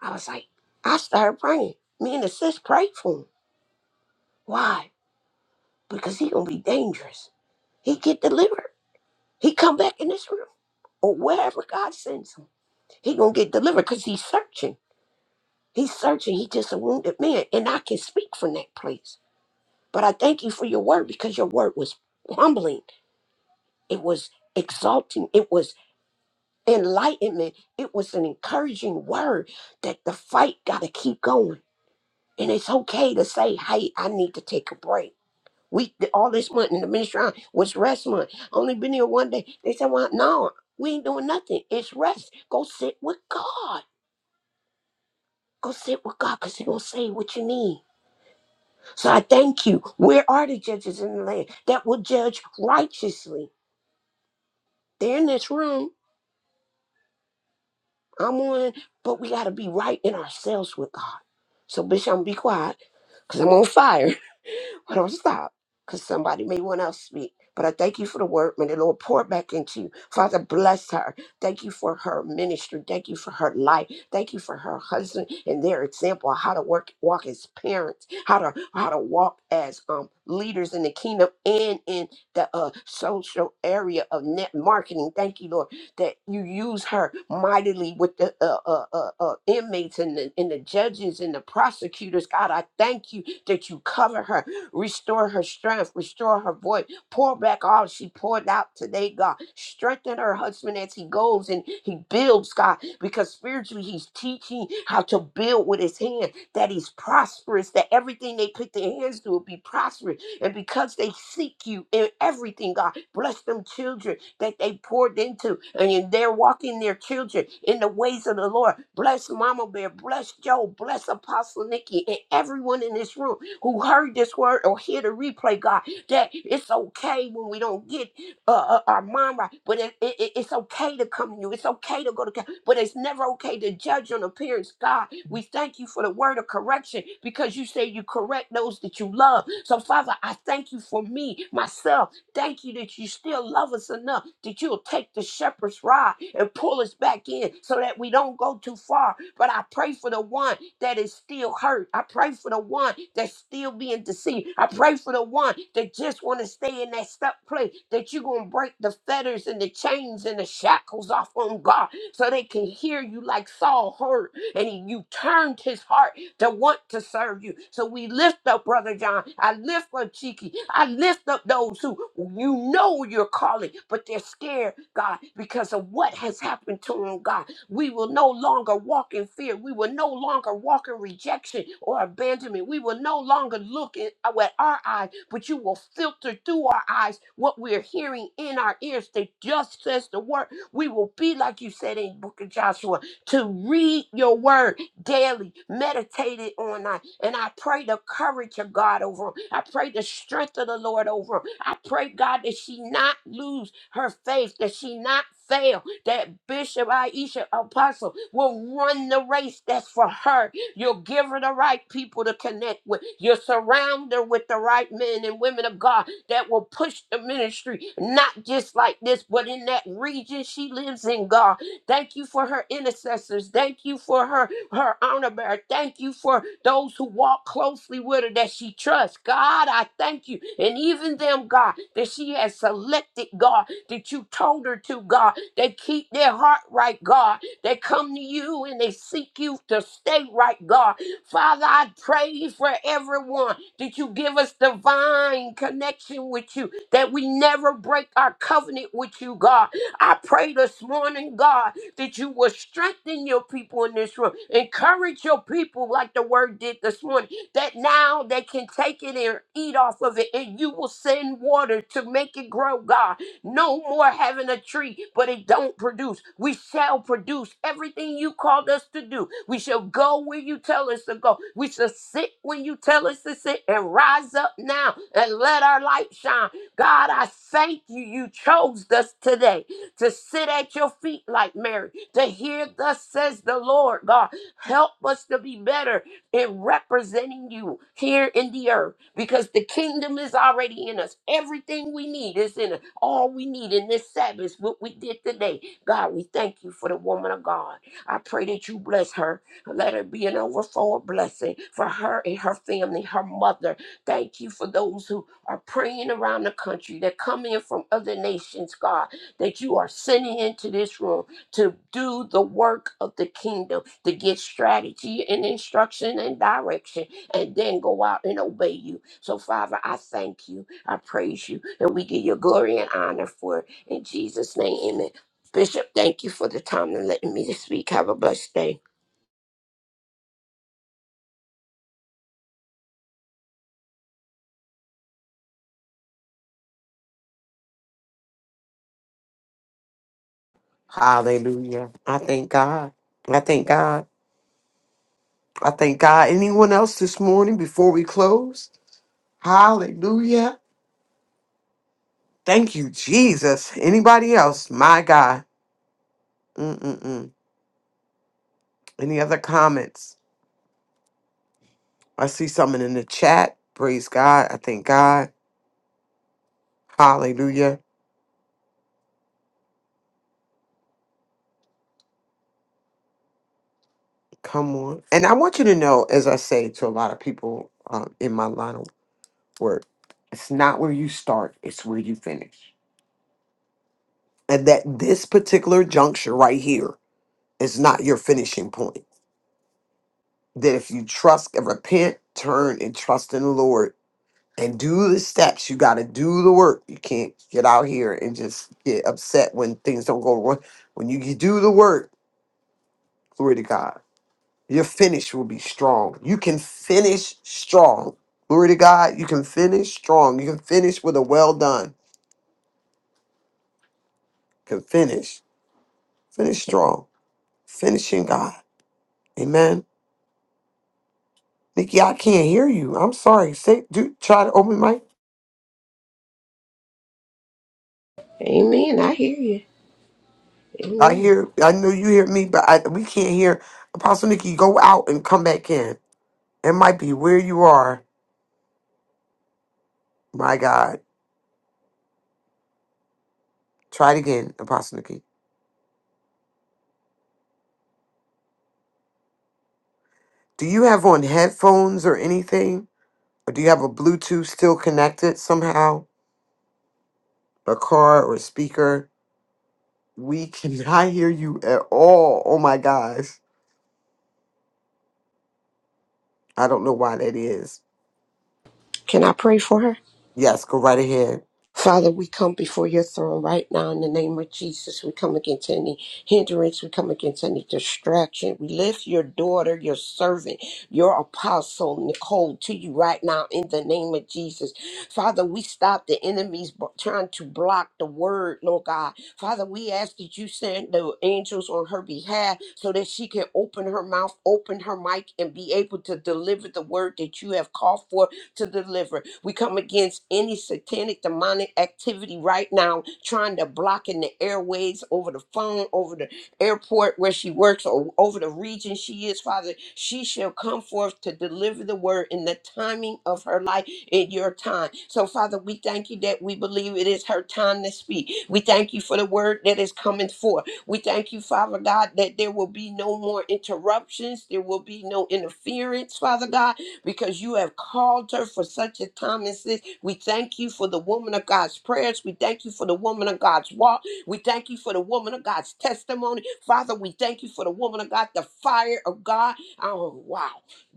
[SPEAKER 6] I was like, I started praying. Me and the sis prayed for him. Why? Because he gonna be dangerous. He get delivered. He come back in this room or wherever God sends him. He gonna get delivered because he's searching. He's searching. He just a wounded man, and I can speak from that place. But I thank you for your word because your word was humbling. It was exalting. It was enlightenment. It was an encouraging word that the fight gotta keep going. And it's okay to say, "Hey, I need to take a break." We all this month in the ministry hour was rest month. Only been here one day. They said, "Well, no, we ain't doing nothing. It's rest. Go sit with God. Go sit with God, cause He gonna say what you need." So I thank you. Where are the judges in the land that will judge righteously? They're in this room. I'm on, but we gotta be right in ourselves with God. So, bitch, I'm gonna be quiet, cause I'm on fire. But don't stop because somebody may want else speak. But I thank you for the word. May the Lord pour back into you. Father, bless her. Thank you for her ministry. Thank you for her life. Thank you for her husband and their example of how to work, walk as parents, how to how to walk as um leaders in the kingdom and in the uh, social area of net marketing. Thank you, Lord, that you use her mightily with the uh, uh, uh, uh, inmates and the, and the judges and the prosecutors. God, I thank you that you cover her Restore her strength, restore her voice, pour back all she poured out today, God. Strengthen her husband as he goes and he builds, God, because spiritually he's teaching how to build with his hand, that he's prosperous, that everything they put their hands to will be prosperous. And because they seek you in everything, God, bless them children that they poured into and in their walking their children in the ways of the Lord. Bless Mama Bear, bless Joe, bless Apostle Nikki, and everyone in this room who heard this word or hear the replay, God, that it's okay when we don't get uh, uh, our mind right, but it, it, it- it's okay to come to you. It's okay to go to God, but it's never okay to judge on appearance. God, we thank you for the word of correction because you say you correct those that you love. So, Father, I thank you for me, myself. Thank you that you still love us enough that you'll take the shepherd's rod and pull us back in so that we don't go too far. But I pray for the one that is still hurt. I pray for the one that's still being deceived. I pray for the one that just want to stay in that stuck place, that you're going to break the fetters and the chains and the shackles off on God so they can hear you like Saul heard. And he, you turned his heart to want to serve you. So we lift up Brother John. I lift up Cheeky. I lift up those who you know you're calling, but they're scared, God, because of what has happened to them, God. We will no longer walk in fear. We will no longer walk in rejection or abandonment. We will no longer look in- at our eyes, but you will filter through our eyes what we're hearing in our ears that just says the word. We will be like you said in the book of Joshua to read your word daily, meditate it on night. And I pray the courage of God over him. I pray the strength of the Lord over him. I pray, God, that she not lose her faith, that she not fail, that Bishop Aisha Apostle will run the race that's for her. You'll give her the right people to connect with. You'll surround her with the right men and women of God that will push the ministry, not just like this, but in that region she lives in, God. Thank you for her intercessors. Thank you for her, her honor bearer. Thank you for those who walk closely with her that she trusts. God, I thank you. And even them, God, that she has selected, God, that you told her to, God they keep their heart right, God. They come to you and they seek you to stay right, God. Father, I pray for everyone that you give us divine connection with you, that we never break our covenant with you, God. I pray this morning, God, that you will strengthen your people in this room, encourage your people like the word did this morning, that now they can take it and eat off of it, and you will send water to make it grow, God. No more having a tree, but it don't produce. We shall produce everything you called us to do. We shall go where you tell us to go. We shall sit when you tell us to sit and rise up now and let our light shine. God, I thank you. You chose us today to sit at your feet like Mary, to hear thus says the Lord God. Help us to be better in representing you here in the earth because the kingdom is already in us. Everything we need is in us all we need in this Sabbath, what we did today. God, we thank you for the woman of God. I pray that you bless her. Let her be an overflow of blessing for her and her family, her mother. Thank you for those who are praying around the country that come in from other nations, God, that you are sending into this room to do the work of the kingdom, to get strategy and instruction and direction, and then go out and obey you. So, Father, I thank you. I praise you and we give you glory and honor for it. In Jesus' name, amen. Bishop, thank you for the time and letting me to speak. Have a blessed day.
[SPEAKER 4] Hallelujah. I thank God. I thank God. I thank God. Anyone else this morning before we close? Hallelujah. Thank you, Jesus. Anybody else? My God. Mm-mm-mm. Any other comments? I see something in the chat. Praise God. I thank God. Hallelujah. Come on. And I want you to know, as I say to a lot of people um, in my line of work, it's not where you start, it's where you finish. And that this particular juncture right here is not your finishing point. That if you trust and repent, turn and trust in the Lord and do the steps, you got to do the work. You can't get out here and just get upset when things don't go right. When you, you do the work, glory to God Your finish will be strong. You can finish strong. Glory to God. You can finish strong. You can finish with a well done. You can finish. Finish strong. Finishing God. Amen. Nikki, I can't hear you. I'm sorry. Say do try to open mic.
[SPEAKER 6] Amen. I hear you.
[SPEAKER 4] I
[SPEAKER 6] Amen.
[SPEAKER 4] hear I know you hear me, but I, we can't hear. Apostle Nikki, go out and come back in. It might be where you are. My God. Try it again, Apostle Nikki. Do you have on headphones or anything? Or do you have a Bluetooth still connected somehow? a car or a speaker. We cannot [laughs] hear you at all. Oh my gosh. I don't know why that is.
[SPEAKER 6] Can I pray for her?
[SPEAKER 4] Yes, go right ahead.
[SPEAKER 6] Father, we come before your throne right now in the name of Jesus. We come against any hindrance. We come against any distraction. We lift your daughter, your servant, your apostle, Nicole, to you right now in the name of Jesus. Father, we stop the enemies b- trying to block the word, Lord God. Father, we ask that you send the angels on her behalf so that she can open her mouth, open her mic, and be able to deliver the word that you have called for to deliver. We come against any satanic demonic activity right now, trying to block in the airways, over the phone, over the airport where she works, or over the region she is, Father. She shall come forth to deliver the word in the timing of her life, in your time. So, Father, we thank you that we believe it is her time to speak. We thank you for the word that is coming forth. We thank you, Father God, that there will be no more interruptions, there will be no interference, Father God because you have called her for such a time as this. We thank you for the woman of God's prayers. We thank you for the woman of God's walk. We thank you for the woman of God's testimony. Father, we thank you for the woman of God, the fire of God. Oh, wow.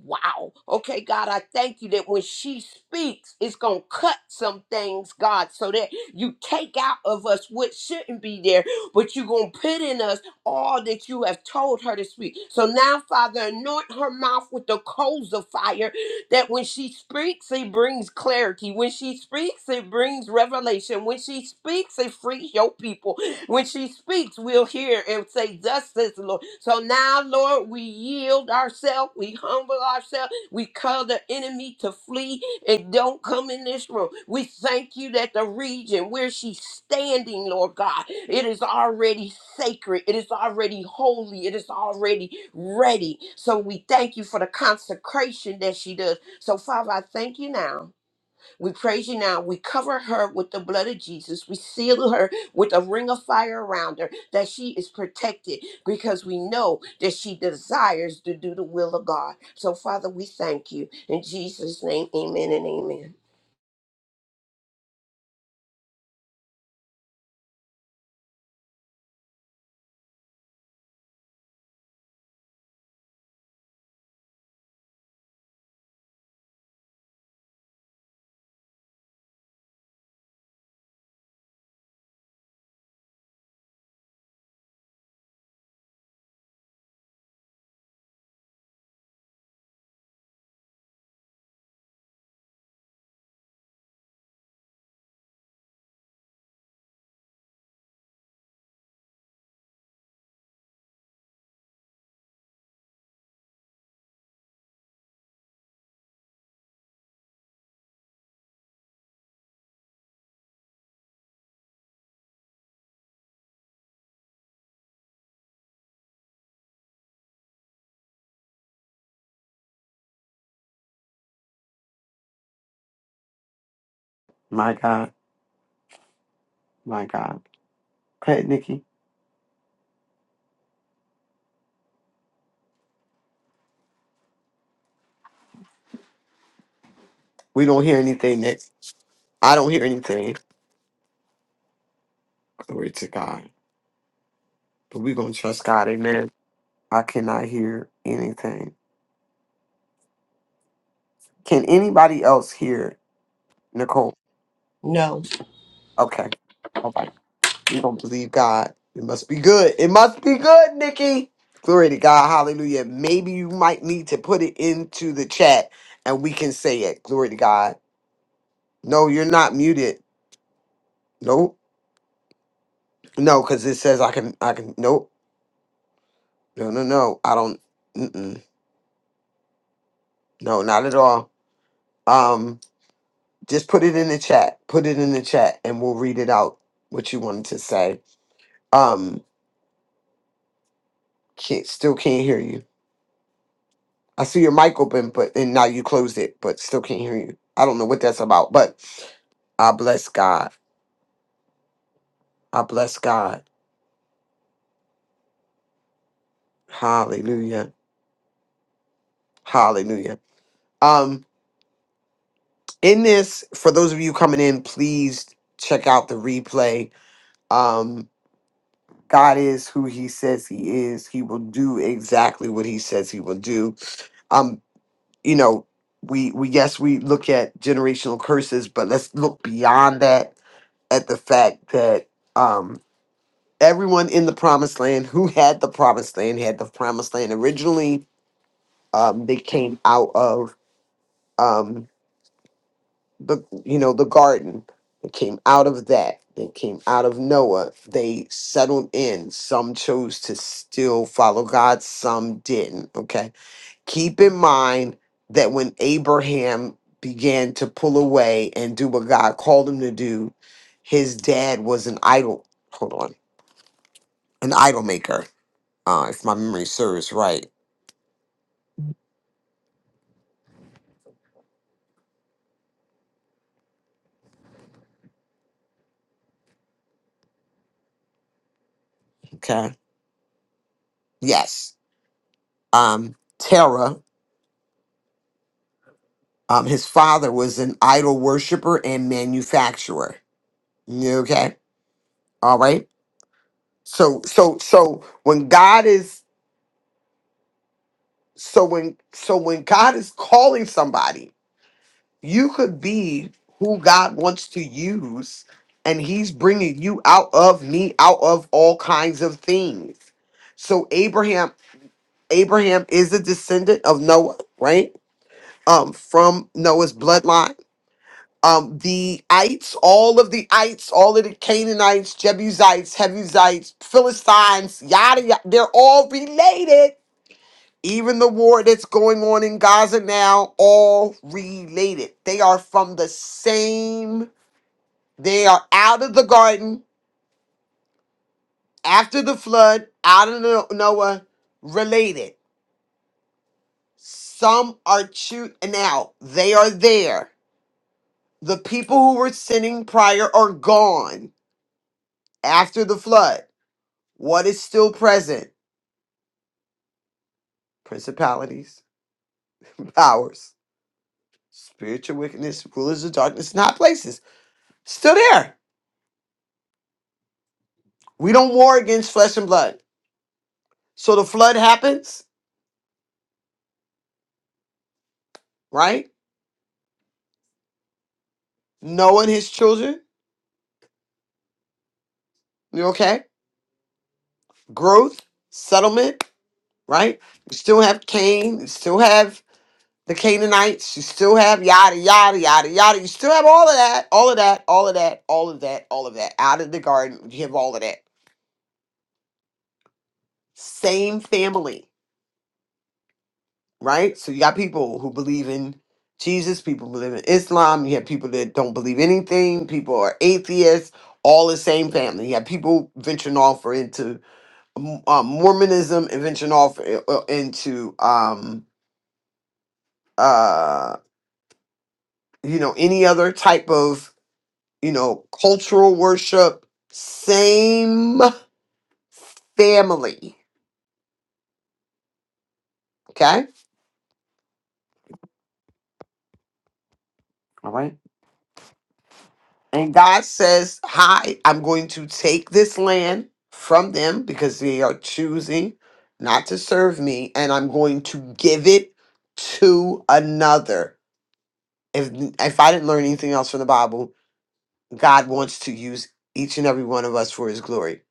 [SPEAKER 6] Wow. Okay, God, I thank you that when she speaks, it's going to cut some things, God, so that you take out of us what shouldn't be there, but you're going to put in us all that you have told her to speak. So now, Father, anoint her mouth with the coals of fire that when she speaks, it brings clarity. When she speaks, it brings revelation. When she speaks, it frees your people. When she speaks, we'll hear and say, Thus says the Lord. So now, Lord, we yield ourselves, we humble ourselves, we call the enemy to flee and don't come in this room. We thank you that the region where she's standing, Lord God, it is already sacred, it is already holy, it is already ready. So we thank you for the consecration that she does. So, Father, I thank you now. We praise you now. We cover her with the blood of Jesus. We seal her with a ring of fire around her that she is protected because we know that she desires to do the will of God. So, Father, we thank you. In Jesus' name, amen and amen.
[SPEAKER 4] My God. My God. Go ahead, Nikki. We don't hear anything, Nick. I don't hear anything. Glory to God. But we're going to trust God. Amen. I cannot hear anything. Can anybody else hear Nicole?
[SPEAKER 6] No,
[SPEAKER 4] Okay. We're gonna believe God. It must be good. It must be good, Nikki. Glory to God. Hallelujah. Maybe you might need to put it into the chat and we can say it. Glory to God. No, you're not muted. Nope. No, because it says I can I can nope. No, no, no. I don't mm-mm. no, not at all. Um, just put it in the chat. Put it in the chat and we'll read it out what you wanted to say. Um, can't still can't hear you. I see your mic open, but and now you closed it, but still can't hear you. I don't know what that's about, but I bless God. I bless God. Hallelujah. Hallelujah. Um, in this, for those of you coming in, please check out the replay. Um, God is who he says he is. He will do exactly what he says he will do. Um, you know, we we yes, we look at generational curses, but let's look beyond that at the fact that um. everyone in the promised land who had the promised land had the promised land originally um, they came out of um, the you know the garden they came out of that they came out of noah they settled in some chose to still follow god some didn't okay keep in mind that when abraham began to pull away and do what god called him to do his dad was an idol hold on an idol maker uh, if my memory serves right. Okay. Yes. Um, Terah, um, his father was an idol worshiper and manufacturer. Okay. All right. So, so, so when God is, so when, so when God is calling somebody, you could be who God wants to use, and He's bringing you out of me, out of all kinds of things. So Abraham, Abraham is a descendant of Noah, right? um, from Noah's bloodline. Um, the ites, all of the ites, all of the Canaanites, Jebusites, Hebusites, Philistines, yada yada, they're all related. Even the war that's going on in Gaza now, all related. They are from the same, they are out of the garden after the flood, out of No- Noah, related. Some are chewed and out. They are there The people who were sinning prior are gone after the flood. What is still present? Principalities, powers, spiritual wickedness, rulers of darkness, not places. Still there. We don't war against flesh and blood. So the flood happens, right? Noah and his children, you okay? Growth, settlement, right? We still have Cain, we still have the Canaanites, you still have yada yada yada yada. You still have all of that, all of that, all of that, all of that, all of that. Out of the garden, you have all of that. Same family, right? So you got people who believe in Jesus, people believe in Islam, you have people that don't believe anything, people are atheists, all the same family. You have people venturing off or into um, uh, Mormonism and venturing off uh, uh, into um uh you know any other type of you know, cultural worship, same family. Okay? All right. And God says, Hi, I'm going to take this land from them because they are choosing not to serve me, and I'm going to give it to another. If if I didn't learn anything else from the Bible, God wants to use each and every one of us for his glory.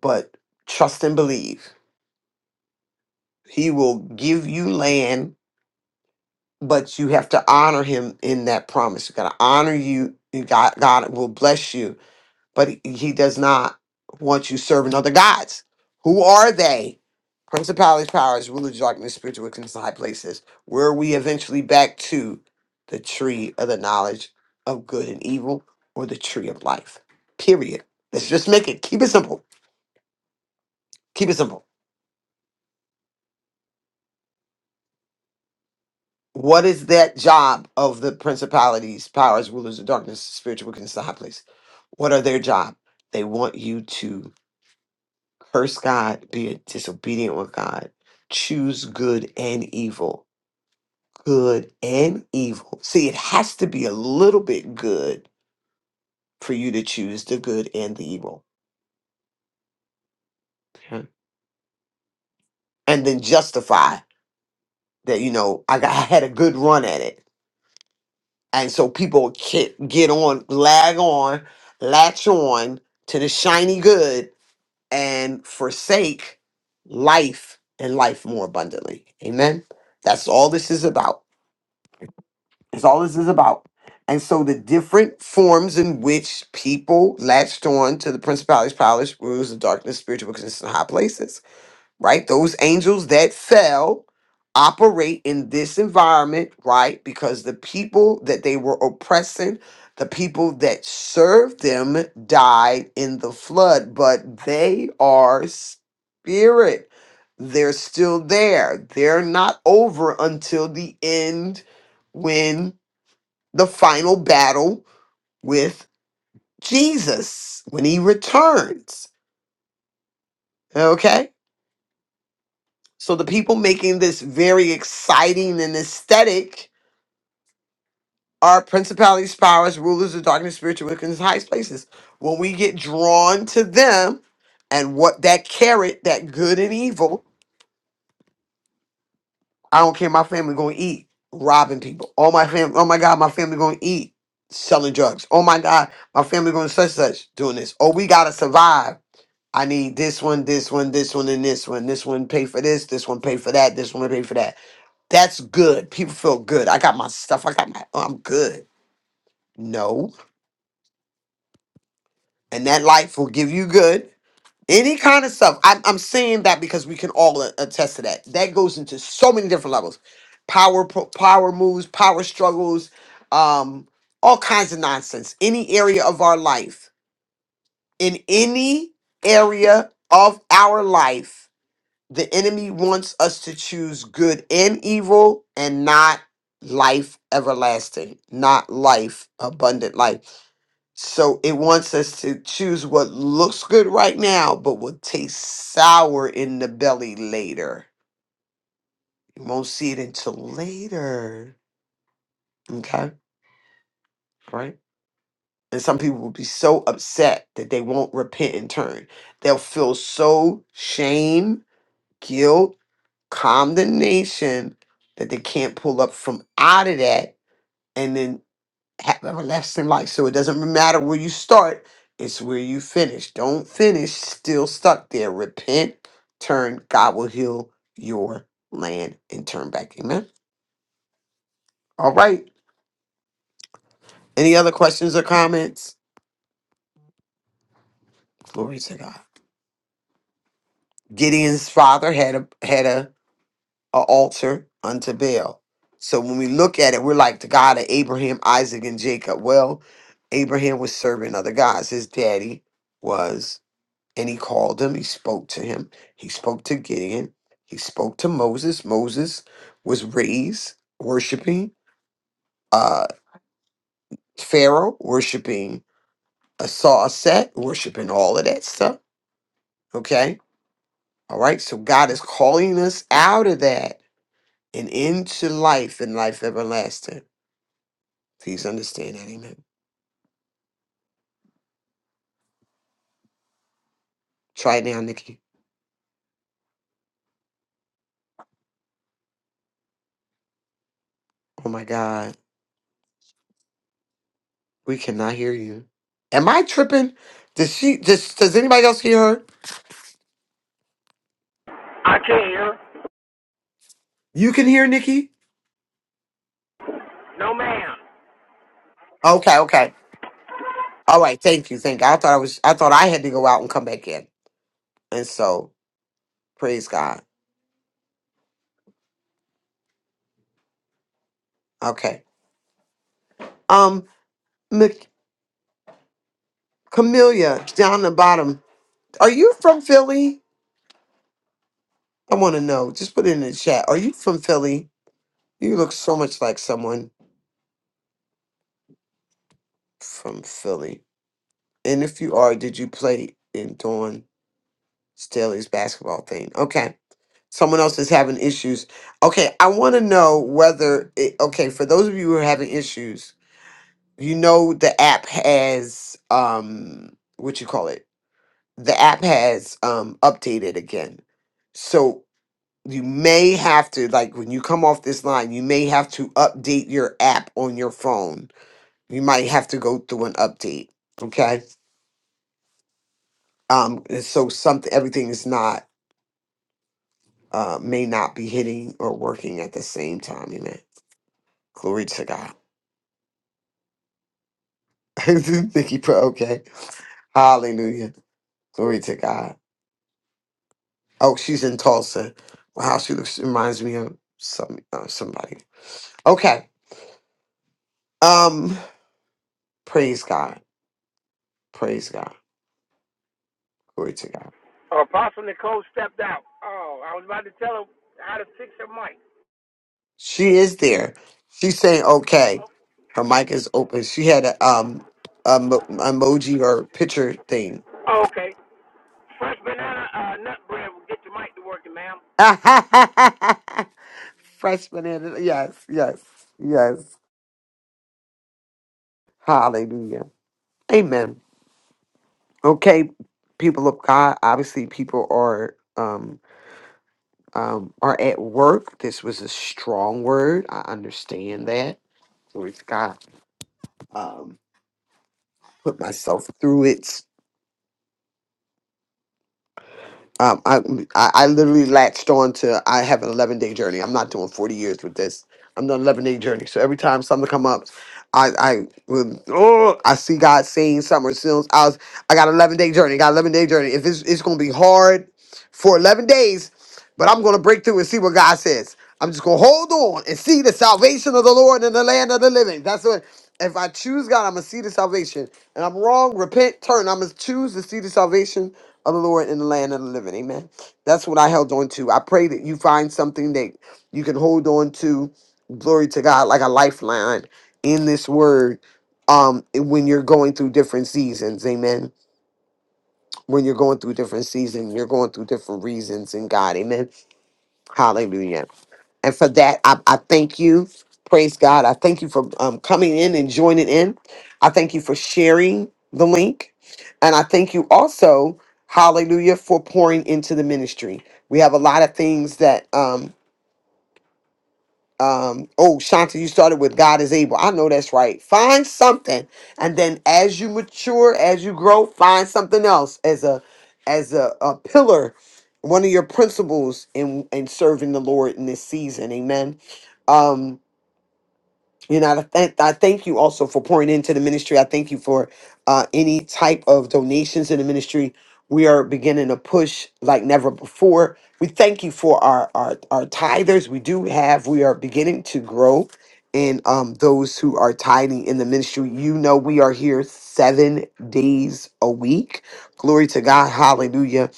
[SPEAKER 4] But trust and believe. He will give you land but you have to honor him in that promise. You got to honor you. and God, God will bless you, but he he does not want you serving other gods. Who are they? Principalities, powers, rulers, of darkness, spiritual wickedness, in high places. Where we eventually back to the tree of the knowledge of good and evil, or the tree of life. Period. Let's just make it. Keep it simple. Keep it simple. What is that job of the principalities, powers, rulers of darkness, spiritual wickedness, the high place? What are their job? They want you to curse God, be disobedient with God, choose good and evil. Good and evil. See, it has to be a little bit good for you to choose the good and the evil. Okay. And then justify that, you know, I, got, [laughs] I had a good run at it. and so people can get on, lag on, latch on to the shiny good and forsake life and life more abundantly. Amen. That's all this is about. That's all this is about. And so the different forms in which people latched on to the principalities, powers, rules of darkness, spiritual wickedness in high places right? Those angels that fell operate in this environment, right? Because the people that they were oppressing, the people that served them died in the flood, but they are spirit. They're still there. They're not over until the end when the final battle with Jesus, when he returns. okay? So the people making this very exciting and aesthetic are principalities, powers, rulers of darkness, spiritual wickedness, highest places. When we get drawn to them and what that carrot, that good and evil, I don't care. My family going to eat robbing people. Oh my family. Oh my God, my family going to eat selling drugs. Oh my God, my family going to such such doing this. Oh, we gotta survive. I need this one, this one, this one, and this one. This one pay for this. This one pay for that. This one pay for that That's good. People feel good. I got my stuff. I got my. oh, I'm good. No, and that life will give you good. Any kind of stuff. I'm, I'm saying that because we can all a- attest to that. That goes into so many different levels, power pro- power moves, power struggles, um, all kinds of nonsense. Any area of our life, in any area of our life, the enemy wants us to choose good and evil and not life everlasting, not life, abundant life. So it wants us to choose what looks good right now, but will taste sour in the belly later. You won't see it until later. Okay? All right. And some people will be so upset that they won't repent and turn. They'll feel so shame, guilt, condemnation that they can't pull up from out of that and then have everlasting life. So it doesn't matter where you start, it's where you finish. Don't finish still stuck there. Repent, turn, God will heal your land and turn back. Amen. All right. Any other questions or comments? Glory to God. Gideon's father had a had a a altar unto Baal. So when we look at it, we're like the God of Abraham, Isaac, and Jacob. Well, Abraham was serving other gods. His daddy was, and he called him, he spoke to him, he spoke to Gideon, he spoke to Moses. Moses was raised worshiping uh Pharaoh, worshiping a saw set, worshiping all of that stuff. Okay. All right. So God is calling us out of that and into life and life everlasting. Please understand that, amen. Try it now, Nikki. Oh my God, we cannot hear you. Am I tripping? Does she? Does Does anybody else hear her?
[SPEAKER 7] I can't hear her.
[SPEAKER 4] You can hear Nikki.
[SPEAKER 7] No, ma'am.
[SPEAKER 4] Okay, okay. All right. Thank you. Thank. I thought I was. I thought I had to go out and come back in. And so, praise God. Okay. Um, Mc, Camelia down the bottom. Are you from Philly? I want to know. Just put it in the chat. Are you from Philly? You look so much like someone from Philly. And if you are, did you play in Dawn? Steelers basketball thing. Okay. Someone else is having issues. Okay, I want to know whether it, okay, for those of you who are having issues, you know the app has um what you call it? The app has um updated again. So you may have to like when you come off this line, you may have to update your app on your phone. You might have to go through an update, okay? Um and so something everything is not uh, may not be hitting or working at the same time. Amen. Glory to God. [laughs] Nikki put okay. Hallelujah. Glory to God. Oh, she's in Tulsa. Wow, she looks reminds me of some uh, somebody. Okay. Um. Praise God. Praise God. Glory to God.
[SPEAKER 7] Uh, Apostle Nicole stepped out. Oh, I was about to tell her how to fix her mic.
[SPEAKER 4] She is there. She's saying okay. Her mic is open. She had a um a mo- emoji or picture thing.
[SPEAKER 7] Oh, okay. Fresh banana uh, nut bread will get your mic to working, ma'am.
[SPEAKER 4] [laughs] Freshman in it. Yes, yes, yes. Hallelujah. Amen. Okay, people of God, obviously people are um um are at work. This was a strong word. I understand that. Glory to God. Um put myself through it Um, I, I I literally latched on to I have an 11 day journey. I'm not doing 40 years with this. I'm doing 11 day journey. So every time something come up, I I would, oh I see God saying something. Or seeing- I was I got 11 day journey. Got 11 day journey. If it's it's gonna be hard for 11 days, but I'm gonna break through and see what God says. I'm just gonna hold on and see the salvation of the Lord in the land of the living. That's what. If I choose God, I'm gonna see the salvation. And I'm wrong. Repent, turn. I'm gonna choose to see the salvation of the Lord in the land of the living. Amen. That's what I held on to. I pray that you find something that you can hold on to. Glory to God, like a lifeline in this word. Um, when you're going through different seasons, amen. When you're going through different seasons, you're going through different reasons in God, amen. Hallelujah. And for that, I, I thank you. Praise God. I thank you for um, coming in and joining in. I thank you for sharing the link. And I thank you also, hallelujah, for pouring into the ministry. We have a lot of things that um, um oh shanta you started with god is able i know that's right find something and then as you mature as you grow find something else as a as a, a pillar one of your principles in in serving the lord in this season amen Um, you know, I, thank I thank you also for pouring into the ministry. I thank you for uh, any type of donations in the ministry. We are beginning to push like never before. We thank you for our our, our tithers. We do have. We are beginning to grow in um, those who are tithing in the ministry. You know, we are here seven days a week. Glory to God. Hallelujah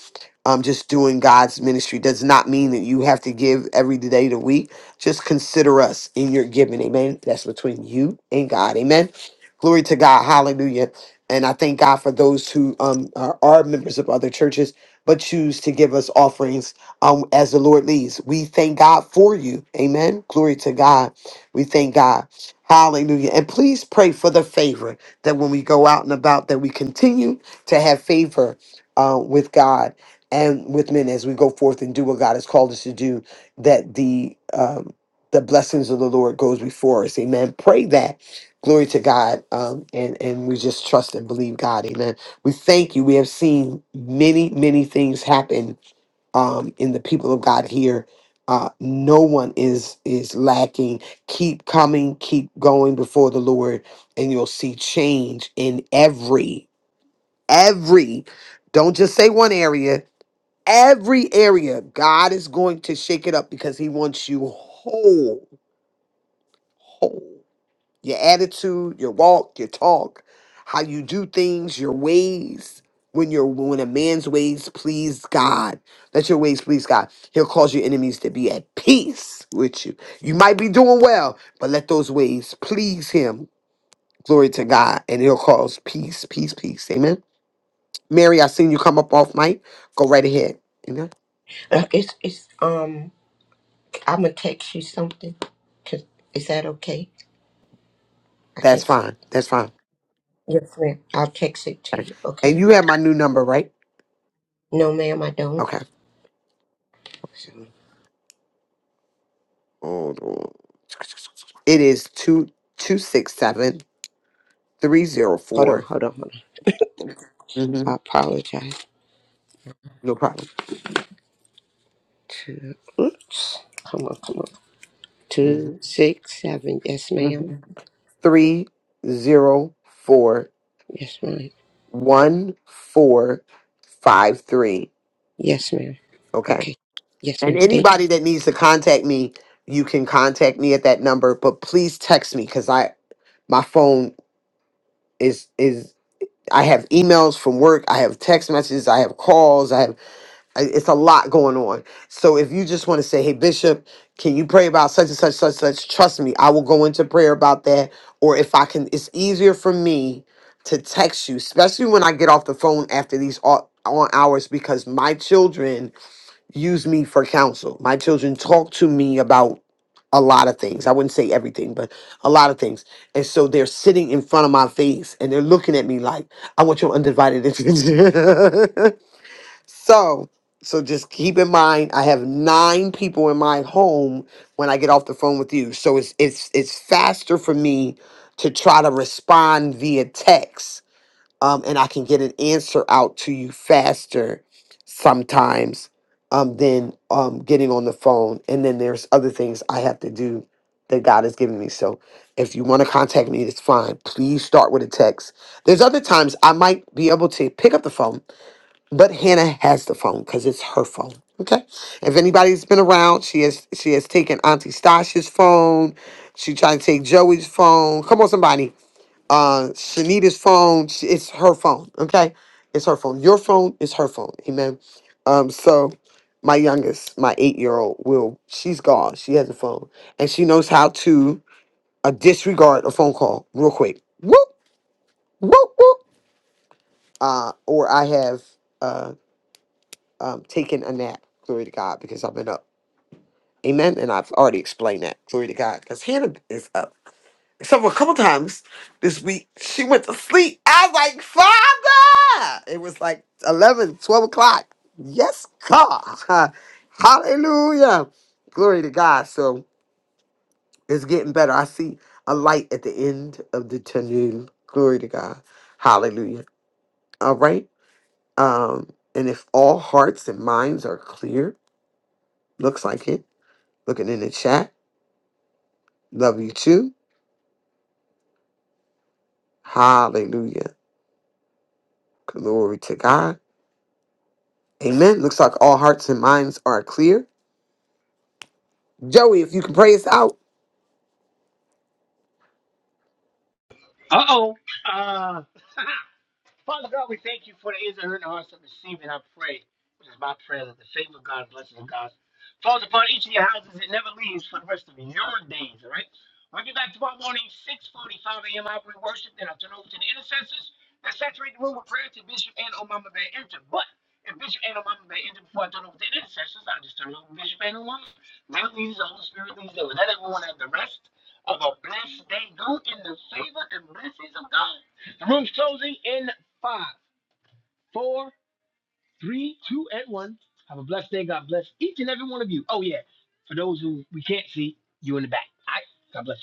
[SPEAKER 4] um, just doing God's ministry does not mean that you have to give every day of the week just consider us in your giving. Amen. That's between you and God. Amen. Glory to God. Hallelujah. And I thank God for those who um, are, are members of other churches but choose to give us offerings um, as the Lord leads. We thank God for you. Amen. Glory to God. We thank God. Hallelujah. And please pray for the favor that when we go out and about, that we continue to have favor uh, with God and with men as we go forth and do what God has called us to do that the um, the blessings of the Lord goes before us. Amen. Pray that. Glory to God. Um, and, and we just trust and believe God. Amen. We thank you. We have seen many, many things happen um, in the people of God here. Uh, no one is is lacking. Keep coming, keep going before the Lord, and you'll see change in every, every. Don't just say one area every area, God is going to shake it up because He wants you whole, whole. Your attitude, your walk, your talk, how you do things, your ways. When you're when a man's ways please God, let your ways please God. He'll cause your enemies to be at peace with you. You might be doing well, but let those ways please Him. Glory to God, and He'll cause peace, peace, peace. Amen. Mary, I seen you come up off mic. Go right ahead. Amen.
[SPEAKER 6] uh, it's, it's, um, I'm going to text you something. 'Cause- Is that okay? I
[SPEAKER 4] That's
[SPEAKER 6] can't. s-
[SPEAKER 4] fine. That's fine.
[SPEAKER 6] Yes, ma'am. I'll text it to
[SPEAKER 4] Okay.
[SPEAKER 6] you,
[SPEAKER 4] And
[SPEAKER 6] okay?
[SPEAKER 4] you have my new number, right?
[SPEAKER 6] No, ma'am, I don't.
[SPEAKER 4] Okay. Hold on. It is two two six seven three zero
[SPEAKER 6] Hold on,
[SPEAKER 4] four.
[SPEAKER 6] hold on, hold on.
[SPEAKER 4] Mm-hmm.
[SPEAKER 6] I apologize.
[SPEAKER 4] No problem.
[SPEAKER 6] two, oops, come on, come on,
[SPEAKER 4] Mm-hmm.
[SPEAKER 6] two, six, seven. Yes, ma'am.
[SPEAKER 4] Mm-hmm. Three zero four
[SPEAKER 6] Yes, ma'am.
[SPEAKER 4] one four five three.
[SPEAKER 6] Yes, ma'am.
[SPEAKER 4] Okay.
[SPEAKER 6] Okay. Yes,
[SPEAKER 4] And
[SPEAKER 6] ma'am. Thank you.
[SPEAKER 4] anybody that needs to contact me, you can contact me at that number. But please text me because I my phone is is I have emails from work, I have text messages, I have calls, I have I- it's a lot going on. So if you just want to say, "Hey Bishop, can you pray about such and such such such?" Trust me, I will go into prayer about that. Or if I can, it's easier for me to text you, especially when I get off the phone after these au- on hours, because my children use me for counsel. My children talk to me about a lot of things. I wouldn't say everything, but a lot of things. And so they're sitting in front of my face and they're looking at me like, I want your undivided attention. [laughs] So, so just keep in mind, I have nine people in my home when I get off the phone with you. So it's it's it's faster for me to try to respond via text, um, and I can get an answer out to you faster sometimes um, than um, getting on the phone. And then there's other things I have to do that God has given me. So if you want to contact me, it's fine. Please start with a text. There's other times I might be able to pick up the phone but Hannah has the phone because it's her phone. Okay. If anybody's been around, she has she has taken Auntie Stasha's phone. She tried to take Joey's phone. Come on, somebody. Uh, Shanita's phone. She, it's her phone. Okay, it's her phone. Your phone is her phone. Amen. Um, so my youngest, my eight-year-old, will she's gone. She has a phone, and she knows how to uh, disregard a phone call real quick. Whoop whoop whoop. Uh, or I have. uh. um, taking a nap. Glory to God, because I've been up. Amen. And I've already explained that. Glory to God, because Hannah is up. So a couple times this week, she went to sleep. I was like, Father! It was like 11, 12 o'clock. Yes, God. [laughs] Hallelujah. Glory to God. So it's getting better. I see a light at the end of the tunnel. Glory to God. Hallelujah. All right. Um, and if all hearts and minds are clear, looks like it Looking in the chat. Love you too. Hallelujah. Glory to God. Amen. Looks like all hearts and minds are clear. Joey, if you can pray us out.
[SPEAKER 7] Uh oh. Uh. [laughs] Father God, we thank you for the ears and hearing the hearts of receiving. I pray. This is my prayer that the favor of God blesses and God falls upon each of your houses and never leaves for the rest of your days, all right? I'll be back tomorrow morning, 6.45 a.m. I'll bring worship, then I'll turn over to the intercessors that saturate the room with prayer to Bishop and Omama Bay enter. But if Bishop and Omama Bay enter before I turn over to the intercessors, I'll just turn over to Bishop and Omama. Let it lead the Holy Spirit leads them. Let everyone have the rest of a blessed day. Go in the favor and blessings of God. The room's closing in five, four, three, two, and one. Have a blessed day. God bless each and every one of you. Oh yeah, for those who we can't see, you in the back. All right, God bless you.